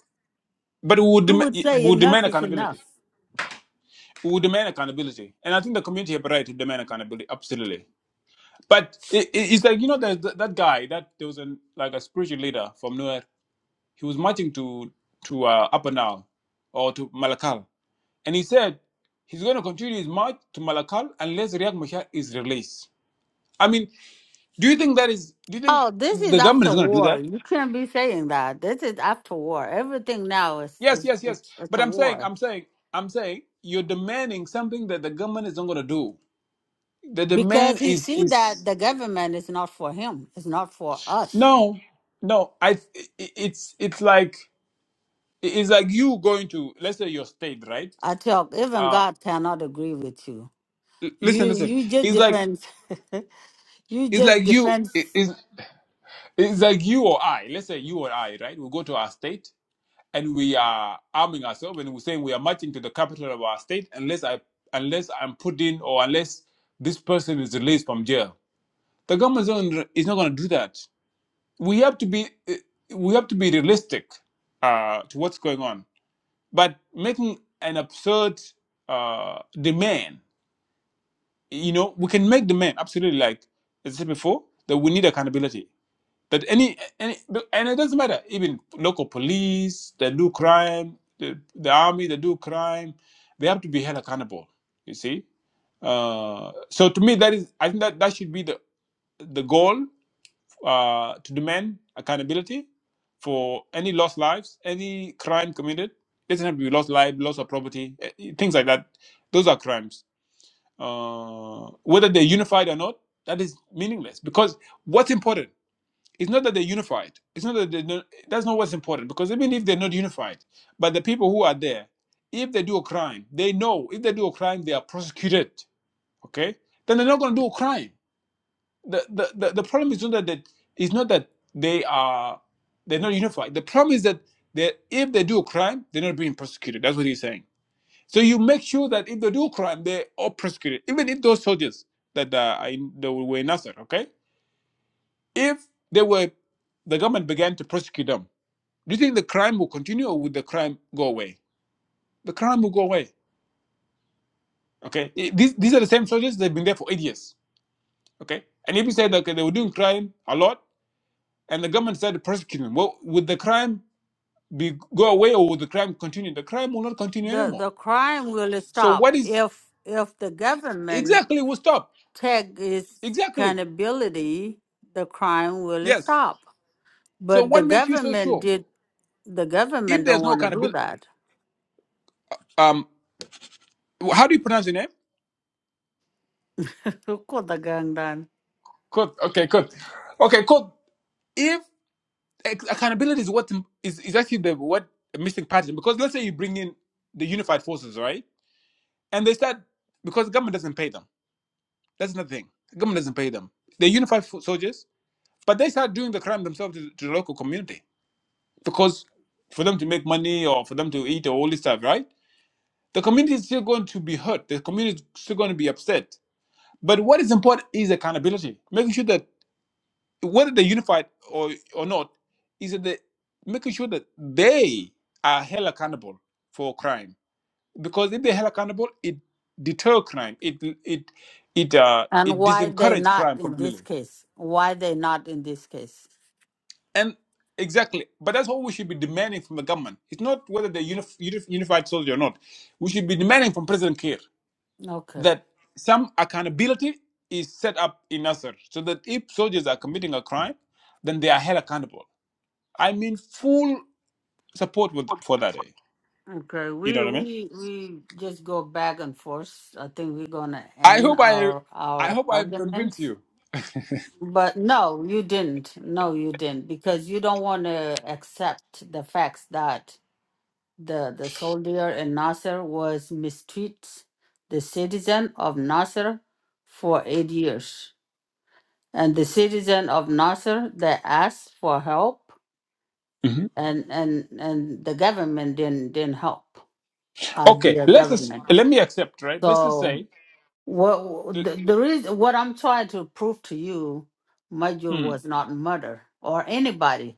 Speaker 4: but we would,
Speaker 2: You
Speaker 4: dem-
Speaker 2: would
Speaker 4: we
Speaker 2: say
Speaker 4: would demand
Speaker 2: enough is enough.
Speaker 4: accountability. We would demand accountability. And I think the community have a right to demand accountability, absolutely. But it, it- it's like you know that that that guy that there was an like a spiritual leader from nowhere. He was marching to to uh, Apanal or to Malakal, and he said he's going to continue his march to Malakal unless Riek Machar is released. I mean, do you think that is? Do you think
Speaker 2: Oh, this is
Speaker 4: the government is
Speaker 2: after
Speaker 4: going to do
Speaker 2: war.
Speaker 4: that?
Speaker 2: You can't be saying that. This is after war. Everything now is
Speaker 4: Yes,
Speaker 2: is
Speaker 4: yes, yes.
Speaker 2: it's, it's
Speaker 4: But
Speaker 2: a
Speaker 4: I'm saying,
Speaker 2: war
Speaker 4: I'm saying, I'm saying, you're demanding something that the government is not going to do. The
Speaker 2: because
Speaker 4: demand
Speaker 2: he
Speaker 4: is
Speaker 2: see that
Speaker 4: is
Speaker 2: the government is not for him. It's not for us.
Speaker 4: no, no. I it- it's it's like It- It's like you going to let's say your state, right?
Speaker 2: I talk, even
Speaker 4: Uh,
Speaker 2: God cannot agree with you.
Speaker 4: l- listen,
Speaker 2: You
Speaker 4: listen.
Speaker 2: you just
Speaker 4: It's like
Speaker 2: defend you
Speaker 4: it's
Speaker 2: just
Speaker 4: like you
Speaker 2: defend
Speaker 4: it- it's, it's like you or I. Let's say you or I, right? We go to our state and we are arming ourselves and we're saying we are marching to the capital of our state unless I unless I'm put in or unless this person is released from jail. The government is not gonna is not gonna do that. We have to be eh, we have to be realistic uh, to what's going on, but making an absurd uh, demand you know we can make the men absolutely like as i said before that we need accountability that any any and it doesn't matter even local police that do crime the, the army that do crime they have to be held accountable you see uh, so to me that is i think that that should be the the goal uh, to demand accountability for any lost lives any crime committed doesn't have to be lost life loss of property eh, eh, things like that those are crimes uh, whether they're unified or not, that is meaningless. Because what's important is not that they're unified. It's not that they're not, that's not what's important. Because even if they're not unified, but the people who are there, if they do a crime, they know if they do a crime, they are prosecuted. Okay, then they're not going to do a crime. The, the the the problem is not that they, it's not that they are they're not unified. The problem is that they if they do a crime, they're not being prosecuted. That's what he's saying so you make sure that if they do crime, they are prosecuted. Even if those soldiers that uh, are in, they were in Nasser, okay, if they were, the government began to prosecute them. Do you think the crime will continue, or would the crime go away? The crime will go away. Okay, these these are the same soldiers. They've been there for eight years. Okay, and if you said okay, they were doing crime a lot, and the government started prosecuting them, well, would the crime be go away, or would the crime continue? The crime will not continue
Speaker 2: the
Speaker 4: anymore.
Speaker 2: the crime will
Speaker 4: So
Speaker 2: stop
Speaker 4: what is
Speaker 2: if if the government
Speaker 4: exactly will stop?
Speaker 2: take its
Speaker 4: Exactly.
Speaker 2: accountability, the crime will
Speaker 4: Yes.
Speaker 2: stop.
Speaker 4: So
Speaker 2: But the
Speaker 4: what makes you so
Speaker 2: government
Speaker 4: sure?
Speaker 2: did the
Speaker 4: If
Speaker 2: government don't
Speaker 4: there's no
Speaker 2: want to do
Speaker 4: accountability,
Speaker 2: that.
Speaker 4: um, how do you pronounce your name?
Speaker 2: Could the gang done.
Speaker 4: Good. Okay, good. Okay, good. If ac- accountability is what is, is actually the what a missing pattern, because let's say you bring in the unified forces, right? And they start because the government doesn't pay them. That's another thing. The government doesn't pay them. They're unified fo- soldiers, but they start doing the crime themselves to, to the local community because for them to make money or for them to eat or all this stuff, right? The community is still going to be hurt. The community is still going to be upset But what is important is accountability, making sure that whether they're unified or, or not, is that they, making sure that they are held accountable for crime. Because if they're held accountable, it deter crime. It it it uh
Speaker 2: And
Speaker 4: it
Speaker 2: why they
Speaker 4: disencourages
Speaker 2: not
Speaker 4: crime
Speaker 2: in this
Speaker 4: completely.
Speaker 2: case? Why they not in this case?
Speaker 4: And exactly, but that's what we should be demanding from the government. It's not whether they're unif- unif- unified soldier or not. We should be demanding from President Kiir.
Speaker 2: Okay.
Speaker 4: that some accountability is set up in Nasser so that if soldiers are committing a crime, then they are held accountable. I mean, full support with, for that. eh?
Speaker 2: Okay,
Speaker 4: You know
Speaker 2: we
Speaker 4: what I mean?
Speaker 2: we we just go back and forth. I think we're gonna
Speaker 4: I
Speaker 2: end
Speaker 4: hope I,
Speaker 2: our
Speaker 4: I
Speaker 2: our
Speaker 4: hope I have convinced
Speaker 2: arguments.
Speaker 4: you.
Speaker 2: But no, you didn't. No, you didn't because you don't want to accept the facts that the the soldier in Nasser was mistreat the citizen of Nasser for eight years, and the citizen of Nasser they asked for help,
Speaker 4: Mhm.
Speaker 2: and and and the government didn't didn't help. Had
Speaker 4: Okay,
Speaker 2: the
Speaker 4: let's just,
Speaker 2: government
Speaker 4: let me accept, right? Let's just
Speaker 2: so.
Speaker 4: say,
Speaker 2: Well, the, the reason what I'm trying to prove to you, Major
Speaker 4: mm,
Speaker 2: was not murdered, or anybody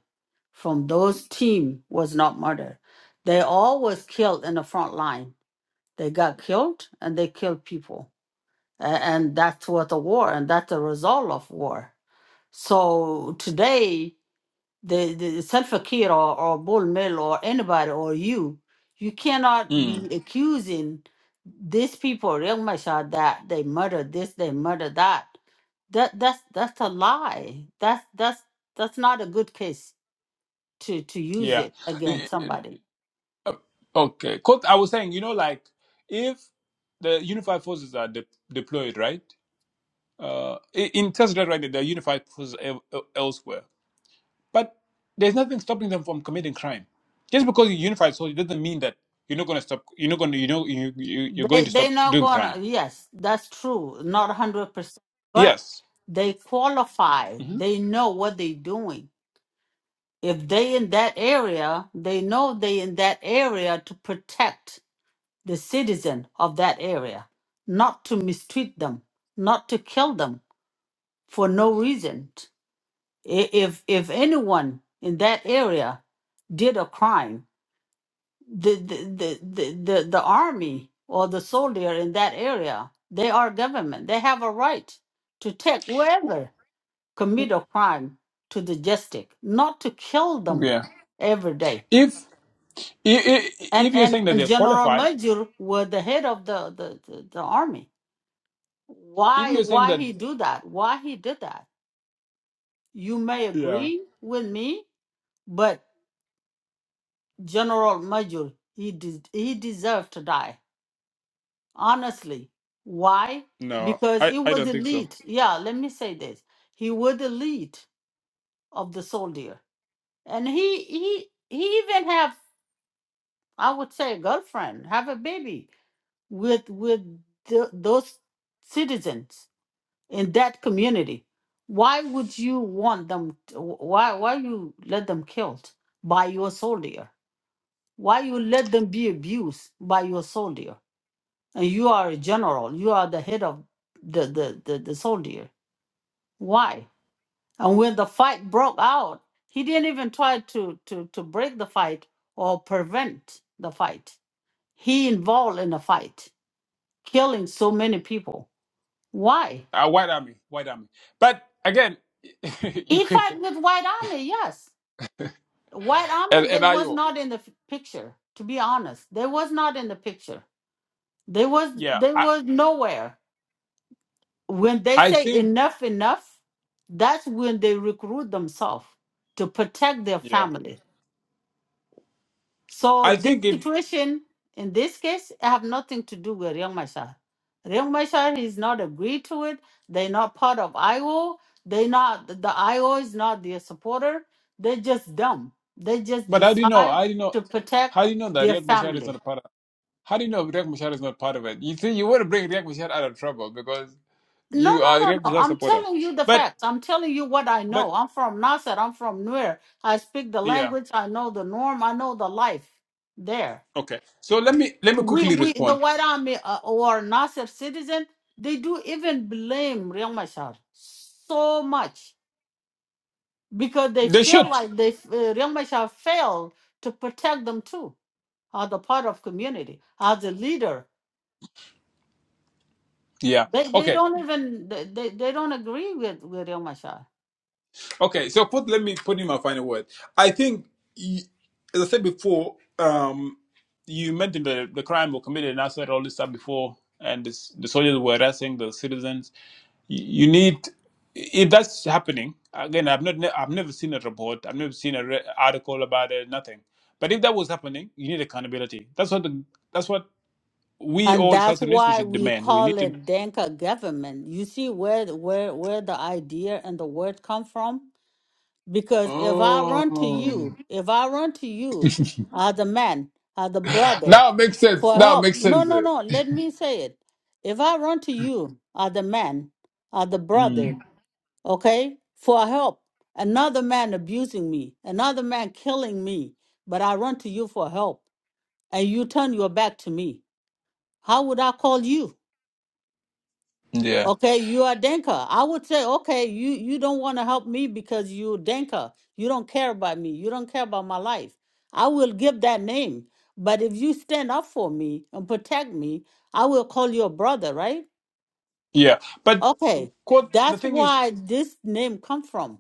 Speaker 2: from those team was not murdered. They all was killed in the front line. They got killed and they killed people, A- and that's what the war, and that's the result of war. So today, the, the Salva Kiir or, or Bull Mill or anybody or you, you cannot be
Speaker 4: mm,
Speaker 2: accusing these people, Riek Machar, that they murdered this, they murdered that. That that's that's a lie. That's that's that's not a good case to to use
Speaker 4: yeah,
Speaker 2: it against somebody.
Speaker 4: Uh, okay. 'Cause I was saying, you know, like if the unified forces are de- deployed, right? Uh, in in Tesla, right? There are unified forces el- el- elsewhere But there's nothing stopping them from committing crime. Just because you unify so it doesn't mean that you're not going to stop. You're not going to. You know, you, you you're going
Speaker 2: They
Speaker 4: to
Speaker 2: they're
Speaker 4: stop
Speaker 2: not
Speaker 4: doing
Speaker 2: gonna
Speaker 4: crime.
Speaker 2: yes, that's true, not hundred percent. But
Speaker 4: Yes.
Speaker 2: they qualify,
Speaker 4: hmm
Speaker 2: they know what they're doing if they in that area, they know they in that area to protect the citizen of that area, not to mistreat them, not to kill them for no reason. I- If if anyone in that area did a crime, the the the the, the, the army or the soldier in that area, they are government. They have a right to take whoever commit a crime to the justice, not to kill them
Speaker 4: Yeah.
Speaker 2: every day
Speaker 4: If, if
Speaker 2: And
Speaker 4: if you're
Speaker 2: and
Speaker 4: saying that
Speaker 2: and
Speaker 4: they
Speaker 2: General
Speaker 4: qualify,
Speaker 2: Major was the head of the the, the the army.
Speaker 4: if
Speaker 2: Why
Speaker 4: you're saying
Speaker 2: why
Speaker 4: that
Speaker 2: he do that? Why he did that? You may
Speaker 4: yeah,
Speaker 2: agree with me, but General Major he did he deserved to die. Honestly, why?
Speaker 4: no,
Speaker 2: Because
Speaker 4: I
Speaker 2: he
Speaker 4: I
Speaker 2: was
Speaker 4: don't
Speaker 2: the
Speaker 4: think so.
Speaker 2: lead. Yeah, let me say this. He was the lead of the soldier, and he he he even have I would say a girlfriend, have a baby with with the, those citizens in that community why would you want them to, why why you let them killed by your soldier why you let them be abused by your soldier and you are a general you are the head of the the the, the soldier why and when the fight broke out he didn't even try to to to break the fight or prevent the fight he involved in the fight killing so many people why
Speaker 4: Uh, white army, white army. But again, you
Speaker 2: he
Speaker 4: could
Speaker 2: fight with white army yes White
Speaker 4: and,
Speaker 2: Army, they
Speaker 4: and I
Speaker 2: was
Speaker 4: O.
Speaker 2: not in the f- picture. To be honest, they was not in the picture. They was
Speaker 4: yeah.
Speaker 2: they
Speaker 4: I
Speaker 2: was nowhere. When they
Speaker 4: I
Speaker 2: say
Speaker 4: think
Speaker 2: enough, enough, that's when they recruit themselves to protect their
Speaker 4: yeah.
Speaker 2: family. So
Speaker 4: I
Speaker 2: this
Speaker 4: think if
Speaker 2: situation in this case I have nothing to do with Riek Machar. Riek Machar is not agreed to it. They're not part of IO. They not the IO is not their supporter. They're just dumb. They just
Speaker 4: but how do you know?
Speaker 2: decide
Speaker 4: How do you know?
Speaker 2: to protect
Speaker 4: How do you know that
Speaker 2: their
Speaker 4: Riyad Mashar is not
Speaker 2: family.
Speaker 4: a part of? How do you know Riek Machar is not part of it? You see, you want to bring Riek Machar out of trouble because
Speaker 2: No,
Speaker 4: you
Speaker 2: no,
Speaker 4: are a
Speaker 2: no, no.
Speaker 4: Riek Machar
Speaker 2: I'm
Speaker 4: supporter.
Speaker 2: telling you the
Speaker 4: But,
Speaker 2: facts. I'm telling you what I know.
Speaker 4: but,
Speaker 2: I'm from Nasser. I'm from Nuer. I speak the
Speaker 4: yeah,
Speaker 2: language. I know the norm. I know the life there.
Speaker 4: okay. So let me let me
Speaker 2: we
Speaker 4: quickly
Speaker 2: we the
Speaker 4: respond.
Speaker 2: white army uh, or Nasser citizen they do even blame Riek Machar so much because they
Speaker 4: They
Speaker 2: feel
Speaker 4: should,
Speaker 2: like they uh, Riek Machar failed to protect them too as a part of community as a leader
Speaker 4: yeah,
Speaker 2: they they
Speaker 4: okay.
Speaker 2: don't even they, they they don't agree with with Riek Machar
Speaker 4: Okay, so put let me put in my final word. I think, y- as I said before, um, you mentioned the, the crime were committed and I said all this stuff before, and this, the soldiers were arresting the citizens. Y- You need, if that's happening again. I've not, ne- I've never seen a report. I've never seen a re- article about it. Nothing. But if that was happening, you need accountability. That's what the, that's what we
Speaker 2: and
Speaker 4: all
Speaker 2: that's
Speaker 4: South Sudanese we
Speaker 2: why
Speaker 4: should
Speaker 2: we
Speaker 4: demand. We need
Speaker 2: call
Speaker 4: to.
Speaker 2: it Denka government you see where where where the idea and the word come from Because if I run to
Speaker 4: Oh.
Speaker 2: you, if I run to you as a man, as a brother,
Speaker 4: Now it makes sense.
Speaker 2: for
Speaker 4: Now it
Speaker 2: help,
Speaker 4: makes
Speaker 2: no,
Speaker 4: sense.
Speaker 2: no, no, let me say it. If I run to you as a man, as a brother,
Speaker 4: Mm,
Speaker 2: okay, for help, another man abusing me, another man killing me, but I run to you for help and you turn your back to me, how would I call you?
Speaker 4: yeah.
Speaker 2: Okay, you are Denka. I would say, okay, you you don't want to help me because you Denka. You don't care about me. You don't care about my life. I will give that name. But if you stand up for me and protect me, I will call you a brother, right?
Speaker 4: Yeah, but
Speaker 2: Okay,
Speaker 4: quote, the
Speaker 2: that's
Speaker 4: thing is,
Speaker 2: why this name come from.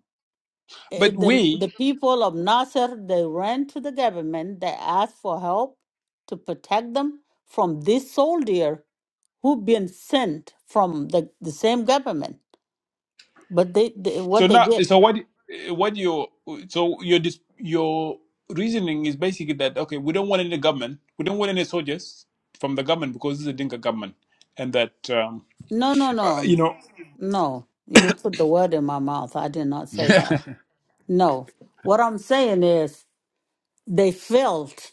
Speaker 2: Eh,
Speaker 4: but
Speaker 2: The,
Speaker 4: we
Speaker 2: the people of Nasser, they ran to the government. They asked for help to protect them from this soldier who been sent from the, the same government. But they, they
Speaker 4: so
Speaker 2: what they
Speaker 4: now
Speaker 2: get?
Speaker 4: so what what you so your dis- your reasoning is basically that okay we don't want any government we don't want any soldiers from the government because it's a Dinka government and that um,
Speaker 2: No, no, no,
Speaker 4: you know
Speaker 2: no. You put the word in my mouth. I did not say that. No. What I'm saying is they felt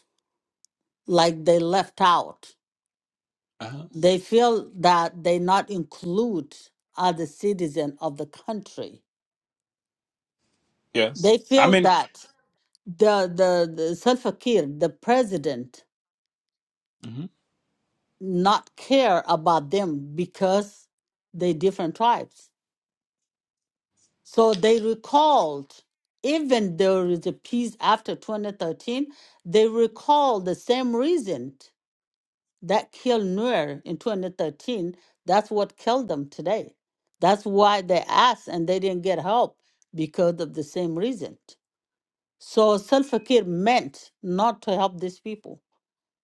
Speaker 2: like they left out.
Speaker 4: uh
Speaker 2: They feel that they not include other citizen of the country.
Speaker 4: yes
Speaker 2: They
Speaker 4: I
Speaker 2: feel
Speaker 4: mean
Speaker 2: that the the, the Salva Kiir, the president,
Speaker 4: mhm.
Speaker 2: not care about them because they different tribes. So they recalled, even there is a peace after 2013, they recalled the same reason that killed Nuer in 2013. That's what killed them today. That's why they asked and they didn't get help because of the same reason. So Salva Kiir meant not to help these people.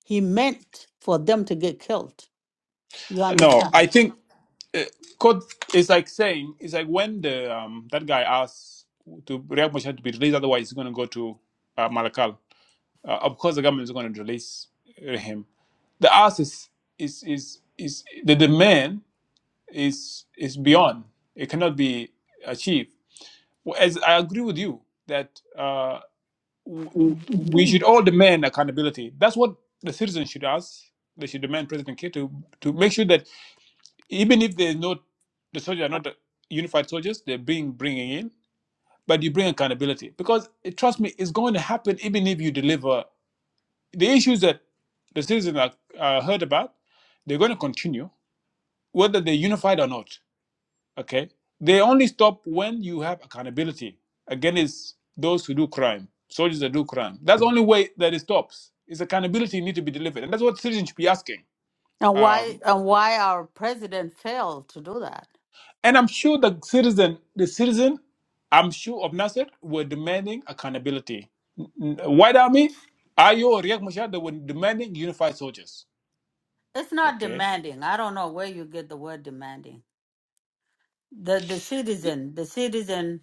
Speaker 2: He meant for them to get killed. You
Speaker 4: no
Speaker 2: understand?
Speaker 4: I think uh, quote is like saying it's like when the um, that guy asks to Riyad Machar to be released otherwise he's going to go to uh, Malakal Uh, of course, the government is going to release uh, him. The ask is is is is the demand is is beyond. It cannot be achieved. Well, As I agree with you that uh, w- we should all demand accountability. That's what the citizens should ask. They should demand President K to to make sure that even if there's not the soldiers are not the unified soldiers they're being bringing in but you bring accountability because eh, trust me it's going to happen even if you deliver the issues that the citizens are, are heard about, they're going to continue, whether they're unified or not. Okay, they only stop when you have accountability against those who do crime, soldiers that do crime. That's the only way that it stops. It's accountability need to be delivered, and that's what citizens should be asking.
Speaker 2: And why
Speaker 4: Um,
Speaker 2: and why our president failed to do that?
Speaker 4: and I'm sure the citizen, the citizen, I'm sure of Nasser were demanding accountability. N- n- White Army, IO, or Riek Machar, they were demanding unified soldiers.
Speaker 2: It's not
Speaker 4: Okay.
Speaker 2: demanding. I don't know where you get the word demanding. The the citizen, the citizen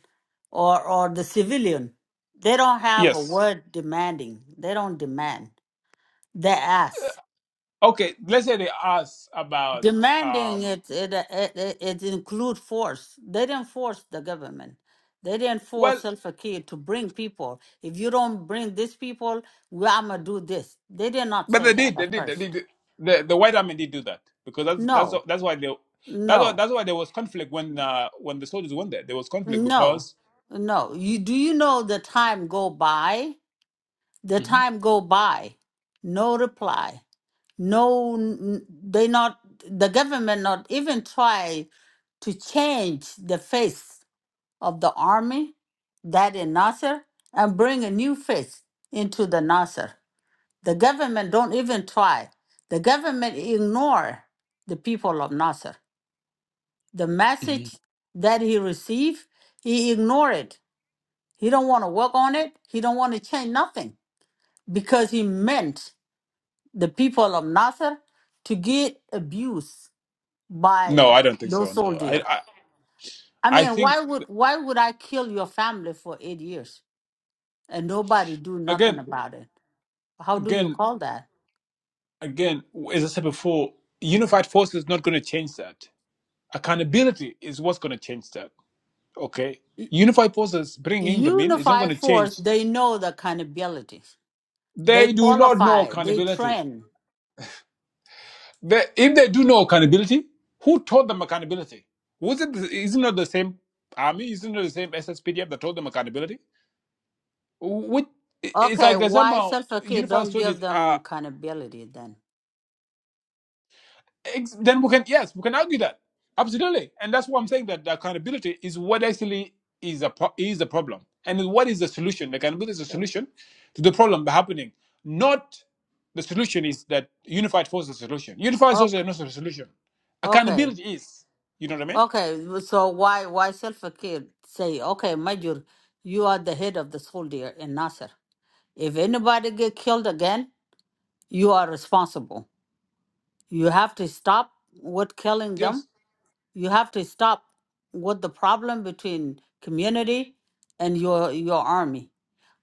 Speaker 2: or or the civilian, they don't have a
Speaker 4: Yes.
Speaker 2: word demanding. They don't demand. They ask.
Speaker 4: Okay, let's say they ask about
Speaker 2: Demanding
Speaker 4: um
Speaker 2: it it it, it, it include force. They didn't force the government. They didn't force
Speaker 4: well
Speaker 2: Salva Kiir to bring people. If you don't bring these people, we I'ma do this. They did not
Speaker 4: but
Speaker 2: say
Speaker 4: they
Speaker 2: that
Speaker 4: did,
Speaker 2: at
Speaker 4: they did, they
Speaker 2: first.
Speaker 4: did the the white army did do that because that's that's
Speaker 2: No,
Speaker 4: that's why they that's why
Speaker 2: no.
Speaker 4: that's why there was conflict when uh when the soldiers went there. There was conflict
Speaker 2: No,
Speaker 4: because
Speaker 2: no. You do you know the time go by? The
Speaker 4: Mhm,
Speaker 2: time go by. No reply. No, n- they not the government not even try to change the face of the army that in Nasser and bring a new face into the Nasser. The government don't even try. The government ignore the people of Nasser. The
Speaker 4: mhm.
Speaker 2: message that he received, he ignored it he don't want to work on it. He don't want to change nothing because he meant the people of Nasser to get abused by
Speaker 4: no, I don't think so.
Speaker 2: those
Speaker 4: No. I
Speaker 2: soldiers.
Speaker 4: I,
Speaker 2: I
Speaker 4: I
Speaker 2: mean, why
Speaker 4: think
Speaker 2: would why would I kill your family for eight years and nobody do nothing
Speaker 4: again
Speaker 2: about it? How do you
Speaker 4: again
Speaker 2: call that?
Speaker 4: again as I said before, unified force is not gonna change that. Accountability is what's gonna change that. Okay. Unified forces bringing them in is not
Speaker 2: Unified
Speaker 4: gonna
Speaker 2: force,
Speaker 4: change.
Speaker 2: they know the accountability. They
Speaker 4: They do not know
Speaker 2: qualify, they
Speaker 4: accountability
Speaker 2: train.
Speaker 4: They, if they do know accountability, who taught them accountability? Was it the- isn't it the same army? Isn't it the same SSPDF that taught them accountability? Which it's
Speaker 2: Okay,
Speaker 4: like that
Speaker 2: why
Speaker 4: somehow
Speaker 2: self care
Speaker 4: unified
Speaker 2: don't give
Speaker 4: soldiers
Speaker 2: them
Speaker 4: are.
Speaker 2: accountability then?
Speaker 4: ex- Then we can yes, we can argue that absolutely, and that's what I'm saying that the accountability is what actually is a pro- is the problem, and what is the solution? The accountability is the solution to the problem happening, not the solution is that unified force is the solution. Unified force is
Speaker 2: Okay,
Speaker 4: not the solution.
Speaker 2: okay.
Speaker 4: Accountability is. You know what I mean?
Speaker 2: Okay, so why why self-care say, okay, Major, you are the head of the school there in Nasser. If anybody get killed again, you are responsible. You have to stop what killing them.
Speaker 4: Yes.
Speaker 2: You have to stop what the problem between community and your your army.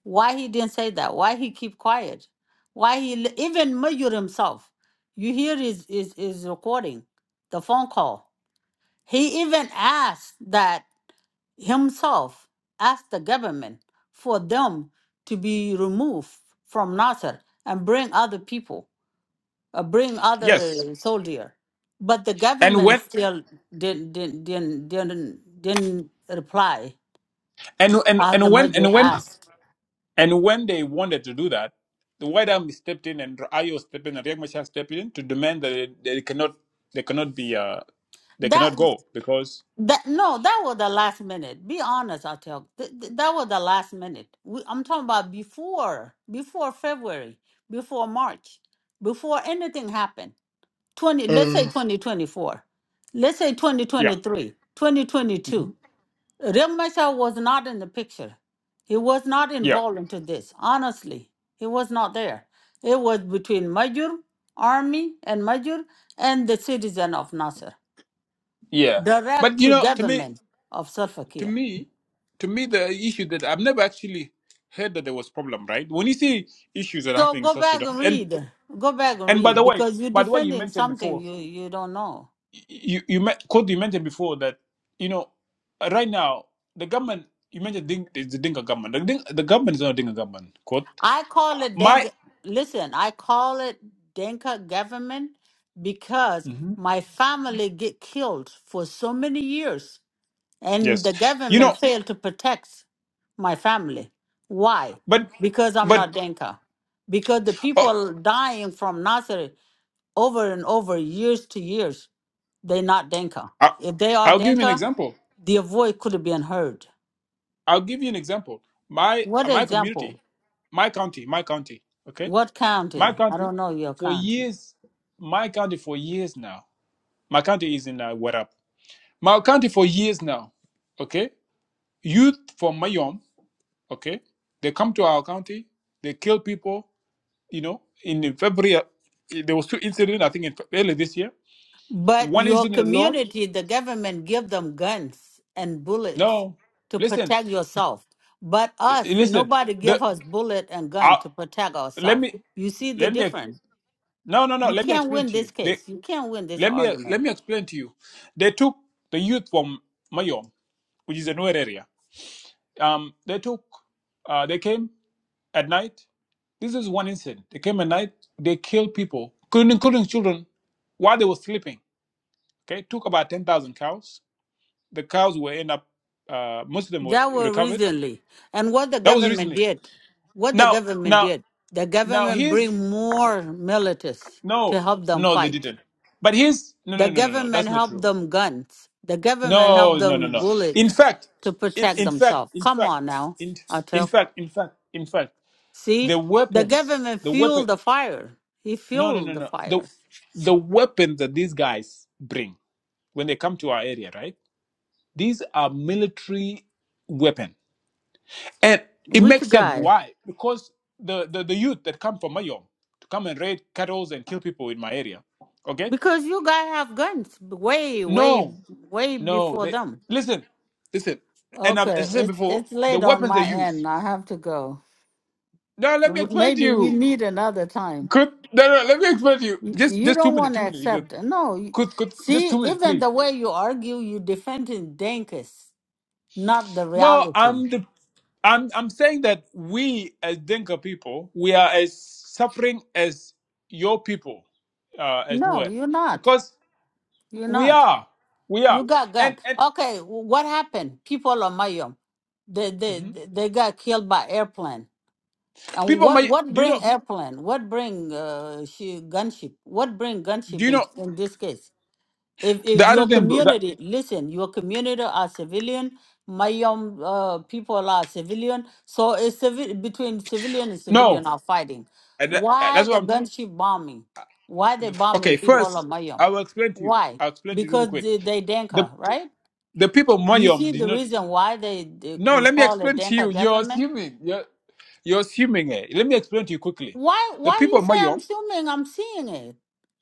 Speaker 2: Why he didn't say that? Why he keep quiet? Why he l- even Major himself? You hear his his, his recording, the phone call. He even asked that. himself asked the government for them to be removed from Nasser and bring other people, uh, bring
Speaker 4: Yes.
Speaker 2: other soldier. But the
Speaker 4: And
Speaker 2: government
Speaker 4: when
Speaker 2: still didn't didn't didn't didn't, didn't reply
Speaker 4: and and
Speaker 2: as the
Speaker 4: and when
Speaker 2: major
Speaker 4: and when
Speaker 2: asked.
Speaker 4: and when they wanted to do that, the White Army stepped in and Ayo stepped in and Riek Machar stepped in to demand that it, they cannot they cannot be uh they cannot
Speaker 2: That
Speaker 4: go because
Speaker 2: that no, that was the last minute. Be honest, I tell. Th- th- that was the last minute. We, I'm talking about before before February, before March, before anything happened 20 let's say 2024 let's say
Speaker 4: yeah
Speaker 2: 2023 2022
Speaker 4: Mhm.
Speaker 2: Riek Machar was not in the picture he was not
Speaker 4: yeah
Speaker 2: involved into this honestly he was not there it was between Majur army and Majur and the citizen of Nasser
Speaker 4: yeah. But
Speaker 2: direct
Speaker 4: you
Speaker 2: to
Speaker 4: know, to me,
Speaker 2: government of Salva
Speaker 4: to
Speaker 2: Kiir
Speaker 4: me, to me, the issue that I've never actually heard that there was problem. Right when you see issues that are
Speaker 2: so
Speaker 4: happening in
Speaker 2: go
Speaker 4: South
Speaker 2: back
Speaker 4: Sudan,
Speaker 2: and
Speaker 4: and
Speaker 2: read go back and
Speaker 4: and by
Speaker 2: read
Speaker 4: the way,
Speaker 2: because you're
Speaker 4: by the way, you
Speaker 2: defending
Speaker 4: mentioned
Speaker 2: something
Speaker 4: before.
Speaker 2: you you don't know
Speaker 4: you you met Cody, you mentioned before that you know right now the government you mentioned Ding, is the Dinka government. The, Ding, the government is not a Dinka government. Quote
Speaker 2: I call it
Speaker 4: my
Speaker 2: Denka. Listen, I call it Denka government because
Speaker 4: Mhm.
Speaker 2: my family get killed for so many years, and
Speaker 4: yes,
Speaker 2: the
Speaker 4: you know,
Speaker 2: government failed to protect my family. Why?
Speaker 4: but
Speaker 2: Because I'm not
Speaker 4: but
Speaker 2: Denka. Because the
Speaker 4: uh,
Speaker 2: people dying from Nasser over and over, years to years, they not Denka.
Speaker 4: I,
Speaker 2: If they are
Speaker 4: I'll give you an
Speaker 2: Denka,
Speaker 4: example.
Speaker 2: their voice could have been heard.
Speaker 4: I'll give you an example. My
Speaker 2: What
Speaker 4: my community,
Speaker 2: example?
Speaker 4: my county, my county. Okay,
Speaker 2: What
Speaker 4: my
Speaker 2: county? I
Speaker 4: county
Speaker 2: don't know your
Speaker 4: for
Speaker 2: county.
Speaker 4: years. My county for years now. My county is in uh, Warap. My county for years now. Okay, youth from Mayom okay they come to our county they kill people you know in february uh, there was two incidents i think in early this year
Speaker 2: But
Speaker 4: one
Speaker 2: your
Speaker 4: incident alone
Speaker 2: community, the government give them guns and bullets
Speaker 4: no
Speaker 2: to
Speaker 4: listen
Speaker 2: protect yourself. But
Speaker 4: uh,
Speaker 2: us,
Speaker 4: listen
Speaker 2: nobody
Speaker 4: the
Speaker 2: give us bullet and gun
Speaker 4: uh,
Speaker 2: to protect
Speaker 4: let
Speaker 2: ourselves.
Speaker 4: me
Speaker 2: You see the
Speaker 4: let me
Speaker 2: difference.
Speaker 4: no no no
Speaker 2: You
Speaker 4: let me
Speaker 2: can't
Speaker 4: explain
Speaker 2: win
Speaker 4: to you
Speaker 2: this
Speaker 4: they
Speaker 2: case. You can't win this
Speaker 4: let me let
Speaker 2: argument.
Speaker 4: me explain to you they took the youth from mayom which is a newer area um they took uh, they came at night. This is one incident. They came at night, they killed people, including, including children, while they were sleeping. Okay, took about 10,000 cows. The cows were end up, uh, most of them were
Speaker 2: That were
Speaker 4: recovered.
Speaker 2: recently. And what the
Speaker 4: That was
Speaker 2: government
Speaker 4: recently.
Speaker 2: did, what the
Speaker 4: Now,
Speaker 2: government
Speaker 4: now,
Speaker 2: did, the
Speaker 4: now
Speaker 2: government
Speaker 4: here's,
Speaker 2: bring more militias to
Speaker 4: no,
Speaker 2: help them
Speaker 4: no, they
Speaker 2: fight.
Speaker 4: didn't. But here's, no,
Speaker 2: The
Speaker 4: no, no, no, no,
Speaker 2: government
Speaker 4: that's not
Speaker 2: helped
Speaker 4: true.
Speaker 2: them guns. The government helped
Speaker 4: No, no, no,
Speaker 2: them
Speaker 4: no. In
Speaker 2: bullets
Speaker 4: fact,
Speaker 2: to
Speaker 4: in,
Speaker 2: protect
Speaker 4: in fact,
Speaker 2: themselves.
Speaker 4: in
Speaker 2: Come
Speaker 4: fact,
Speaker 2: on now,
Speaker 4: in, in
Speaker 2: Atok.
Speaker 4: fact, in fact, in fact, the
Speaker 2: See, the
Speaker 4: weapons,
Speaker 2: government
Speaker 4: the weapon.
Speaker 2: fueled the fire. He
Speaker 4: No, no,
Speaker 2: fueled
Speaker 4: no,
Speaker 2: the
Speaker 4: no. The
Speaker 2: fire.
Speaker 4: the weapon that these guys bring when they come to our area, right? These are military weapon, and it
Speaker 2: Which
Speaker 4: makes sense.
Speaker 2: guy?
Speaker 4: Why? Because the the, the youth that come from Mayom to come and raid cattle and kill people in my area, okay?
Speaker 2: Because you guys have guns way, way,
Speaker 4: No,
Speaker 2: way
Speaker 4: no.
Speaker 2: before
Speaker 4: They
Speaker 2: them.
Speaker 4: listen, listen. And I-
Speaker 2: Okay,
Speaker 4: as I said
Speaker 2: it's
Speaker 4: before,
Speaker 2: it's
Speaker 4: the
Speaker 2: late on
Speaker 4: weapons they
Speaker 2: my
Speaker 4: use.
Speaker 2: end. I have to go.
Speaker 4: No, let me
Speaker 2: W-
Speaker 4: explain to
Speaker 2: Maybe we
Speaker 4: you.
Speaker 2: meet another time.
Speaker 4: Could no, no. Let me explain to you.
Speaker 2: You
Speaker 4: Just
Speaker 2: you
Speaker 4: just two
Speaker 2: don't
Speaker 4: minutes.
Speaker 2: want to
Speaker 4: Two minutes. You could
Speaker 2: accept. No, you-
Speaker 4: could could just
Speaker 2: see,
Speaker 4: two minutes,
Speaker 2: even
Speaker 4: please.
Speaker 2: the way you argue, you defending Dankus. not the
Speaker 4: No,
Speaker 2: reality.
Speaker 4: I'm the I'm I'm saying that we as Dinka people, we are as suffering as your people, uh, as
Speaker 2: No,
Speaker 4: Nuer,
Speaker 2: you're not.
Speaker 4: because
Speaker 2: You're
Speaker 4: we
Speaker 2: not.
Speaker 4: are, we
Speaker 2: You
Speaker 4: are,
Speaker 2: got gun.
Speaker 4: and and
Speaker 2: Okay, what happened? People of Mayom, they they
Speaker 4: mhm.
Speaker 2: they got killed by airplane. And
Speaker 4: people
Speaker 2: what
Speaker 4: may
Speaker 2: what
Speaker 4: do you know
Speaker 2: bring airplane? What bring uh, she gunship? What bring
Speaker 4: do
Speaker 2: gunship
Speaker 4: you
Speaker 2: in
Speaker 4: know
Speaker 2: in this case? If if
Speaker 4: the other
Speaker 2: your
Speaker 4: thing that
Speaker 2: community, listen, your community are civilian, my young uh, people are civilian, so it's civi- between civilian and
Speaker 4: no,
Speaker 2: civilian are fighting.
Speaker 4: and that, uh,
Speaker 2: Why
Speaker 4: that's what
Speaker 2: the
Speaker 4: I'm
Speaker 2: gunship bombing? Why they
Speaker 4: tr-
Speaker 2: bombing
Speaker 4: okay.
Speaker 2: people of
Speaker 4: First,
Speaker 2: Mayom?
Speaker 4: I will explain to you.
Speaker 2: Why?
Speaker 4: I'll explain to you really
Speaker 2: Because
Speaker 4: quick.
Speaker 2: they, they
Speaker 4: The
Speaker 2: Denka, right?
Speaker 4: the people
Speaker 2: You
Speaker 4: Mayom
Speaker 2: see
Speaker 4: did
Speaker 2: the
Speaker 4: not.
Speaker 2: reason why they, they
Speaker 4: No,
Speaker 2: we
Speaker 4: let me
Speaker 2: call it
Speaker 4: explain to you.
Speaker 2: Denka
Speaker 4: You're
Speaker 2: government.
Speaker 4: assuming. You're you're assuming it. Let me explain to you quickly.
Speaker 2: Why
Speaker 4: The
Speaker 2: why
Speaker 4: people
Speaker 2: you say I'm
Speaker 4: Mayom
Speaker 2: assuming I'm seeing it?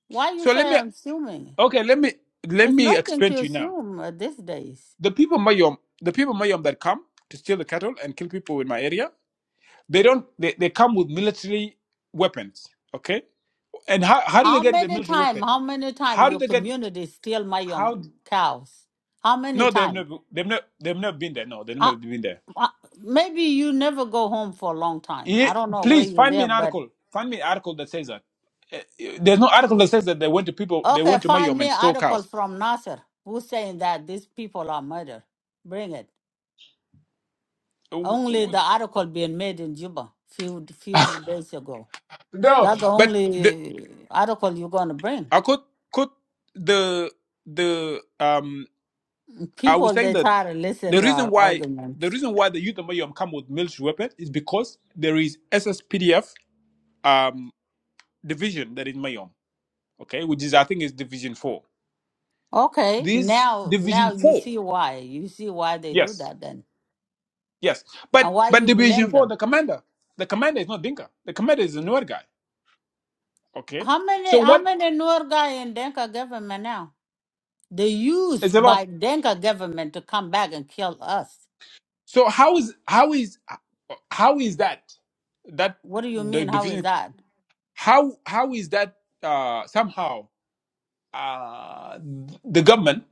Speaker 2: Why you
Speaker 4: So
Speaker 2: say
Speaker 4: let me
Speaker 2: I'm assuming?
Speaker 4: okay, let me let
Speaker 2: There's
Speaker 4: me
Speaker 2: nothing
Speaker 4: explain
Speaker 2: to
Speaker 4: to you now.
Speaker 2: assume uh, these days.
Speaker 4: The people Mayom, the people Mayom that come to steal the cattle and kill people in my area, they don't they, they come with military weapons. Okay? And how how do they
Speaker 2: How
Speaker 4: get the
Speaker 2: many
Speaker 4: military
Speaker 2: time?
Speaker 4: weapon?
Speaker 2: How many time
Speaker 4: How do
Speaker 2: your
Speaker 4: they get
Speaker 2: community steal my
Speaker 4: how
Speaker 2: um,
Speaker 4: d-
Speaker 2: cows? How many
Speaker 4: no they've
Speaker 2: time?
Speaker 4: never they've never they've never been there. No, they've
Speaker 2: Uh,
Speaker 4: never been there.
Speaker 2: uh, maybe you never go home for a long time. I
Speaker 4: Ye-
Speaker 2: don't know where
Speaker 4: please
Speaker 2: you
Speaker 4: find me an
Speaker 2: live, but
Speaker 4: article. Find me an article that says that. Eh, eh, There's no article that says that they went to people they
Speaker 2: okay,
Speaker 4: went to
Speaker 2: find
Speaker 4: Mayom
Speaker 2: me
Speaker 4: and stole
Speaker 2: article
Speaker 4: cows.
Speaker 2: from Nasser who's saying that these people are murdered. Bring it.
Speaker 4: Uh, W-
Speaker 2: Only
Speaker 4: w-
Speaker 2: the article being made in Juba few few days ago.
Speaker 4: no,
Speaker 2: That's the
Speaker 4: but the,
Speaker 2: only article you're gonna bring.
Speaker 4: I could could the the um I
Speaker 2: People
Speaker 4: was saying
Speaker 2: they
Speaker 4: that
Speaker 2: try to listen
Speaker 4: the
Speaker 2: to
Speaker 4: reason
Speaker 2: our
Speaker 4: why the
Speaker 2: arguments.
Speaker 4: reason why the youth of Mayom come with military weapon is because there is SSPDF um division that is Mayom, okay, which is I think is division four.
Speaker 2: Okay,
Speaker 4: This
Speaker 2: now now
Speaker 4: division
Speaker 2: you
Speaker 4: four,
Speaker 2: see why you see why they do
Speaker 4: yes,
Speaker 2: that then,
Speaker 4: yes,
Speaker 2: and
Speaker 4: but
Speaker 2: why
Speaker 4: but
Speaker 2: you
Speaker 4: division
Speaker 2: blame
Speaker 4: four,
Speaker 2: them.
Speaker 4: the commander, the commander is not Dinka, the commander is a newer guy, okay.
Speaker 2: How many
Speaker 4: So
Speaker 2: how
Speaker 4: what
Speaker 2: many Noor guy in Denka government now? They used
Speaker 4: is a lot?
Speaker 2: by Denka government to come back and kill us.
Speaker 4: So how is how is how is that that
Speaker 2: What do you
Speaker 4: the
Speaker 2: mean? How is
Speaker 4: division?
Speaker 2: that?
Speaker 4: How how is that uh, somehow uh, the government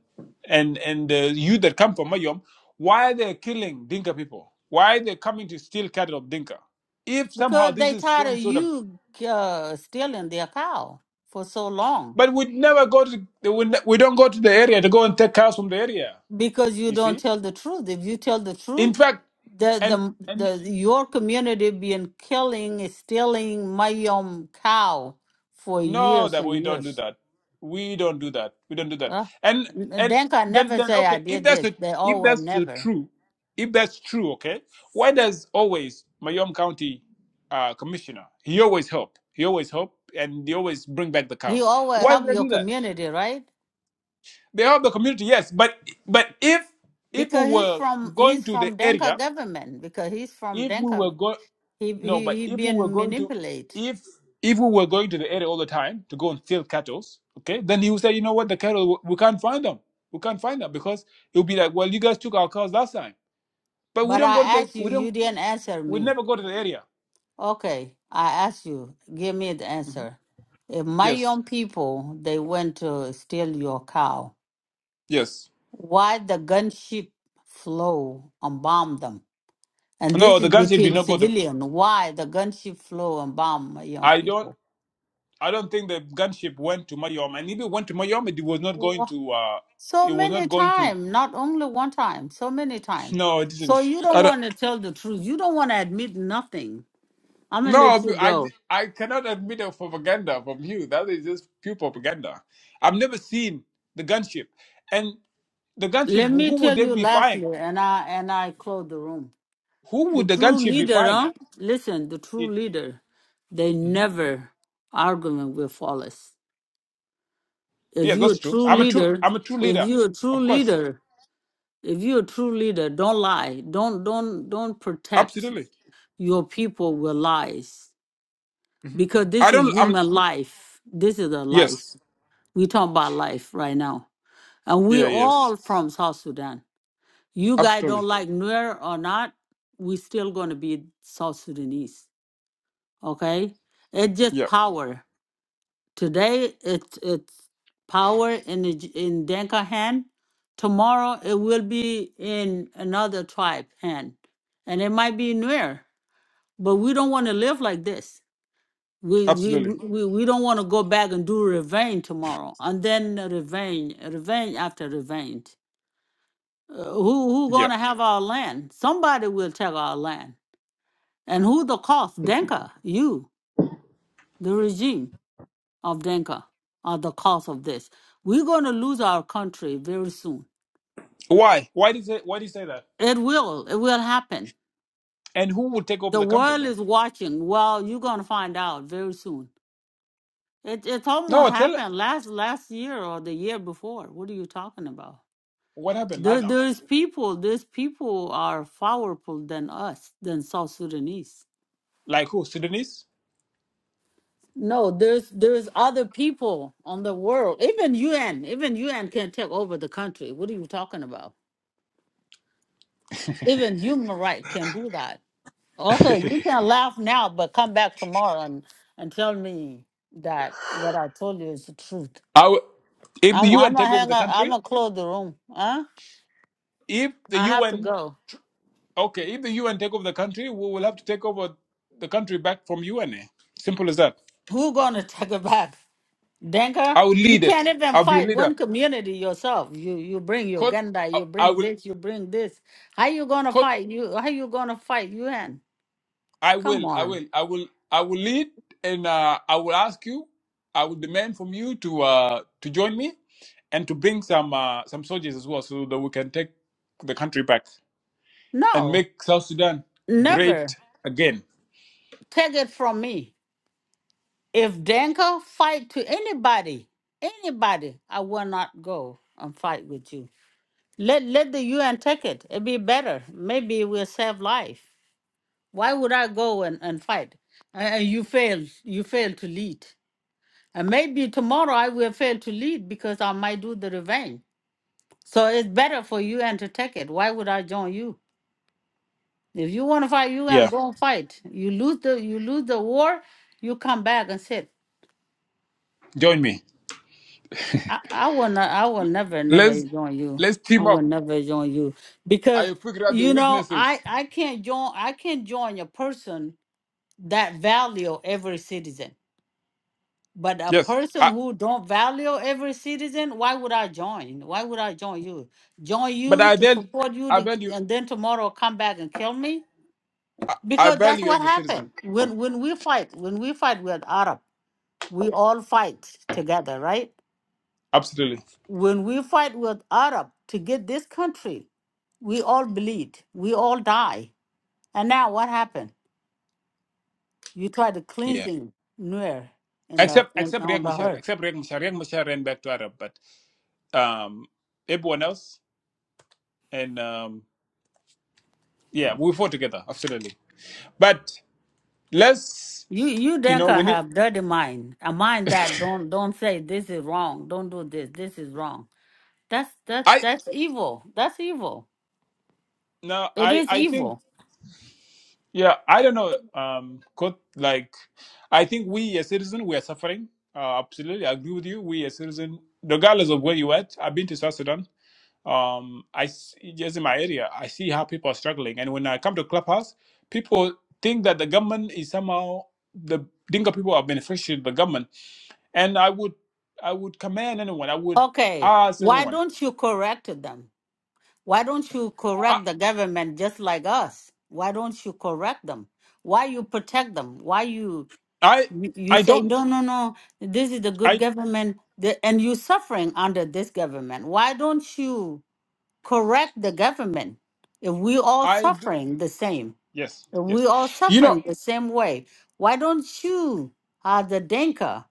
Speaker 4: and and the youth that come from Mayom? Why they're killing Dinka people? Why they're coming to steal cattle of Dinka? If somehow
Speaker 2: Because
Speaker 4: this
Speaker 2: they
Speaker 4: is
Speaker 2: tired of
Speaker 4: some sort of
Speaker 2: you uh, stealing their cow for so long.
Speaker 4: but we never go to the, we, ne- we don't go to the area to go and take cows from the area.
Speaker 2: Because you
Speaker 4: You
Speaker 2: don't
Speaker 4: see,
Speaker 2: tell the truth. If you tell the truth.
Speaker 4: in fact,
Speaker 2: the the
Speaker 4: and and
Speaker 2: the your community been killing stealing my um cow for
Speaker 4: No,
Speaker 2: years
Speaker 4: that
Speaker 2: and
Speaker 4: we don't do
Speaker 2: years.
Speaker 4: that. We don't do that. We don't do that.
Speaker 2: Uh,
Speaker 4: And and
Speaker 2: Denka
Speaker 4: then
Speaker 2: never
Speaker 4: then
Speaker 2: say I
Speaker 4: okay, if
Speaker 2: did
Speaker 4: that's
Speaker 2: this.
Speaker 4: the
Speaker 2: They
Speaker 4: if
Speaker 2: always
Speaker 4: that's the
Speaker 2: never.
Speaker 4: true, if that's true, okay, why does always Mayom County uh, commissioner he always help, he always help, and he always bring back the
Speaker 2: He
Speaker 4: cows?
Speaker 2: always
Speaker 4: Why do
Speaker 2: help
Speaker 4: they
Speaker 2: your
Speaker 4: do that?
Speaker 2: community, right?
Speaker 4: They help the community, yes, but but if if we
Speaker 2: Because he's
Speaker 4: were
Speaker 2: from
Speaker 4: going
Speaker 2: he's
Speaker 4: to the
Speaker 2: from Denka
Speaker 4: area
Speaker 2: government. Because he's from
Speaker 4: if we
Speaker 2: Denka,
Speaker 4: were go,
Speaker 2: he
Speaker 4: no,
Speaker 2: he
Speaker 4: but
Speaker 2: he
Speaker 4: if we were
Speaker 2: been
Speaker 4: going to,
Speaker 2: manipulate.
Speaker 4: if if we were going to the area all the time to go and steal cattle, okay, then he would say, you know what, the cattle we can't find them, we can't find them because it would be like, well, you guys took our cows last time, but we
Speaker 2: But
Speaker 4: don't go to
Speaker 2: I
Speaker 4: the,
Speaker 2: asked you,
Speaker 4: we
Speaker 2: you
Speaker 4: don't,
Speaker 2: didn't answer
Speaker 4: we
Speaker 2: me.
Speaker 4: never go to the area.
Speaker 2: Okay, I ask you, give me the
Speaker 4: hmm
Speaker 2: answer. If my
Speaker 4: Yes,
Speaker 2: young people they went to steal your cow,
Speaker 4: yes.
Speaker 2: why the gunship flow and bomb them? And
Speaker 4: No,
Speaker 2: this is
Speaker 4: the gunship did
Speaker 2: between
Speaker 4: not go to.
Speaker 2: civilian. Why the gunship flow and bomb my young
Speaker 4: I don't.
Speaker 2: people?
Speaker 4: I don't think the gunship went to Mayom, and if it went to Mayom, it was not going
Speaker 2: Wha-
Speaker 4: to. Uh,
Speaker 2: So
Speaker 4: it was not
Speaker 2: many
Speaker 4: going to.
Speaker 2: time, not only one time, so many time.
Speaker 4: No, it
Speaker 2: So
Speaker 4: didn't.
Speaker 2: you don't
Speaker 4: I don't.
Speaker 2: want to tell the truth. You don't want to admit nothing. I'm gonna
Speaker 4: No,
Speaker 2: let
Speaker 4: I
Speaker 2: you
Speaker 4: I
Speaker 2: go.
Speaker 4: cannot admit of propaganda from you. That is just pure propaganda. I've never seen the gunship. And the gunship,
Speaker 2: Let me
Speaker 4: who would
Speaker 2: tell
Speaker 4: they
Speaker 2: you
Speaker 4: be firing?
Speaker 2: lastly, and I and I close the room.
Speaker 4: Who
Speaker 2: The
Speaker 4: would the
Speaker 2: true
Speaker 4: gunship be
Speaker 2: leader,
Speaker 4: firing at?
Speaker 2: huh? Listen, the true
Speaker 4: It,
Speaker 2: leader, they
Speaker 4: Mhm.
Speaker 2: never arguing with followers. If
Speaker 4: Yeah,
Speaker 2: you're a
Speaker 4: that's true.
Speaker 2: true
Speaker 4: I'm a true,
Speaker 2: leader,
Speaker 4: I'm a true
Speaker 2: if
Speaker 4: leader.
Speaker 2: you're a true
Speaker 4: Of course.
Speaker 2: leader, if you're a true leader, don't lie. Don't don't don't protect
Speaker 4: Absolutely.
Speaker 2: your people with lies.
Speaker 4: hmm
Speaker 2: Because this
Speaker 4: I
Speaker 2: is
Speaker 4: don't, I'm,
Speaker 2: human life. This is a life.
Speaker 4: yes.
Speaker 2: We talking about life right now. And we
Speaker 4: Yeah, yes.
Speaker 2: all from South Sudan. You guys don't
Speaker 4: Absolutely.
Speaker 2: like Nuer or not, we still gonna be South Sudanese okay it's just
Speaker 4: Yeah,
Speaker 2: power today it's it's power in the J- in denka hand tomorrow it will be in another tribe hand and it might be near but we don't want to live like this we we
Speaker 4: absolutely.
Speaker 2: we, we don't want to go back and do revenge tomorrow and then revenge revenge after revenge Uh, who who
Speaker 4: Yeah.
Speaker 2: gonna have our land somebody will take our land and who the cost denka you the regime of Denka are the cause of this. We're going to lose our country very soon.
Speaker 4: Why? Why did you say, why do you say that?
Speaker 2: It will. It will happen.
Speaker 4: And who would take over
Speaker 2: The
Speaker 4: the country
Speaker 2: world
Speaker 4: then?
Speaker 2: is watching. Well, you're going to find out very soon. It it's almost
Speaker 4: No, tell,
Speaker 2: happened last last year or the year before. What are you talking about?
Speaker 4: what happened? I,
Speaker 2: There
Speaker 4: I'm-
Speaker 2: there's people. There's people are powerful than us, than South Sudanese.
Speaker 4: like who? Sudanese?
Speaker 2: No, there's there's other people on the world. Even UN, even UN can take over the country. What are you talking about? Even human rights can do that. Okay, you can laugh now, but come back tomorrow and, and tell me that what I told you is the truth.
Speaker 4: I w- if the
Speaker 2: I'm I'm
Speaker 4: UN
Speaker 2: gonna
Speaker 4: take over
Speaker 2: hang
Speaker 4: the
Speaker 2: up. I'm
Speaker 4: country,
Speaker 2: gonna close the room. Huh?
Speaker 4: if the
Speaker 2: I have to
Speaker 4: UN,
Speaker 2: go.
Speaker 4: okay, if the UN take over the country, we will have to take over the country back from UN. eh? Simple as that.
Speaker 2: Who gonna take it back? Denka?
Speaker 4: I will
Speaker 2: You
Speaker 4: lead
Speaker 2: can't
Speaker 4: it.
Speaker 2: even
Speaker 4: I'll be a
Speaker 2: fight one
Speaker 4: leader.
Speaker 2: community yourself. You you bring
Speaker 4: Code,
Speaker 2: Uganda,
Speaker 4: I
Speaker 2: you
Speaker 4: I
Speaker 2: bring
Speaker 4: will,
Speaker 2: this, you bring this. How you gonna
Speaker 4: code,
Speaker 2: fight? You how you gonna fight UN?
Speaker 4: I
Speaker 2: Come
Speaker 4: will, I
Speaker 2: on.
Speaker 4: will, I will, I will lead, and uh, I will ask you, I will demand from you to uh, to join me, and to bring some uh, some soldiers as well, so that we can take the country back and
Speaker 2: No,
Speaker 4: make South Sudan
Speaker 2: never.
Speaker 4: great again.
Speaker 2: Take it from me. If Danka fight to anybody, anybody, I will not go and fight with you. Let let the UN take it. It'd be better. Maybe it will save life. Why would I go and, and fight? And and you fail. You fail to lead. And maybe tomorrow I will fail to lead because I might do the revenge. So it's better for UN to take it. Why would I join you? If you want to fight UN,
Speaker 4: Yeah,
Speaker 2: go and fight. You lose the you lose the war, you come back and sit.
Speaker 4: join me.
Speaker 2: I, I will not I will never never
Speaker 4: Let's
Speaker 2: join you.
Speaker 4: let's
Speaker 2: I
Speaker 4: team
Speaker 2: will
Speaker 4: up.
Speaker 2: never join you because
Speaker 4: I figure out the
Speaker 2: you know
Speaker 4: weaknesses.
Speaker 2: I I can't join I can join a person that value every citizen. But a
Speaker 4: Yes,
Speaker 2: person
Speaker 4: I,
Speaker 2: who don't value every citizen, why would I join? Why would I join you? Join
Speaker 4: but
Speaker 2: you
Speaker 4: I
Speaker 2: to
Speaker 4: value,
Speaker 2: support you
Speaker 4: I
Speaker 2: to,
Speaker 4: value,
Speaker 2: and then tomorrow come back and kill me?
Speaker 4: I
Speaker 2: Because that's
Speaker 4: value
Speaker 2: what
Speaker 4: every
Speaker 2: happened.
Speaker 4: citizen.
Speaker 2: When when we fight, when we fight with Arab, we all fight together, right?
Speaker 4: Absolutely.
Speaker 2: when we fight with Arab to get this country, we all bleed, we all die. And now what happened? You try to
Speaker 4: Yeah.
Speaker 2: cleansing Nuer in the
Speaker 4: Except
Speaker 2: in,
Speaker 4: except Riek
Speaker 2: on the
Speaker 4: Machar.
Speaker 2: earth.
Speaker 4: Except Riek Machar. Riek Machar ran back to Arab, but um, everyone else and um, yeah, we fought together. Absolutely. But let's
Speaker 2: You you
Speaker 4: you know
Speaker 2: Denka
Speaker 4: we need.
Speaker 2: have dirty mind, a mind that don't don't say this is wrong, don't do this, this is wrong. That's that
Speaker 4: I
Speaker 2: that's evil. That's evil.
Speaker 4: no
Speaker 2: It
Speaker 4: I
Speaker 2: is
Speaker 4: I think
Speaker 2: evil.
Speaker 4: Yeah, I don't know. Um, could like, I think we as citizens we are suffering. Uh, absolutely, I agree with you. We as citizens, regardless of where you at, I've been to South Sudan. Um, I s- just in my area, I see how people are struggling, and when I come to Clubhouse, people think that the government is somehow the Dinka people are beneficiary of the government, and I would, I would command anyone. I would
Speaker 2: Okay,
Speaker 4: ask
Speaker 2: why
Speaker 4: anyone.
Speaker 2: don't you correct them? Why don't you
Speaker 4: I,
Speaker 2: correct the government just like us? Why don't you correct them? Why you protect them? Why you
Speaker 4: I,
Speaker 2: you you
Speaker 4: I
Speaker 2: say
Speaker 4: don't.
Speaker 2: no no no this is the good
Speaker 4: I,
Speaker 2: government the, and you suffering under this government. Why don't you correct the government? If we all
Speaker 4: I do.
Speaker 2: suffering the same,
Speaker 4: Yes,
Speaker 2: if we
Speaker 4: yes.
Speaker 2: all
Speaker 4: You know.
Speaker 2: suffering the same way, why don't you uh, the Denka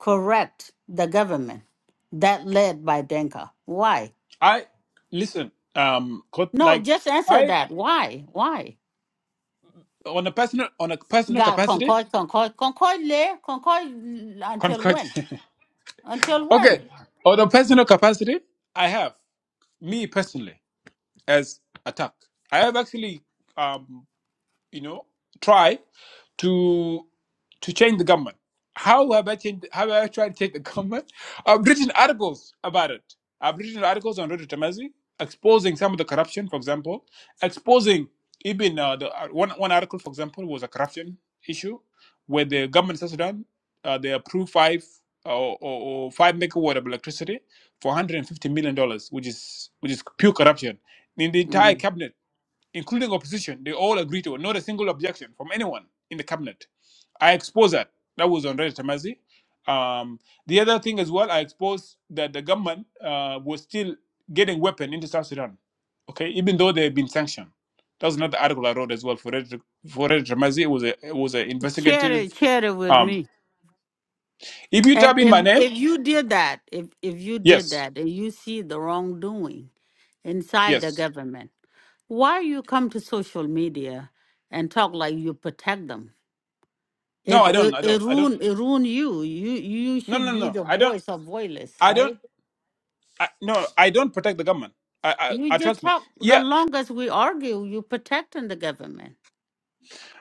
Speaker 2: correct the government that led by Denka? Why?
Speaker 4: I listen, um, quote,
Speaker 2: No,
Speaker 4: like
Speaker 2: just answer
Speaker 4: I
Speaker 2: that. Why? Why?
Speaker 4: on a personal on a personal
Speaker 2: God,
Speaker 4: capacity.
Speaker 2: concord, concord, concord, le, concord until
Speaker 4: Concord.
Speaker 2: when? Until
Speaker 4: okay,
Speaker 2: when?
Speaker 4: on a personal capacity, I have me personally as attack. I have actually, um, you know, try. to to change the government. How have I changed? How have I tried to change the government? I've written articles about it. I've written articles on Roger Tamazi exposing some of the corruption, for example, exposing even uh, the uh, one one article, for example, was a corruption issue where the government of South Sudan uh, they approved five uh, or, or or five megawatt of electricity for 150 million dollars, which is which is pure corruption in the entire
Speaker 2: Mm.
Speaker 4: cabinet including opposition, they all agreed to it. Not a single objection from anyone in the cabinet. I exposed that. That was on Reddit, Tamazi. Um, the other thing as well, I exposed that the government uh, was still getting weapon into South Sudan. Okay, even though they've been sanctioned. That was another article I wrote as well for Reddit. For Reddit Tamazi, it was a it was an
Speaker 2: Share
Speaker 4: investigative.
Speaker 2: it, share it with
Speaker 4: Um,
Speaker 2: me.
Speaker 4: if you
Speaker 2: And
Speaker 4: type in
Speaker 2: if
Speaker 4: my name,
Speaker 2: if you did that, if if you did
Speaker 4: yes,
Speaker 2: that, and you see the wrongdoing inside the
Speaker 4: yes.
Speaker 2: government, why you come to social media and talk like you protect them?
Speaker 4: No,
Speaker 2: It
Speaker 4: I don't.
Speaker 2: it,
Speaker 4: I
Speaker 2: it
Speaker 4: don't. I don't.
Speaker 2: ruin it ruin you. You you
Speaker 4: No,
Speaker 2: should
Speaker 4: no,
Speaker 2: be
Speaker 4: no.
Speaker 2: the
Speaker 4: I don't.
Speaker 2: voice of voiceless,
Speaker 4: I don't.
Speaker 2: right?
Speaker 4: I, no, I don't protect the government. I,
Speaker 2: You
Speaker 4: I, I
Speaker 2: just
Speaker 4: trust me.
Speaker 2: talk. The
Speaker 4: Yeah,
Speaker 2: longest we argue, you protecting the government.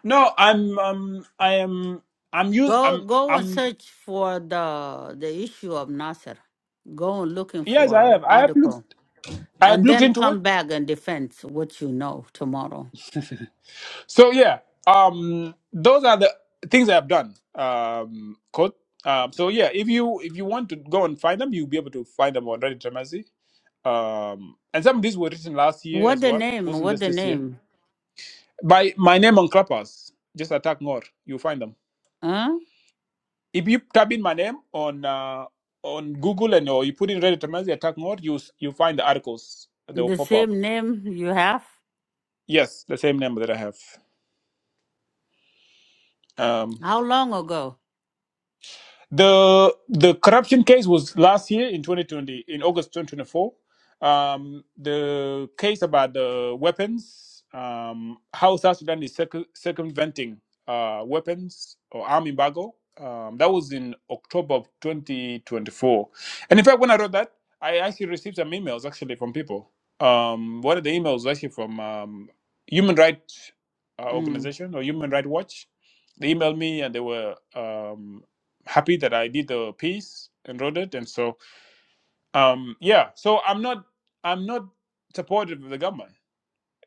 Speaker 4: No, I'm um I am I'm you
Speaker 2: Go
Speaker 4: I'm
Speaker 2: go and
Speaker 4: I'm
Speaker 2: search for the the issue of Nasser. Go and looking
Speaker 4: yes I
Speaker 2: for
Speaker 4: have. I have
Speaker 2: article
Speaker 4: looked I have
Speaker 2: and
Speaker 4: looked
Speaker 2: then
Speaker 4: into it.
Speaker 2: come back and defend what you know tomorrow.
Speaker 4: So yeah, um those are the things I have done. Um code. Um so yeah, if you if you want to go and find them, you'll be able to find them on Reddit Tremasi. Um and some of these were written last year
Speaker 2: What
Speaker 4: as
Speaker 2: the
Speaker 4: well.
Speaker 2: name?
Speaker 4: wasn't
Speaker 2: What
Speaker 4: just
Speaker 2: the
Speaker 4: this year.
Speaker 2: name?
Speaker 4: By my name on Clubhouse. Just attack more. You'll find them.
Speaker 2: Huh?
Speaker 4: if you type in my name on uh, on Google and or you put in Reddit Tamazi attack mode, you s- you find the articles. They will
Speaker 2: The
Speaker 4: pop up.
Speaker 2: same name you have?
Speaker 4: Yes, the same name that I have. Um,
Speaker 2: How long ago?
Speaker 4: the the corruption case was last year in 2020 in august 2024 um the case about the weapons um how south sudan is circum- circumventing uh weapons or arm embargo um that was in october of 2024 and in fact when i wrote that i actually received some emails actually from people um one of the emails was actually from um human rights uh,
Speaker 2: Mm.
Speaker 4: organization or human rights watch they emailed me and they were um happy that I did the piece and wrote it. And so, um, yeah, so I'm not, I'm not supportive of the government.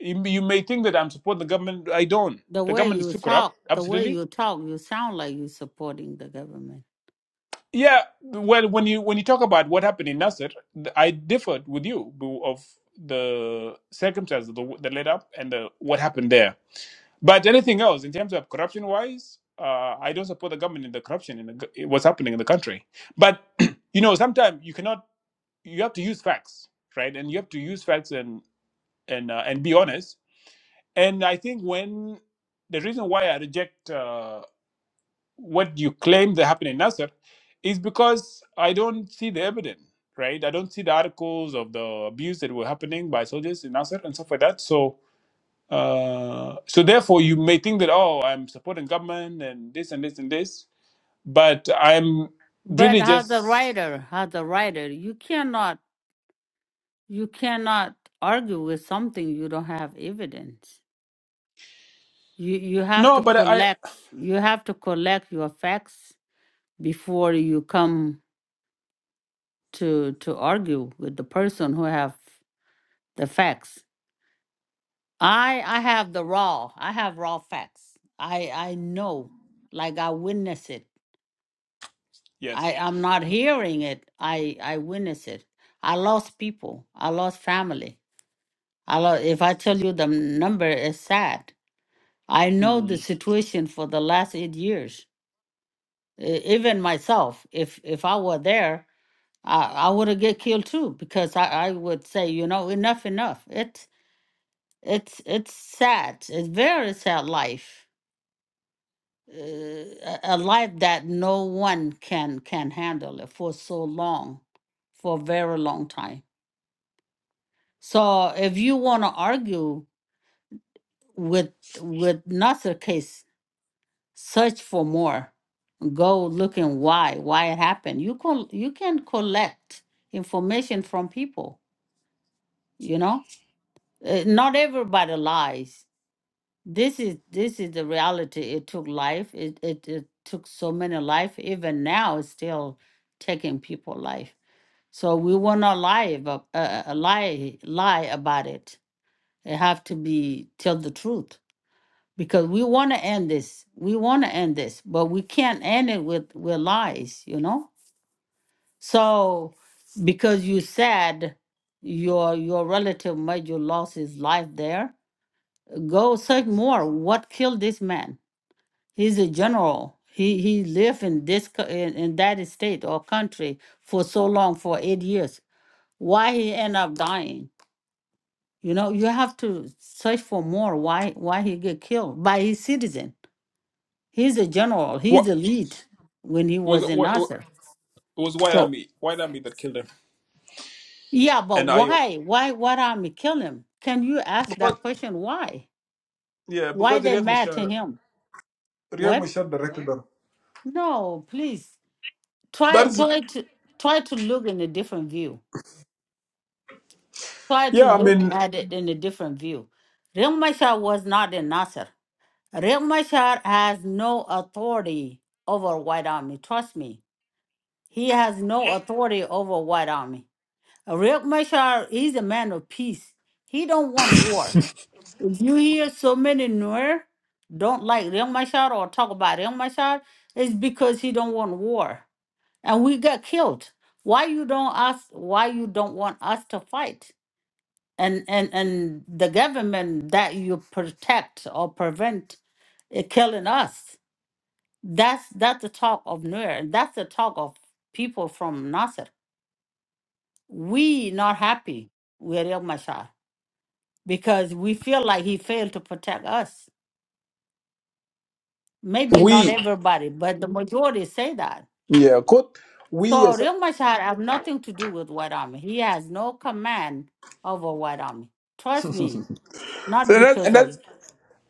Speaker 4: You, you may think that I'm supporting the government. I don't.
Speaker 2: The
Speaker 4: The
Speaker 2: way
Speaker 4: government is
Speaker 2: you
Speaker 4: too corrupt.
Speaker 2: talk, the way
Speaker 4: Absolutely.
Speaker 2: you talk, you sound like you supporting the government.
Speaker 4: Yeah. Well, when you when you talk about what happened in Nasser, th- I differed with you bu- of the circumstances that that led up and the, what happened there. But anything else in terms of corruption wise, uh, I don't support the government in the corruption in the, go- what's happening in the country. But you know, sometimes you cannot you have to use facts right and you have to use facts and and uh, and be honest and i think when the reason why i reject uh, what you claim that happened in nasser is because i don't see the evidence right i don't see the articles of the abuse that were happening by soldiers in nasser and stuff like that so uh, so therefore you may think that oh i'm supporting government and this and this and this but i'm
Speaker 2: But
Speaker 4: really
Speaker 2: as a
Speaker 4: just
Speaker 2: writer, as a writer, you cannot you cannot argue with something you don't have evidence. You you have
Speaker 4: no
Speaker 2: to
Speaker 4: but i
Speaker 2: collect you have to collect your facts before you come to to argue with the person who have the facts. I I have the raw. I have raw facts. I I know like I witness it. I
Speaker 4: yes
Speaker 2: I'm not hearing it. I I witness it. I lost people. I lost family. I lost, if I tell you the number it's sad. I know the
Speaker 4: mm.
Speaker 2: situation for the last 8 years. E- even myself if if i were there i i would have get killed too because i i would say you know enough enough it's it's it's sad it's very sad life uh, a a life that no one can can handle it for so long for a very long time so if you want to argue with with Nasser case search for more go looking why why it happened you can you can collect information from people you know Uh, not everybody lies this is this is the reality it took life it, it it took so many life even now it's still taking people life so we will not lie about uh, uh, lie lie about it it have to be tell the truth because we want to end this we want to end this but we can't end it with with lies you know So because you said your your relative Major lost his life there, go search more. What killed this man? He's a general. He he lived in this co- in, in that state or country for so long for eight years. Why he end up dying? You know, you have to search for more. Why why he get killed by his citizen? He's a general. He's
Speaker 4: what
Speaker 2: a lead when he
Speaker 4: was
Speaker 2: was in
Speaker 4: what
Speaker 2: Nasser.
Speaker 4: It was White
Speaker 2: So
Speaker 4: Army, White Army that killed him,
Speaker 2: Yeah, but
Speaker 4: and IO.
Speaker 2: why? Why what army kill him? Can you ask
Speaker 4: Because
Speaker 2: that question? Why?
Speaker 4: yeah,
Speaker 2: Why
Speaker 4: because
Speaker 2: they
Speaker 4: Riek
Speaker 2: mad to
Speaker 4: Machar,
Speaker 2: him?
Speaker 4: Riek
Speaker 2: What?
Speaker 4: Machar directed them.
Speaker 2: No, please try
Speaker 4: That is
Speaker 2: try to try to look in a different view. Try to
Speaker 4: yeah. I
Speaker 2: look
Speaker 4: mean,
Speaker 2: at it in a different view. Riek Machar was not in Nasser. Riek Machar has no authority over White Army. Trust me, he has no authority over White Army. Riek Machar is a man of peace. He don't want war. If you hear so many Nuer don't like Riek Machar or talk about Riek Machar, it's because he don't want war. And we got killed. Why you don't ask why you don't want us to fight? And and and the government that you protect or prevent it killing us. That's that's the talk of Nuer. and That's the talk of people from Nasser. We not happy with Riek Machar because we feel like he failed to protect us Maybe not
Speaker 4: we
Speaker 2: everybody, but the majority say that.
Speaker 4: yeah, quote we
Speaker 2: So
Speaker 4: as
Speaker 2: Real Machar have nothing to do with White Army. He has no command over White Army. Trust me, not
Speaker 4: so that's, and
Speaker 2: because
Speaker 4: that's
Speaker 2: of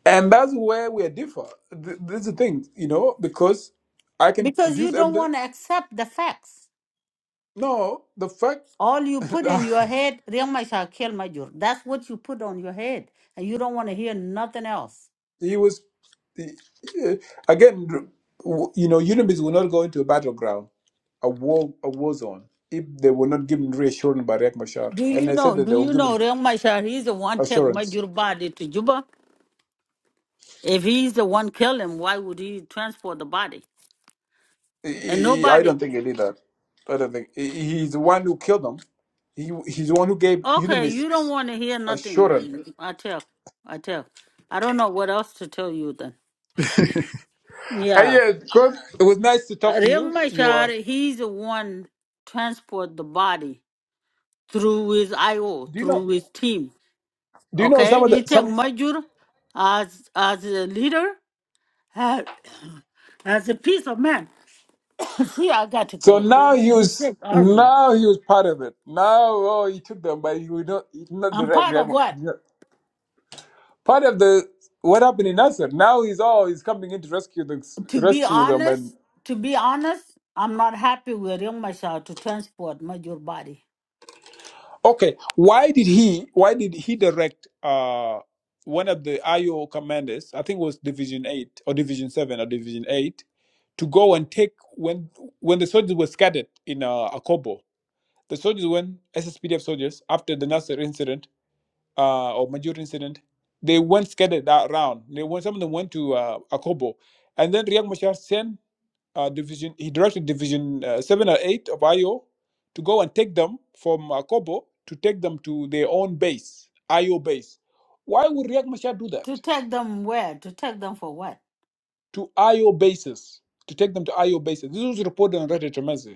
Speaker 4: and that's where we differ. Th- This is the thing, you know, because I can
Speaker 2: because you
Speaker 4: produce
Speaker 2: don't
Speaker 4: evidence.
Speaker 2: want to accept the facts.
Speaker 4: No, the fact.
Speaker 2: All you put in your head, Real Machar killed Major. That's what you put on your head, and you don't want to hear nothing else.
Speaker 4: he was the, eh, again w- you know UNIBIS will not go into a battleground a war a war zone if they were not given reassurance by Riek Machar
Speaker 2: Do
Speaker 4: and
Speaker 2: you
Speaker 4: they said
Speaker 2: know?
Speaker 4: that
Speaker 2: Do
Speaker 4: they were
Speaker 2: you
Speaker 4: given
Speaker 2: know Real Machar? He's the one take
Speaker 4: assurance
Speaker 2: Major body to Juba. If he's the one kill him, why would he transport the body?
Speaker 4: Eh,
Speaker 2: And
Speaker 4: eh, eh, I
Speaker 2: nobody.
Speaker 4: don't think he did that I don't think he- he's the one who killed them he, he's the one who gave
Speaker 2: Okay,
Speaker 4: UNIBIS
Speaker 2: you don't want to hear nothing
Speaker 4: assurance
Speaker 2: then. I tell. I tell. I don't know what else to tell you then.
Speaker 4: and
Speaker 2: Yeah.
Speaker 4: yeah because it was nice to talk to
Speaker 2: Riek
Speaker 4: you you are
Speaker 2: Machar, he's the one transport the body through his IO,
Speaker 4: do you know
Speaker 2: through his team.
Speaker 4: do you know some
Speaker 2: Okay?
Speaker 4: of the
Speaker 2: He take
Speaker 4: some
Speaker 2: Majur as as a leader, as, as a piece of man. See, I got to
Speaker 4: So
Speaker 2: go.
Speaker 4: now he
Speaker 2: I'm
Speaker 4: was
Speaker 2: sick arguing.
Speaker 4: now he was part of it. Now oh he took them, but he would not he's not
Speaker 2: I'm
Speaker 4: direct
Speaker 2: part
Speaker 4: react.
Speaker 2: of what?
Speaker 4: Part of the what happened in Nasser. Now he's all he's coming in to rescue the
Speaker 2: To be
Speaker 4: rescue them and
Speaker 2: honest, to be honest, I'm not happy with Riek Machar to transport Majur body.
Speaker 4: okay. Why did he why did he direct uh one of the IO commanders, I think it was Division Eight or Division Seven or Division Eight, to go and take when when the soldiers were scattered in uh, Akobo. The soldiers went SSPDF soldiers after the Nasser incident uh, or major incident, they went scattered that round. They went, some of them went to uh, Akobo. And then Riek Machar sent uh, division, he directed division uh, seven or eight of IO to go and take them from Akobo to take them to their own base, IO base. Why would Riek Machar do that
Speaker 2: To take them where? To take them for what?
Speaker 4: to IO bases, to take them to IO bases? This was reported on Reddit Tremendous.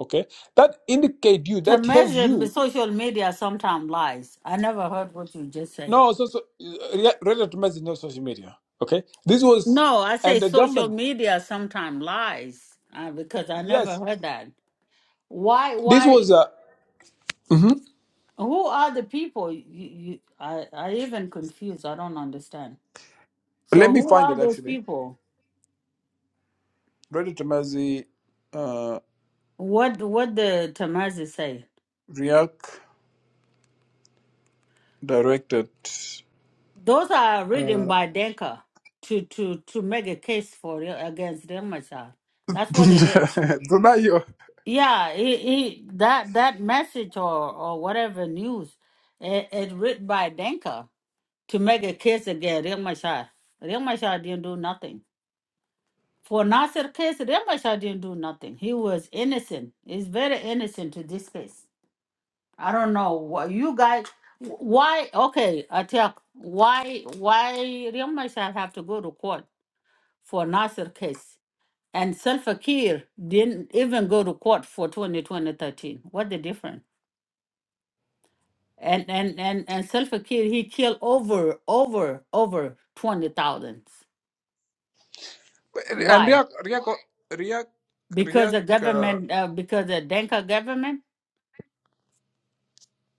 Speaker 4: Okay, that indicate you,
Speaker 2: To
Speaker 4: that tells
Speaker 2: measure the
Speaker 4: you.
Speaker 2: social media sometimes lies. I never heard what you just said.
Speaker 4: No, so, so uh, Reddit Tremendous is not social media. Okay, this was
Speaker 2: No, I
Speaker 4: and
Speaker 2: say
Speaker 4: the
Speaker 2: social
Speaker 4: government.
Speaker 2: media sometimes lies uh, because I never
Speaker 4: Yes,
Speaker 2: heard that. Why?
Speaker 4: this
Speaker 2: Why?
Speaker 4: was a. mhm.
Speaker 2: Who are the people? You, you, I, I even confused. I don't understand. So
Speaker 4: Let me
Speaker 2: who
Speaker 4: find
Speaker 2: are
Speaker 4: it
Speaker 2: those
Speaker 4: actually.
Speaker 2: people?
Speaker 4: Brother Tamazi uh,
Speaker 2: What what the Tamazi say?
Speaker 4: React directed.
Speaker 2: Those are written
Speaker 4: Uh,
Speaker 2: by Denka to to to make a case for it against Dengmachar. That's what it is.
Speaker 4: Dunayo.
Speaker 2: Yeah, he, he that that message or or whatever news it, it written by Denka to make a case against Riek Machar. Riek Machar didn't do nothing. For Nasser case, Riek Machar didn't do nothing. He was innocent. He's very innocent to this case. I don't know what you guys why okay, Attack. Why why Riek Machar have to go to court for Nasser case? And Salva Kiir didn't even go to court for 2020 13. What the difference? and and and and Salva Kiir he killed over over over twenty thousand.
Speaker 4: and
Speaker 2: Why?
Speaker 4: Riak, Riak, Riak,
Speaker 2: Because
Speaker 4: Riak.
Speaker 2: the
Speaker 4: Uh,
Speaker 2: government, uh, because the Denka government.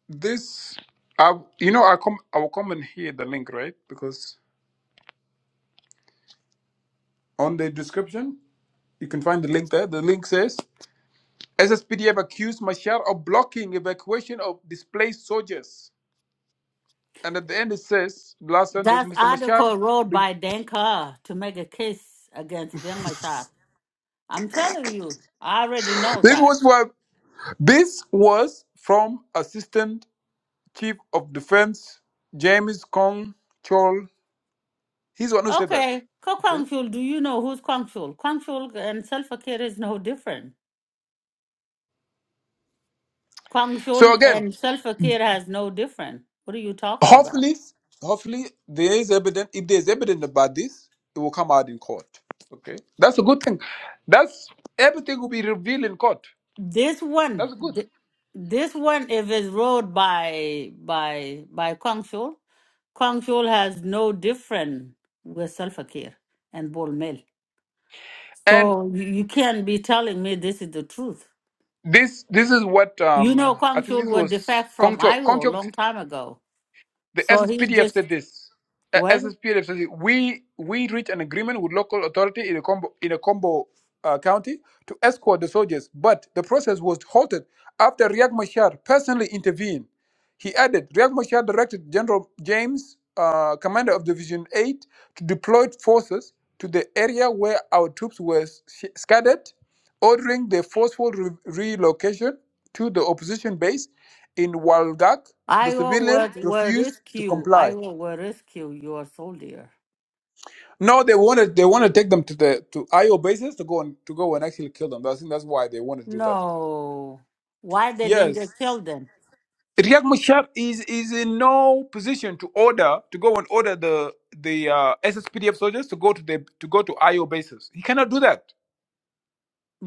Speaker 4: this, I, you know, I com- I will comment here the link right because on the description you can find the link there. The link says SSPDF accused Mashar of blocking evacuation of displaced soldiers, and at the end it says last sentence,
Speaker 2: That's
Speaker 4: Mr. Mashar.
Speaker 2: article wrote by Denka to make a case against Riek Machar. I'm telling you, I already know
Speaker 4: This
Speaker 2: that.
Speaker 4: was from, this was from Assistant Chief of Defense James Kong Chol. He's the one who said that.
Speaker 2: Okay, Ko Kwang
Speaker 4: Okay.
Speaker 2: Chul, do you know who's Kwang Chul? Kwang Chul and Salva Kiir is no different. Kwang
Speaker 4: So
Speaker 2: Chul
Speaker 4: again,
Speaker 2: and Salva Kiir has no different. What are you talking about?
Speaker 4: hopefully, hopefully there is evidence. If there is evidence about this, it will come out in court. Okay. That's a good thing. That's everything will be revealed in court.
Speaker 2: This one,
Speaker 4: That's good.
Speaker 2: th- this one, if it's ruled by by by Kwangchul, Kwangchul has no different with Salfakir and Bolmel.
Speaker 4: And
Speaker 2: So you, you can't be telling me this is the truth.
Speaker 4: this this is what
Speaker 2: You know,
Speaker 4: um I think
Speaker 2: Kwangchul
Speaker 4: this
Speaker 2: was
Speaker 4: was
Speaker 2: defect
Speaker 4: Kong
Speaker 2: from Iowa a
Speaker 4: Chol.
Speaker 2: long time ago.
Speaker 4: The
Speaker 2: So he
Speaker 4: SSPDF
Speaker 2: just
Speaker 4: said this. Uh,
Speaker 2: when
Speaker 4: SSPDF says it, we we reached an agreement with local authority in a combo in a combo uh, county to escort the soldiers, but the process was halted after Riek Machar personally intervened. He added, Riek Machar directed General James, uh, commander of Division 8, to deploy forces to the area where our troops were sh- scattered, ordering the forceful re- relocation to the opposition base in Walgak the
Speaker 2: Iowa
Speaker 4: civilian
Speaker 2: was will
Speaker 4: refused to
Speaker 2: rescue,
Speaker 4: comply.
Speaker 2: Iowa will rescue your soldier.
Speaker 4: No, they wanted. they want to take them to the to IO bases to go and to go and actually kill them. I think that's why they want to do that.
Speaker 2: No, why they didn't
Speaker 4: Yes,
Speaker 2: get killed then?
Speaker 4: Riek Machar is is in no position to order to go and order the the uh, SSPDF soldiers to go to the to go to IO bases. He cannot do that.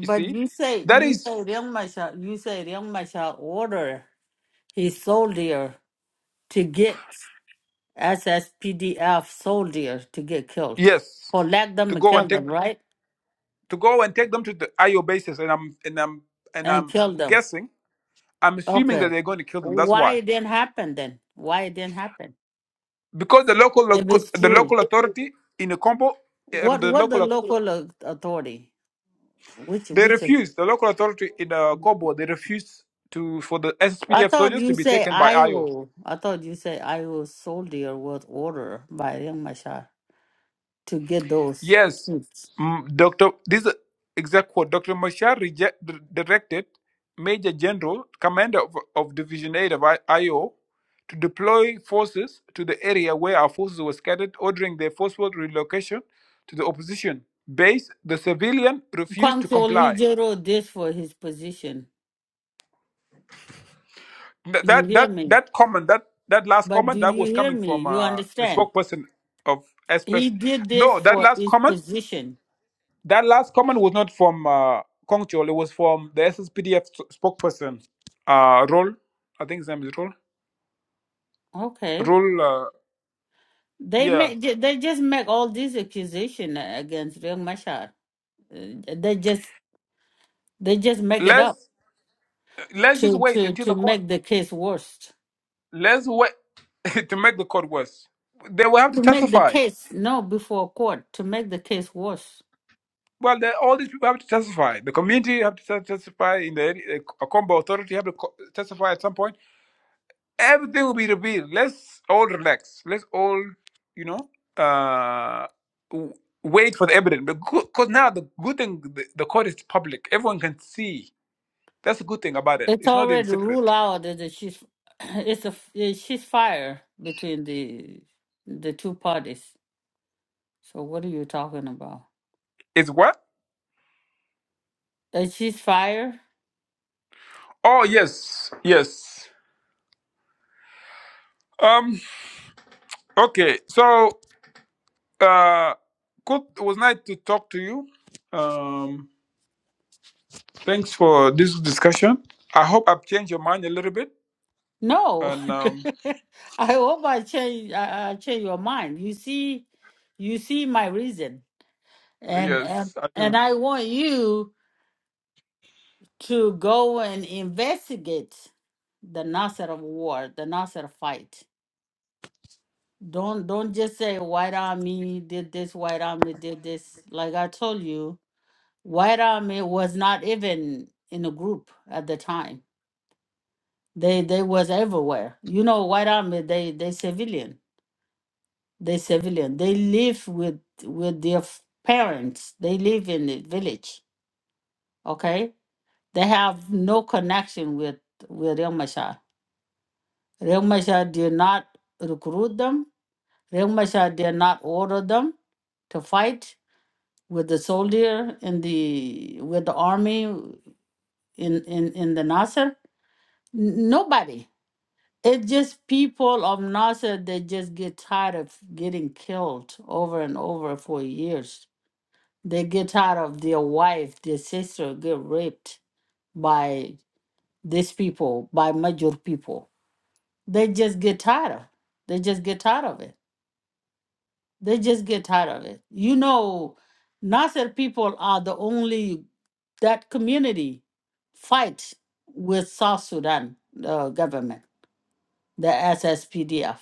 Speaker 4: You see,
Speaker 2: you say
Speaker 4: that
Speaker 2: you
Speaker 4: is
Speaker 2: say Liang Masha you say Liang Masha order his soldier to get SSPDF soldier to get killed.
Speaker 4: yes
Speaker 2: Or let
Speaker 4: to
Speaker 2: them
Speaker 4: go and
Speaker 2: kill
Speaker 4: take
Speaker 2: them, right?
Speaker 4: to go and take them to the IO bases, and I'm and I'm and
Speaker 2: And
Speaker 4: I'm
Speaker 2: kill them.
Speaker 4: guessing I'm assuming that
Speaker 2: Okay.
Speaker 4: they're going to kill them. That's
Speaker 2: Why
Speaker 4: why.
Speaker 2: it didn't happen then? Why it didn't happen?
Speaker 4: because the local
Speaker 2: If it's
Speaker 4: the
Speaker 2: true.
Speaker 4: local authority in the Congo, uh,
Speaker 2: What
Speaker 4: the
Speaker 2: what the
Speaker 4: local
Speaker 2: local au- authority? Which
Speaker 4: they
Speaker 2: which of-
Speaker 4: refused the local authority in the Congo they refused to for the
Speaker 2: I
Speaker 4: SPDF
Speaker 2: thought
Speaker 4: soldiers to
Speaker 2: you
Speaker 4: be
Speaker 2: say
Speaker 4: taken by IO.
Speaker 2: Iowa. I thought you say Iowa soldier was ordered by Liang Masha to get those
Speaker 4: Yes,
Speaker 2: troops.
Speaker 4: mm, Doctor, this is exact quote. Doctor Mashar reject, directed Major General, Commander of, of Division Eight of I- IO, to deploy forces to the area where our forces were scattered, ordering their forceful relocation to the opposition base. The civilian refused
Speaker 2: Kwang
Speaker 4: to comply.
Speaker 2: just wrote this for his position.
Speaker 4: Th-
Speaker 2: You
Speaker 4: that
Speaker 2: hear
Speaker 4: that
Speaker 2: me?
Speaker 4: that comment that that last
Speaker 2: But do
Speaker 4: comment that
Speaker 2: you
Speaker 4: was
Speaker 2: hear
Speaker 4: coming
Speaker 2: me?
Speaker 4: from
Speaker 2: You
Speaker 4: uh, the
Speaker 2: understand?
Speaker 4: spokesperson of
Speaker 2: He
Speaker 4: Express.
Speaker 2: did this
Speaker 4: No, that
Speaker 2: for
Speaker 4: last
Speaker 2: his
Speaker 4: comment
Speaker 2: position.
Speaker 4: that last comment was not from uh, Kong Chol. It was from the SSPDF spokesperson, uh, Rol. I think his name is Rol.
Speaker 2: Okay.
Speaker 4: Rol. Uh,
Speaker 2: They
Speaker 4: yeah.
Speaker 2: make ju- they just make all these accusation against Riek Machar. Uh, They just they just make it up
Speaker 4: Let's let's
Speaker 2: to
Speaker 4: just
Speaker 2: to
Speaker 4: wait until
Speaker 2: to
Speaker 4: the
Speaker 2: make
Speaker 4: court.
Speaker 2: the case worse.
Speaker 4: Let's wait to make the court worse. They will have to
Speaker 2: To make the
Speaker 4: testify.
Speaker 2: case no before court to make the case worse.
Speaker 4: Well, they, all these people have to testify. The community have to tes- testify. In the uh, Combo Authority have to co- testify at some point everything will be revealed. Let's all relax. Let's all, you know, uh, w- wait for the evidence. Because now the good thing, the, the court is public. Everyone can see. That's the good thing about it.
Speaker 2: It's
Speaker 4: It's not in
Speaker 2: already
Speaker 4: secret.
Speaker 2: ruled out that she's it's a yeah, she's fire between the the two parties. So what are you talking about?
Speaker 4: It's what?
Speaker 2: A she's fire?
Speaker 4: Oh yes, yes. Um. Okay. So, uh, good. It was nice to talk to you. Um. Thanks for this discussion. I hope I've changed your mind a little bit.
Speaker 2: No.
Speaker 4: And um,
Speaker 2: I hope I change I, I change your mind. You see you see my reason. And and
Speaker 4: yes, I do.
Speaker 2: and I want you to go and investigate the Nasser war, the Nasser fight. Don't don't just say white army did this, white army did this. Like I told you, white army was not even in a group at the time. They they was everywhere. You know, white army they they civilian. They civilian. They live with with their f- parents. They live in the village. Okay, they have no connection with with Real Mashar. Real Mashar did not recruit them. Real Mashar did not order them to fight with the soldier in the with the army in in in the Nasser? N- Nobody. It's just people of Nasser. They just get tired of getting killed over and over for years. They get tired of their wife, their sister get raped by these people, by major people. They just get tired of. They just get tired of it. They just get tired of it. You know, Nasser people are the only that community fight with South Sudan uh, government, the SSPDF,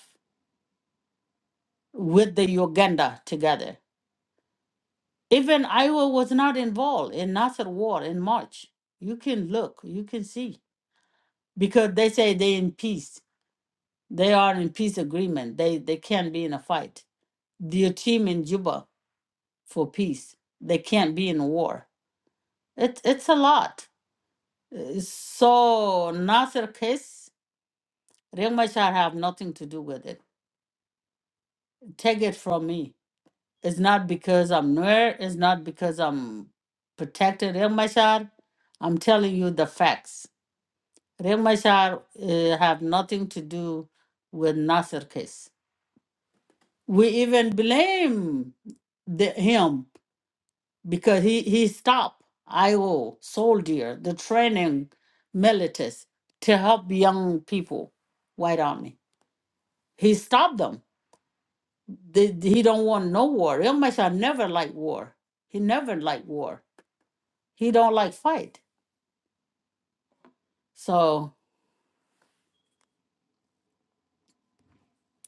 Speaker 2: with the Uganda together. Even Iowa was not involved in Nasser war in March. You can look, you can see, because they say they in peace. They are in peace agreement. They they can't be in a fight. Their team in Juba for peace. They can't be in war It, it's a lot. Uh, So Nasser case, Riek Machar have nothing to do with it. Take it from me. It's not because I'm near. It's not because I'm protected Riek Machar. I'm telling you the facts. Riek Machar uh, have nothing to do with Nasser case. We even blame the, him because he, he stopped IO soldier, the training militias to help young people, white army. He stopped them. They, he don't want no war. Real Masha never liked war. He never liked war. He don't like fight. So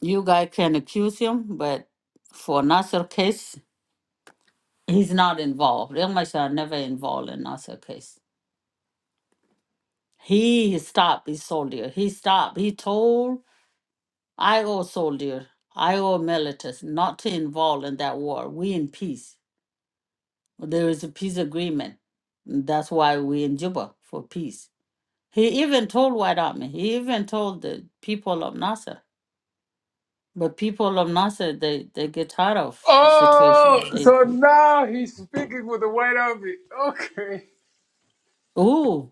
Speaker 2: you guys can accuse him, but for Nasser case, he's not involved. Real Masha never involved in Nasser case. He stopped his soldier. He stopped. He told I, O soldier, I, O militus, not to involve in that war. We in peace. There is a peace agreement. That's why we in Juba for peace. He even told White Army. He even told the people of Nasser. But people of Nasser, they they get tired of
Speaker 4: Oh,
Speaker 2: situation. They
Speaker 4: so now he's speaking with the white army. Okay.
Speaker 2: ooh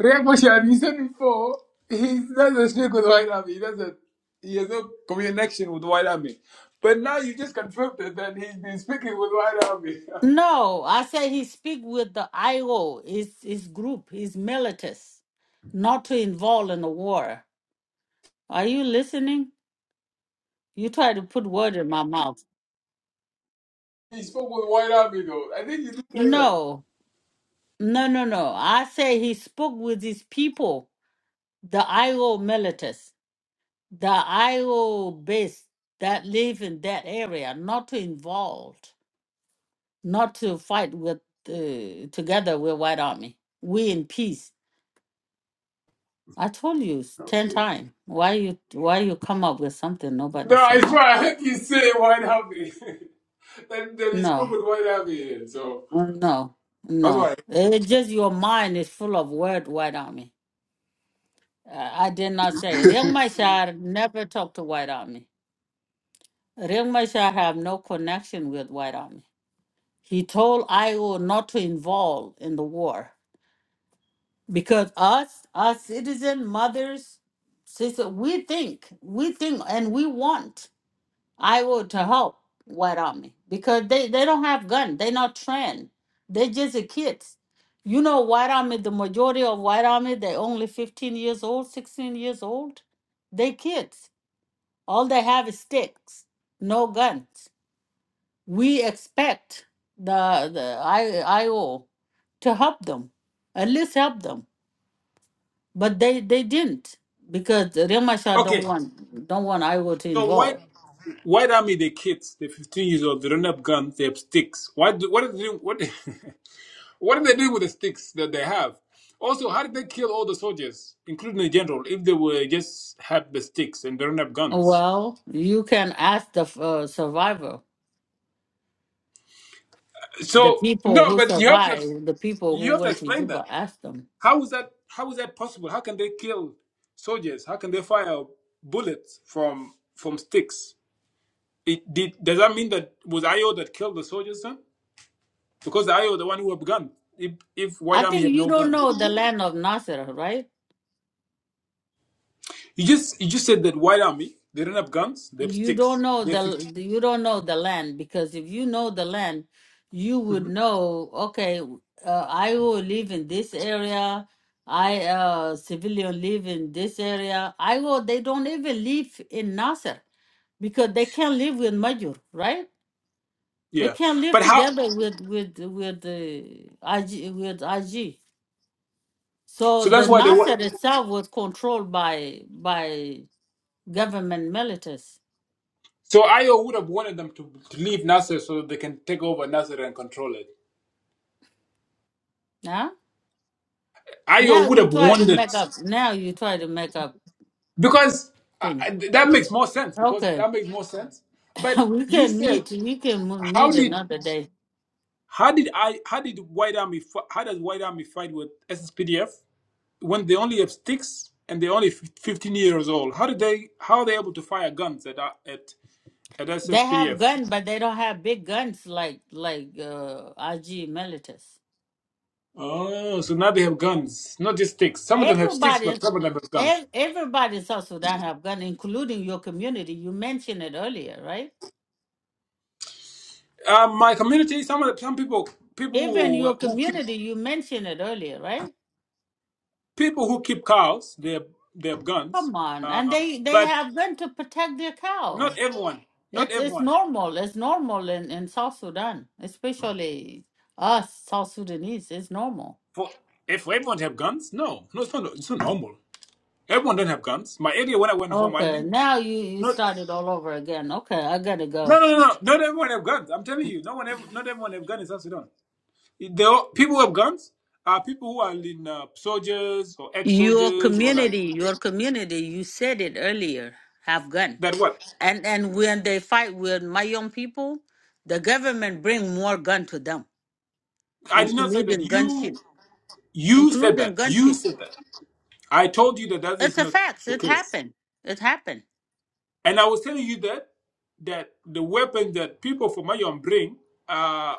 Speaker 4: Riek Machar, you said before, he doesn't speak with the white army. He doesn't. He has no connection with the white army. But now you just confirmed it that he's been speaking with the white army.
Speaker 2: no. I say he speak with the IO. His his group. His militus, not to involve in the war. Are you listening? You try to put word in my mouth.
Speaker 4: he spoke with the white army, though. I think you did say that.
Speaker 2: No, no, no, no. I say he spoke with his people, the IO militants, the IO base that live in that area, not to involve, not to fight with uh, together with White Army. We in peace. I told you s- ten times. Why you why you come up with something nobody
Speaker 4: No, I
Speaker 2: say
Speaker 4: swear,
Speaker 2: it?
Speaker 4: I heard you say white army. then, then he spoke
Speaker 2: No,
Speaker 4: with white army. So
Speaker 2: no,
Speaker 4: that's why I
Speaker 2: no.
Speaker 4: heard it.
Speaker 2: It's just your mind is full of word White Army. I I did not say. Riek Machar never talked to White Army. Riek Machar have no connection with White Army. He told IO not to involve in the war because us, our citizen mothers, sister, we think, we think, and we want IO to help White Army because they they don't have gun. they not trained. they just a kids. You know, White Army, the majority of White Army, they only 15 years old, 16 years old. They kids All they have is sticks, no guns. We expect the the I, IO to help them, at least help them. But they, they didn't because Remashar don't
Speaker 4: Okay.
Speaker 2: want don't want IO to
Speaker 4: So why
Speaker 2: involve.
Speaker 4: white army the kids, the 15 years old, they don't have guns, they have sticks. Why do, what are they doing, what what are they doing with the sticks that they have? Also, how did they kill all the soldiers, including the general, if they were just have the sticks and they don't have guns?
Speaker 2: Well, you can ask the uh, survivor, the
Speaker 4: So
Speaker 2: people
Speaker 4: no,
Speaker 2: who
Speaker 4: but you have to ex-
Speaker 2: survived, the people
Speaker 4: you
Speaker 2: who
Speaker 4: have to
Speaker 2: went to
Speaker 4: explain
Speaker 2: Juba.
Speaker 4: that.
Speaker 2: Ask them.
Speaker 4: How is that how is that possible? How can they kill soldiers? How can they fire bullets from from sticks? It, did, does that mean that was IO that killed the soldiers then? because the IO the one who have guns. If if White
Speaker 2: I
Speaker 4: Army
Speaker 2: think
Speaker 4: have
Speaker 2: you
Speaker 4: no
Speaker 2: don't
Speaker 4: guns,
Speaker 2: know the land of Nasser, right?
Speaker 4: you just you just said that White Army they don't have guns, they have
Speaker 2: you don't
Speaker 4: sticks.
Speaker 2: know
Speaker 4: They're 50
Speaker 2: the you don't know the land because if you know the land you would
Speaker 4: hmm
Speaker 2: know okay uh, i will live in this area i uh civilian live in this area i will they don't even live in nasser because they can't live with Majur, right they
Speaker 4: Yeah,
Speaker 2: can't live
Speaker 4: but how?
Speaker 2: together with with with the ig with ig so
Speaker 4: So that's
Speaker 2: the
Speaker 4: why they
Speaker 2: nasser
Speaker 4: want.
Speaker 2: itself was controlled by by government militaries.
Speaker 4: So Ayo would have wanted them to, to leave Nasser so that they can take over Nasser and control it.
Speaker 2: yeah.
Speaker 4: Ayo
Speaker 2: Now
Speaker 4: would
Speaker 2: you
Speaker 4: have
Speaker 2: try to
Speaker 4: wanted
Speaker 2: make up. Now you try to make up
Speaker 4: because uh,
Speaker 2: thing.
Speaker 4: uh, that makes more sense. Because
Speaker 2: Okay,
Speaker 4: that makes more sense. But
Speaker 2: we
Speaker 4: you
Speaker 2: can meet.
Speaker 4: said
Speaker 2: We can mo-
Speaker 4: how
Speaker 2: meet
Speaker 4: did
Speaker 2: another day.
Speaker 4: how did I how did White Army fi- how does White Army fight with SSPDF? when they only have sticks and they're only 15 years old how did they how are they able to fire guns at at at
Speaker 2: They have
Speaker 4: sspdf
Speaker 2: gun, but they don't have big guns like like uh, IG militants.
Speaker 4: oh so now they have guns not just sticks some of them have sticks
Speaker 2: Everybody,
Speaker 4: but some of them have guns
Speaker 2: ev- everybody in South Sudan have gun, including your community. You mentioned it earlier, right?
Speaker 4: um, my community some of the, some people
Speaker 2: Even
Speaker 4: people
Speaker 2: your
Speaker 4: who who keep
Speaker 2: community, you mentioned it earlier, right?
Speaker 4: people who keep cows they have they have guns
Speaker 2: Come on, and
Speaker 4: um,
Speaker 2: they they
Speaker 4: but
Speaker 2: have gun to protect their cow.
Speaker 4: not everyone not
Speaker 2: It's it's
Speaker 4: everyone
Speaker 2: normal. It's normal in, in South Sudan, especially us South Sudanese. It's normal.
Speaker 4: for if everyone have guns no no it's not it's not normal everyone don't have guns my area when i went home i
Speaker 2: Okay,
Speaker 4: didn't
Speaker 2: now you you
Speaker 4: not
Speaker 2: started all over again. Okay, I gotta
Speaker 4: No,
Speaker 2: go.
Speaker 4: no, no, no. Not everyone have guns. I'm telling you, no one, ev- not everyone have guns in South Sudan. They all, people who have guns are people who are in uh, soldiers or
Speaker 2: Your
Speaker 4: ex-soldiers or like
Speaker 2: community, your community. You said it earlier. Have gun,
Speaker 4: that. What?
Speaker 2: and and when they fight with my young people, the government bring more gun to them,
Speaker 4: I did not say that.
Speaker 2: including
Speaker 4: You,
Speaker 2: gunship,
Speaker 4: you said
Speaker 2: including
Speaker 4: that. You
Speaker 2: gunship.
Speaker 4: said that. I told you that that
Speaker 2: It's
Speaker 4: is
Speaker 2: a
Speaker 4: not
Speaker 2: fact.
Speaker 4: the
Speaker 2: It
Speaker 4: case,
Speaker 2: happened. It happened.
Speaker 4: and I was telling you that that the weapon that people from Mayon bring are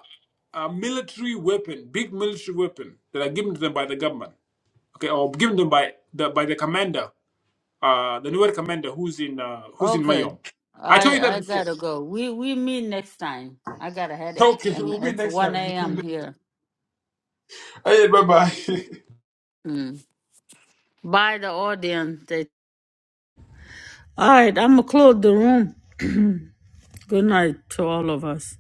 Speaker 4: a military weapon, big military weapon that are given to them by the government, okay, or given them by the by the commander uh, the newer commander who's in uh, who's in
Speaker 2: Okay.
Speaker 4: Mayom. I told
Speaker 2: I
Speaker 4: you that
Speaker 2: I
Speaker 4: before.
Speaker 2: gotta go. We we meet next time. I got a headache
Speaker 4: Okay, so
Speaker 2: and
Speaker 4: we'll be
Speaker 2: it's
Speaker 4: next
Speaker 2: one
Speaker 4: time.
Speaker 2: AM here.
Speaker 4: hey, bye bye.
Speaker 2: Mm. Bye the audience. They- All right, I'm gonna close the room. Good night to all of us.